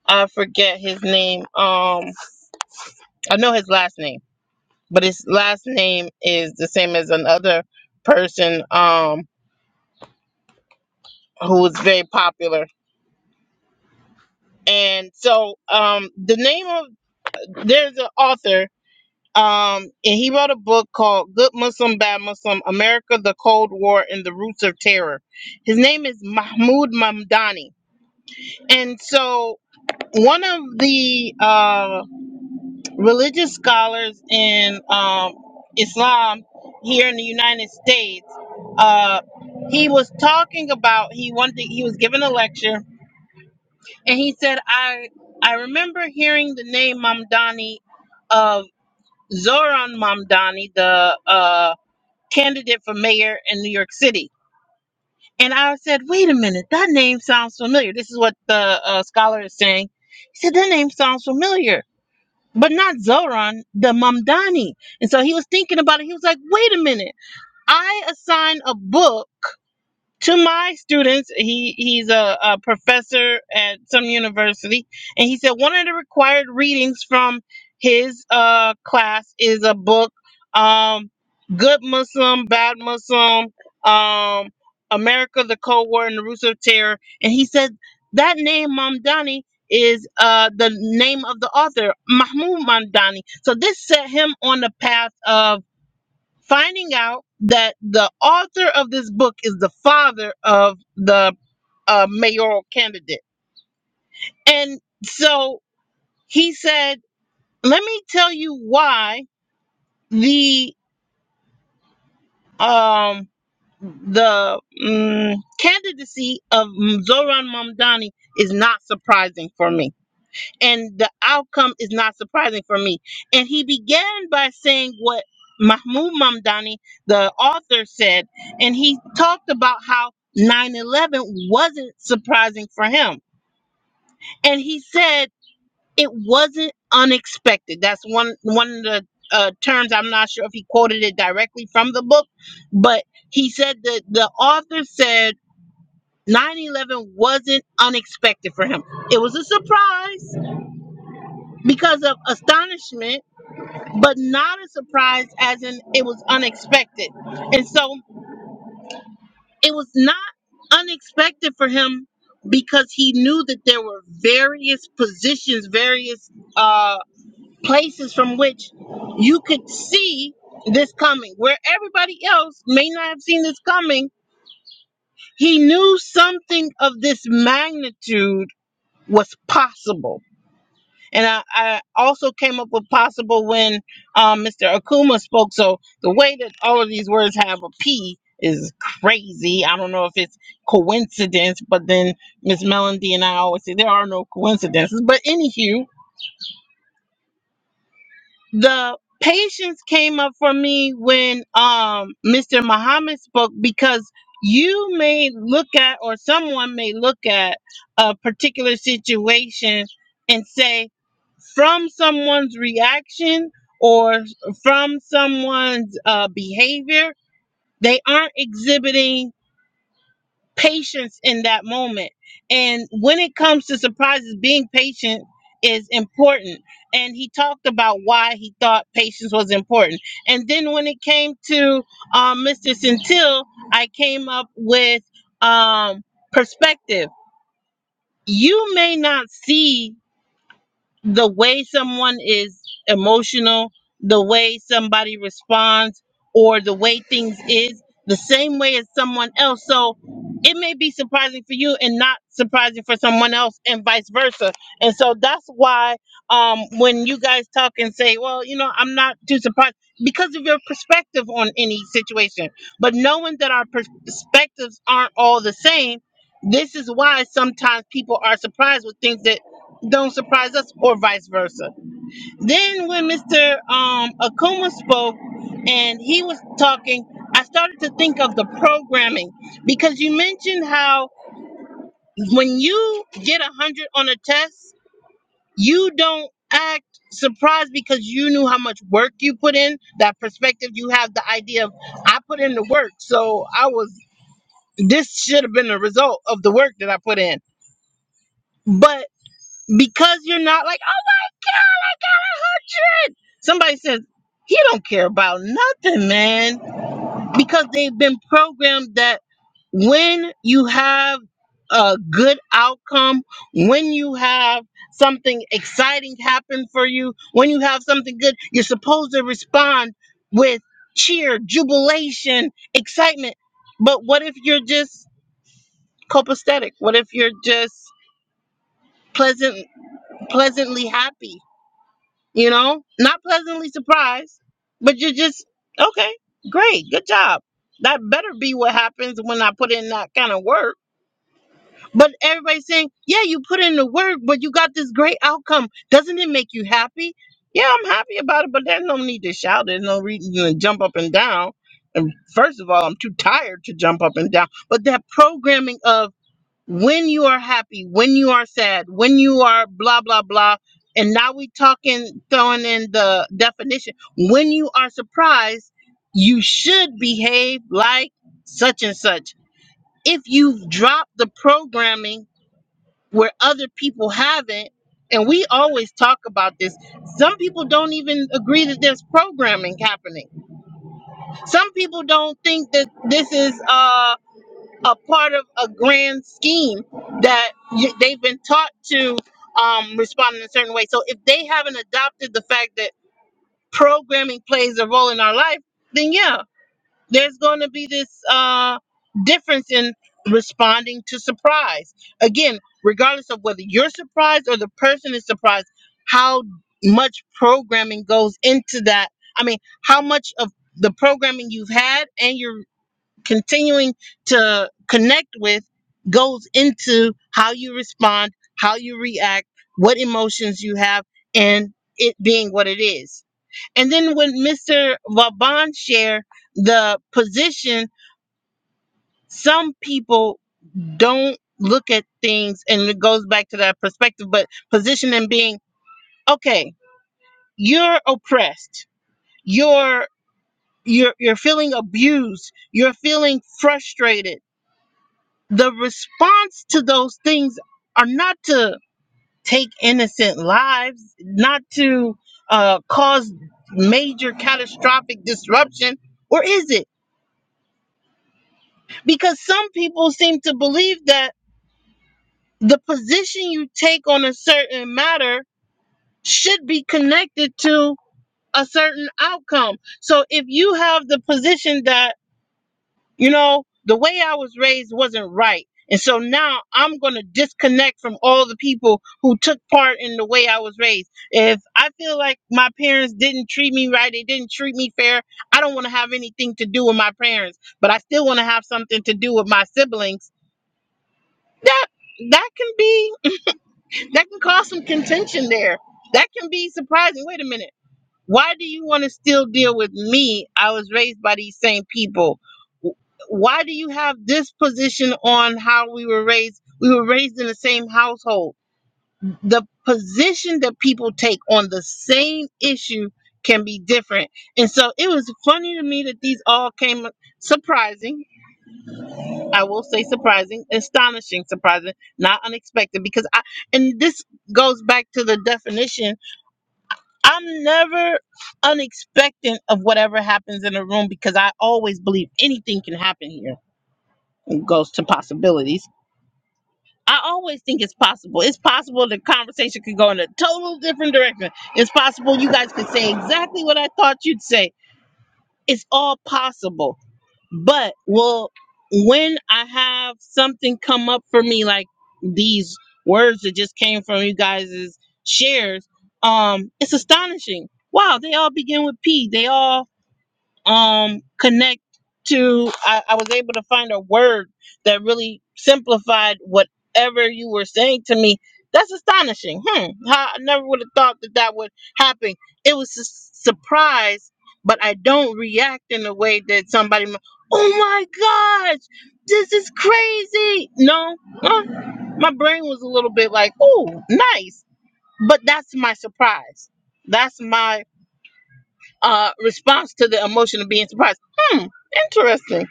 Speaker 1: I forget his name. Um, I know his last name, but his last name is the same as another person um who was very popular. And so um the name of there's an author Um, and he wrote a book called Good Muslim, Bad Muslim America, the Cold War, and the Roots of Terror. His name is Mahmoud Mamdani. And so, one of the uh, religious scholars in um, Islam here in the United States, uh, he was talking about, he wanted, he was giving a lecture, and he said, I, I remember hearing the name Mamdani of Zoran Mamdani, the uh, candidate for mayor in New York City. And I said, wait a minute, that name sounds familiar. This is what the uh, scholar is saying. He said, that name sounds familiar, but not Zoran, the Mamdani. And so he was thinking about it. He was like, wait a minute, I assign a book to my students he he's a, a professor at some university and he said one of the required readings from his uh class is a book um good muslim bad muslim um america the cold war and the roots of terror and he said that name mamdani is uh the name of the author mahmoud mamdani so this set him on the path of finding out that the author of this book is the father of the uh, mayoral candidate. And so he said, "Let me tell you why the um the mm, candidacy of Zoran Mamdani is not surprising for me." and the outcome is not surprising for me. And he began by saying what Mahmoud Mamdani, the author, said, and he talked about how 9 11 wasn't surprising for him. And he said it wasn't unexpected. That's one, one of the uh, terms. I'm not sure if he quoted it directly from the book, but he said that the author said 9 11 wasn't unexpected for him. It was a surprise because of astonishment but not a surprise as in it was unexpected. And so it was not unexpected for him because he knew that there were various positions, various uh, places from which you could see this coming. Where everybody else may not have seen this coming, he knew something of this magnitude was possible And I, I also came up with possible when um, Mr. Akuma spoke. So the way that all of these words have a P is crazy. I don't know if it's coincidence, but then Miss Melody and I always say there are no coincidences. But anywho, the patience came up for me when um Mr. Muhammad spoke because you may look at or someone may look at a particular situation and say from someone's reaction or from someone's uh, behavior they aren't exhibiting patience in that moment. And when it comes to surprises, being patient is important. And he talked about why he thought patience was important. And then when it came to um, Mr. Centil, I came up with um, perspective. You may not see the way someone is emotional, the way somebody responds, or the way things is the same way as someone else. So it may be surprising for you and not surprising for someone else, and vice versa. And so that's why um, when you guys talk and say, "Well, you know, I'm not too surprised," because of your perspective on any situation. But knowing that our pers- perspectives aren't all the same, this is why sometimes people are surprised with things that don't surprise us or vice versa. Then when Mr. Um, Akuma spoke and he was talking, I started to think of the programming because you mentioned how when you get a hundred on a test, you don't act surprised because you knew how much work you put in that perspective you have the idea of i put in the work so i was this should have been the result of the work that i put in but because you're not like "Oh, Like, I got a hundred. Somebody says he don't care about nothing, man, because they've been programmed that when you have a good outcome, when you have something exciting happen for you, when you have something good, you're supposed to respond with cheer, jubilation, excitement. But what if you're just copacetic? What if you're just pleasant pleasantly happy? you know, not pleasantly surprised, but you're just okay, great, good job. That better be what happens when I put in that kind of work. But everybody's saying, yeah, you put in the work, but you got this great outcome. Doesn't it make you happy? Yeah, I'm happy about it, but there's no need to shout. There's no reason to jump up and down. And first of all, I'm too tired to jump up and down. But that programming of when you are happy, when you are sad, when you are blah blah blah. And now we talking throwing in the definition. When you are surprised, you should behave like such and such. If you've dropped the programming where other people haven't, and we always talk about this, some people don't even agree that there's programming happening. Some people don't think that this is uh a part of a grand scheme that you, they've been taught to um, respond in a certain way. So if they haven't adopted the fact that programming plays a role in our life, then yeah, there's going to be this uh, difference in responding to surprise. Again, regardless of whether you're surprised or the person is surprised, how much programming goes into that? I mean, how much of the programming you've had and your continuing to connect with goes into how you respond, how you react, what emotions you have, and it being what it is. And then when Mr. Vaban shared the position, some people don't look at things, and it goes back to that perspective, but position and being, okay, you're oppressed, you're you're you're feeling abused, you're feeling frustrated the response to those things are not to take innocent lives, not to uh, cause major catastrophic disruption, or is it? Because some people seem to believe that the position you take on a certain matter should be connected to a certain outcome. So if you have the position that you know, the way I was raised wasn't right. And so now I'm going to disconnect from all the people who took part in the way I was raised. If I feel like my parents didn't treat me right, they didn't treat me fair, I don't want to have anything to do with my parents, but I still want to have something to do with my siblings. That that can be that can cause some contention there. That can be surprising. Wait a minute. Why do you want to still deal with me? I was raised by these same people. W- Why do you have this position on how we were raised? We were raised in the same household. The position that people take on the same issue can be different. And so it was funny to me that these all came surprising. I will say surprising, astonishing, surprising, not unexpected because I and this goes back to the definition I'm never unexpectant of whatever happens in a room because I always believe anything can happen here. It goes to possibilities. I always think it's possible. It's possible the conversation could go in a total different direction. It's possible you guys could say exactly what I thought you'd say. It's all possible. But well, when I have something come up for me like these words that just came from you guys' shares, um, it's astonishing. Wow, they all begin with P. They all um connect to I, I was able to find a word that really simplified whatever you were saying to me that's astonishing hmm How- i never would have thought that that would happen it was a surprise but i don't react in a way that somebody mi- oh my gosh this is crazy no uh, my brain was a little bit like oh nice but that's my surprise that's my uh, response to the emotion of being surprised. Hmm, interesting.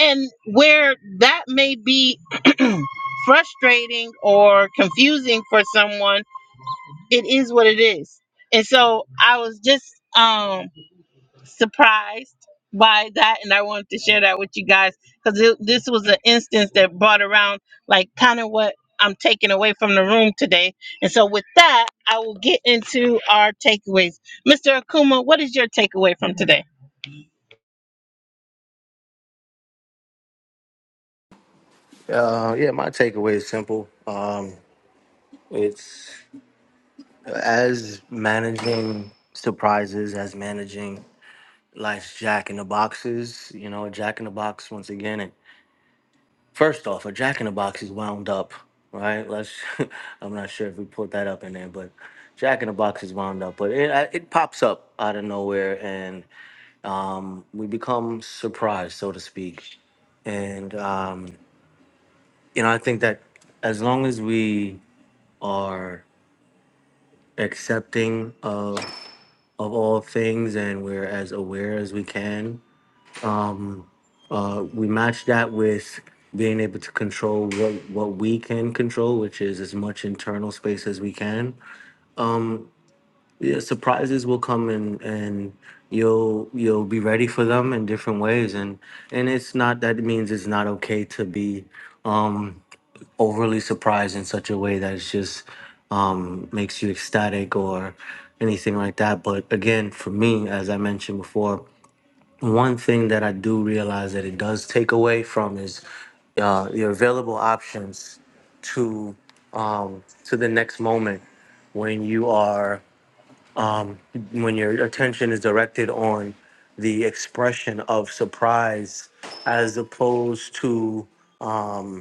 Speaker 1: And where that may be frustrating or confusing for someone, it is what it is. And so I was just um, surprised by that, and I wanted to share that with you guys because this was an instance that brought around like kind of what I'm taking away from the room today. And so with that, I will get into our takeaways. Mr. Akuma, what is your takeaway from today?
Speaker 5: uh yeah my takeaway is simple Um, It's as managing surprises, as managing life's jack in the boxes. You know, a jack in the box once again. And first off, a jack in the box is wound up, right? Let's. I'm not sure if we put that up in there, but jack in the box is wound up, but it uh, it pops up out of nowhere, and um, we become surprised, so to speak. And um, you know, I think that as long as we are accepting of of all things and we're as aware as we can. Uh, we match that with being able to control what, what we can control, which is as much internal space as we can. Um, yeah, surprises will come and, and you'll you'll be ready for them in different ways and and it's not that it means it's not okay to be um overly surprised in such a way that it's just um makes you ecstatic or anything like that but again for me as i mentioned before one thing that I do realize that it does take away from is uh, your available options to um, to the next moment when you are when your attention is directed on the expression of surprise as opposed to um,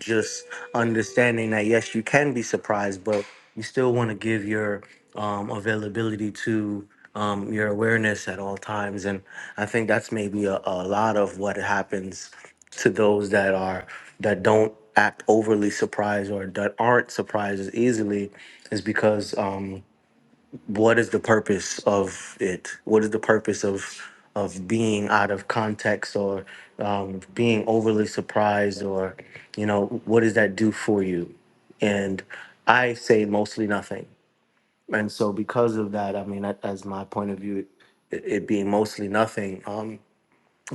Speaker 5: just understanding that yes, you can be surprised, but you still want to give your um, availability to um, your awareness at all times. And I think that's maybe a, a lot of what happens to those that are that don't act overly surprised or that aren't surprised as easily is because um, what is the purpose of it? What is the purpose of of being out of context or um, being overly surprised or you know what does that do for you? And I say mostly nothing. And so because of that, I mean, that- as my point of view, it, it being mostly nothing. Um,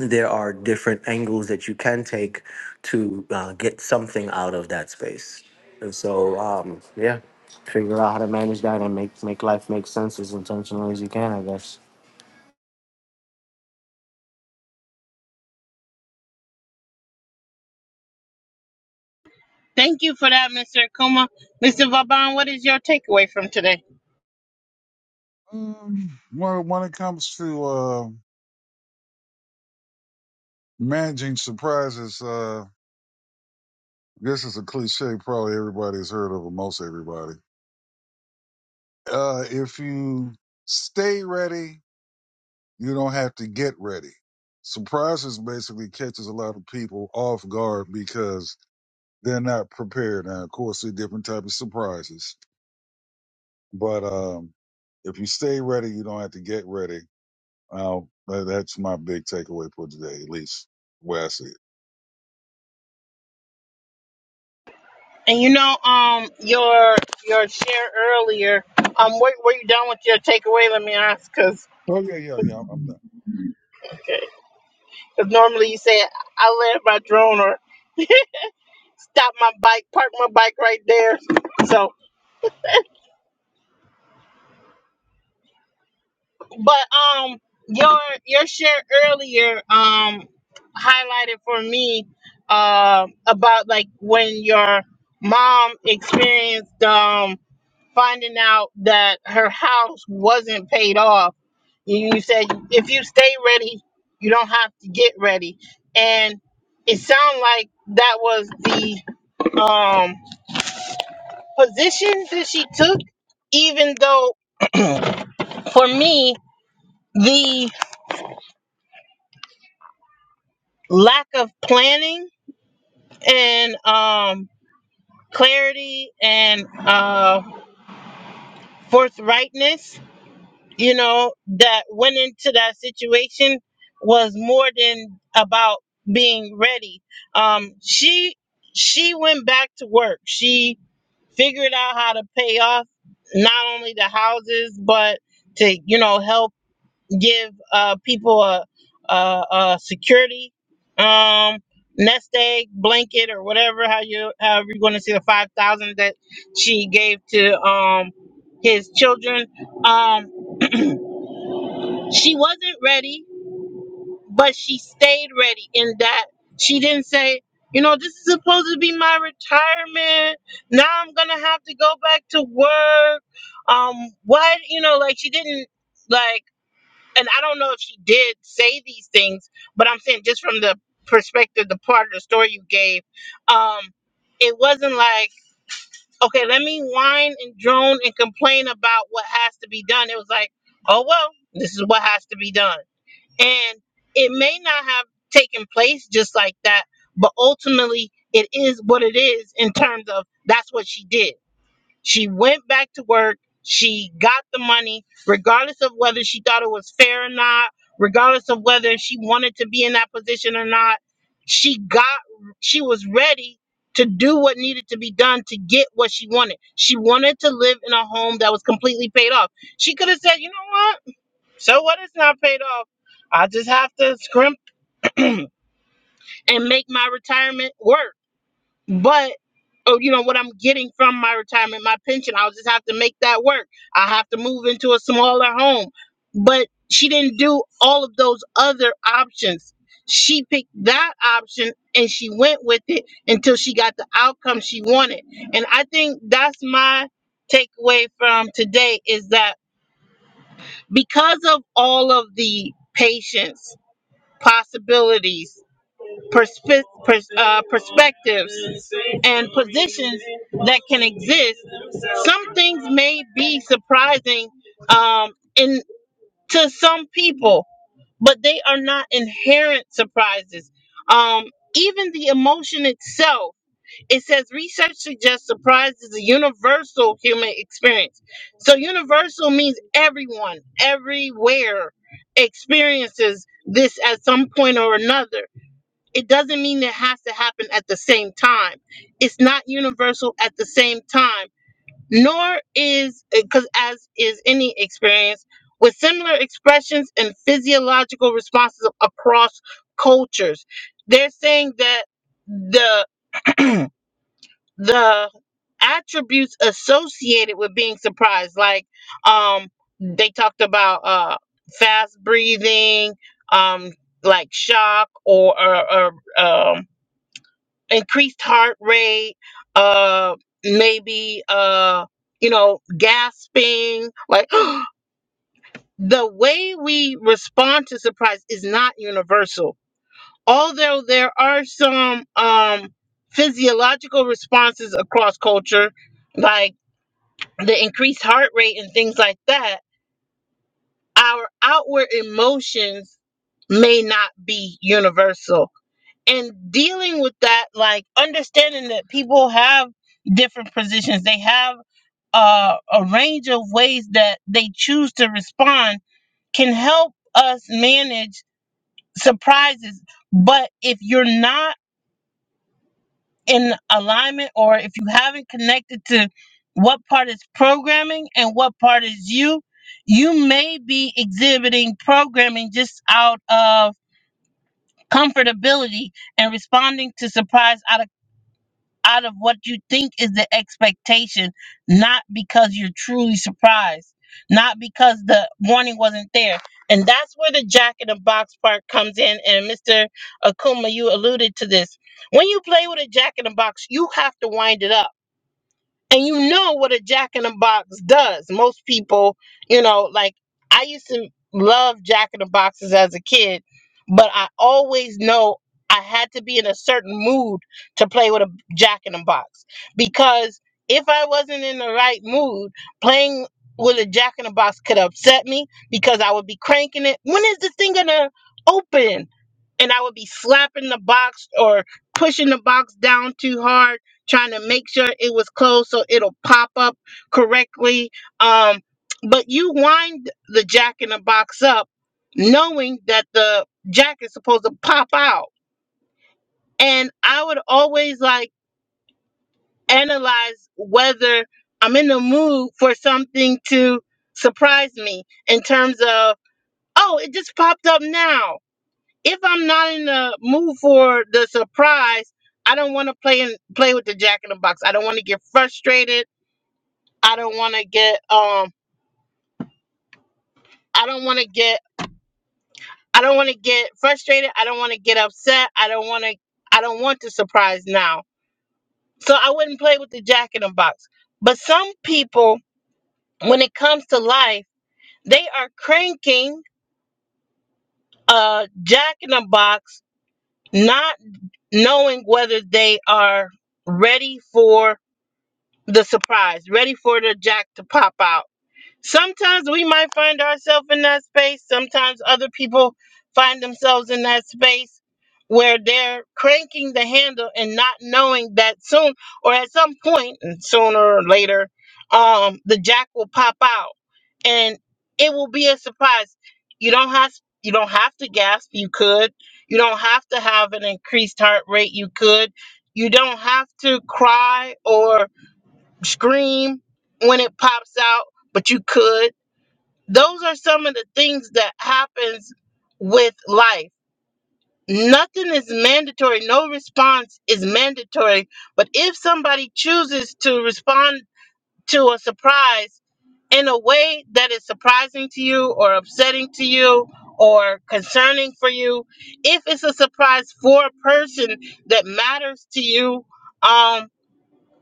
Speaker 5: there are different angles that you can take to uh, get something out of that space. And so, um, yeah, figure out how to manage that and make make life make sense as intentionally as you can. I guess.
Speaker 1: Thank you for that, Mr. Akuma. Mr. Vaban, what is your takeaway from today?
Speaker 3: Um, well, when it comes to, uh, managing surprises, uh, This is a cliche probably everybody's heard of, or most everybody. Uh, if you stay ready, you don't have to get ready. Surprises basically catches a lot of people off guard because they're not prepared. Now, of course, there are different type of surprises, but um, if you stay ready, you don't have to get ready. Uh, that's my big takeaway for today, at least where I see it.
Speaker 1: And you know, um, your your share earlier, um, were, were you done with your takeaway? Let me ask, because
Speaker 3: Okay, yeah, yeah, yeah, I'm done.
Speaker 1: normally you say, I land my drone or stop my bike, park my bike right there. So, but um, your your share earlier um highlighted for me um about like when your mom experienced um finding out that her house wasn't paid off. You you said if you stay ready, you don't have to get ready. And it sounded like that was the um, position that she took, even though for me, the lack of planning and um, clarity and uh, forthrightness you know, that went into that situation was more than about being ready. Um, she she went back to work. She figured out how to pay off not only the houses but to you know help give uh, people a, a, a security um, nest egg blanket or whatever how you however you're going to see the five thousand that she gave to um, his children. Um, she wasn't ready, but she stayed ready in that she didn't say, you know, this is supposed to be my retirement. Now I'm gonna have to go back to work. Um, what you know, like she didn't like and I don't know if she did say these things, but I'm saying just from the perspective, the part of the story you gave, um, it wasn't like, okay, let me whine and drone and complain about what has to be done. It was like, oh well, this is what has to be done and it may not have taken place just like that, but ultimately it is what it is in terms of that's what she did. She went back to work, she got the money, regardless of whether she thought it was fair or not, regardless of whether she wanted to be in that position or not. She got, she was ready to do what needed to be done to get what she wanted. She wanted to live in a home that was completely paid off. She could have said, you know what? So what is not paid off? I just have to scrimp and make my retirement work. But oh, you know what I'm getting from my retirement, my pension, I'll just have to make that work. I have to move into a smaller home. But she didn't do all of those other options. She picked that option and she went with it until she got the outcome she wanted. And I think that's my takeaway from today is that because of all of the patience possibilities, perspe- pers- uh, perspectives, and positions that can exist. Some things may be surprising um, in to some people, but they are not inherent surprises. Um, even the emotion itself, it says research suggests surprise is a universal human experience. So, universal means everyone, everywhere experiences this at some point or another it doesn't mean it has to happen at the same time. It's not universal at the same time, nor is because as is any experience with similar expressions and physiological responses across cultures. They're saying that the the attributes associated with being surprised, like um, they talked about uh, fast breathing, um, like shock or or, or um, increased heart rate, uh, maybe uh, you know, gasping, like the way we respond to surprise is not universal. Although there are some um physiological responses across culture, like the increased heart rate and things like that, our outward emotions may not be universal and dealing with that like understanding that people have different positions they have uh, a range of ways that they choose to respond can help us manage surprises but if you're not in alignment or if you haven't connected to what part is programming and what part is you you may be exhibiting programming just out of comfortability and responding to surprise out of out of what you think is the expectation, not because you're truly surprised, not because the warning wasn't there. And that's where the jack in the box part comes in. And Mr. Akuma, you alluded to this. When you play with a jack in the box, you have to wind it up and you know what a jack in the box does. Most people, you know, like I used to love jack in the boxes as a kid, but I always know I had to be in a certain mood to play with a jack in the box because if I wasn't in the right mood, playing with a jack in the box could upset me because I would be cranking it. When is this thing gonna open? and I would be slapping the box or pushing the box down too hard, trying to make sure it was closed so it'll pop up correctly. Um, but you wind the jack in the box up knowing that the jack is supposed to pop out. And I would always like analyze whether I'm in the mood for something to surprise me in terms of, oh, it just popped up now if I'm not in the mood for the surprise, I don't want to play and play with the jack in the box. I don't want to get frustrated. I don't want to get um. I don't want to get. I don't want to get frustrated. I don't want to get upset. I don't want to. I don't want the surprise now. So I wouldn't play with the jack in the box. But some people, when it comes to life, they are cranking a jack in the box, not knowing whether they are ready for the surprise, ready for the jack to pop out. Sometimes we might find ourselves in that space. Sometimes other people find themselves in that space where they're cranking the handle and not knowing that soon or at some point, and sooner or later, um, the jack will pop out and it will be a surprise. You don't have you don't have to gasp. You could. You don't have to have an increased heart rate. You could. You don't have to cry or scream when it pops out, but you could. Those are some of the things that happens with life. Nothing is mandatory. No response is mandatory. But if somebody chooses to respond to a surprise in a way that is surprising to you or upsetting to you or concerning for you, if it's a surprise for a person that matters to you, um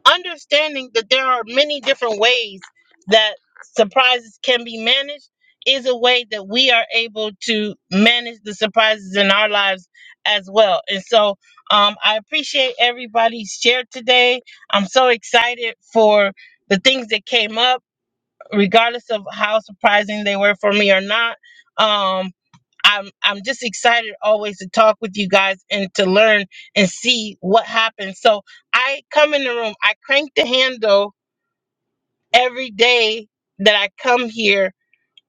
Speaker 1: understanding that there are many different ways that surprises can be managed is a way that we are able to manage the surprises in our lives as well. And so um, I appreciate everybody's share today. I'm so excited for the things that came up, regardless of how surprising they were for me or not. Um, I'm I'm just excited always to talk with you guys and to learn and see what happens. So I come in the room, I crank the handle every day that I come here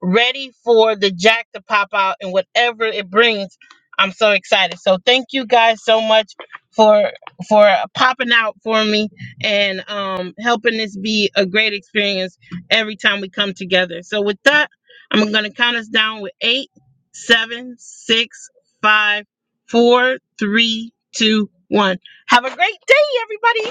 Speaker 1: ready for the jack to pop out and whatever it brings. I'm so excited. So thank you guys so much for for popping out for me and um helping this be a great experience every time we come together. So with that, I'm gonna count us down with eight, seven, six, five, four, three, two, one. Have a great day, everybody.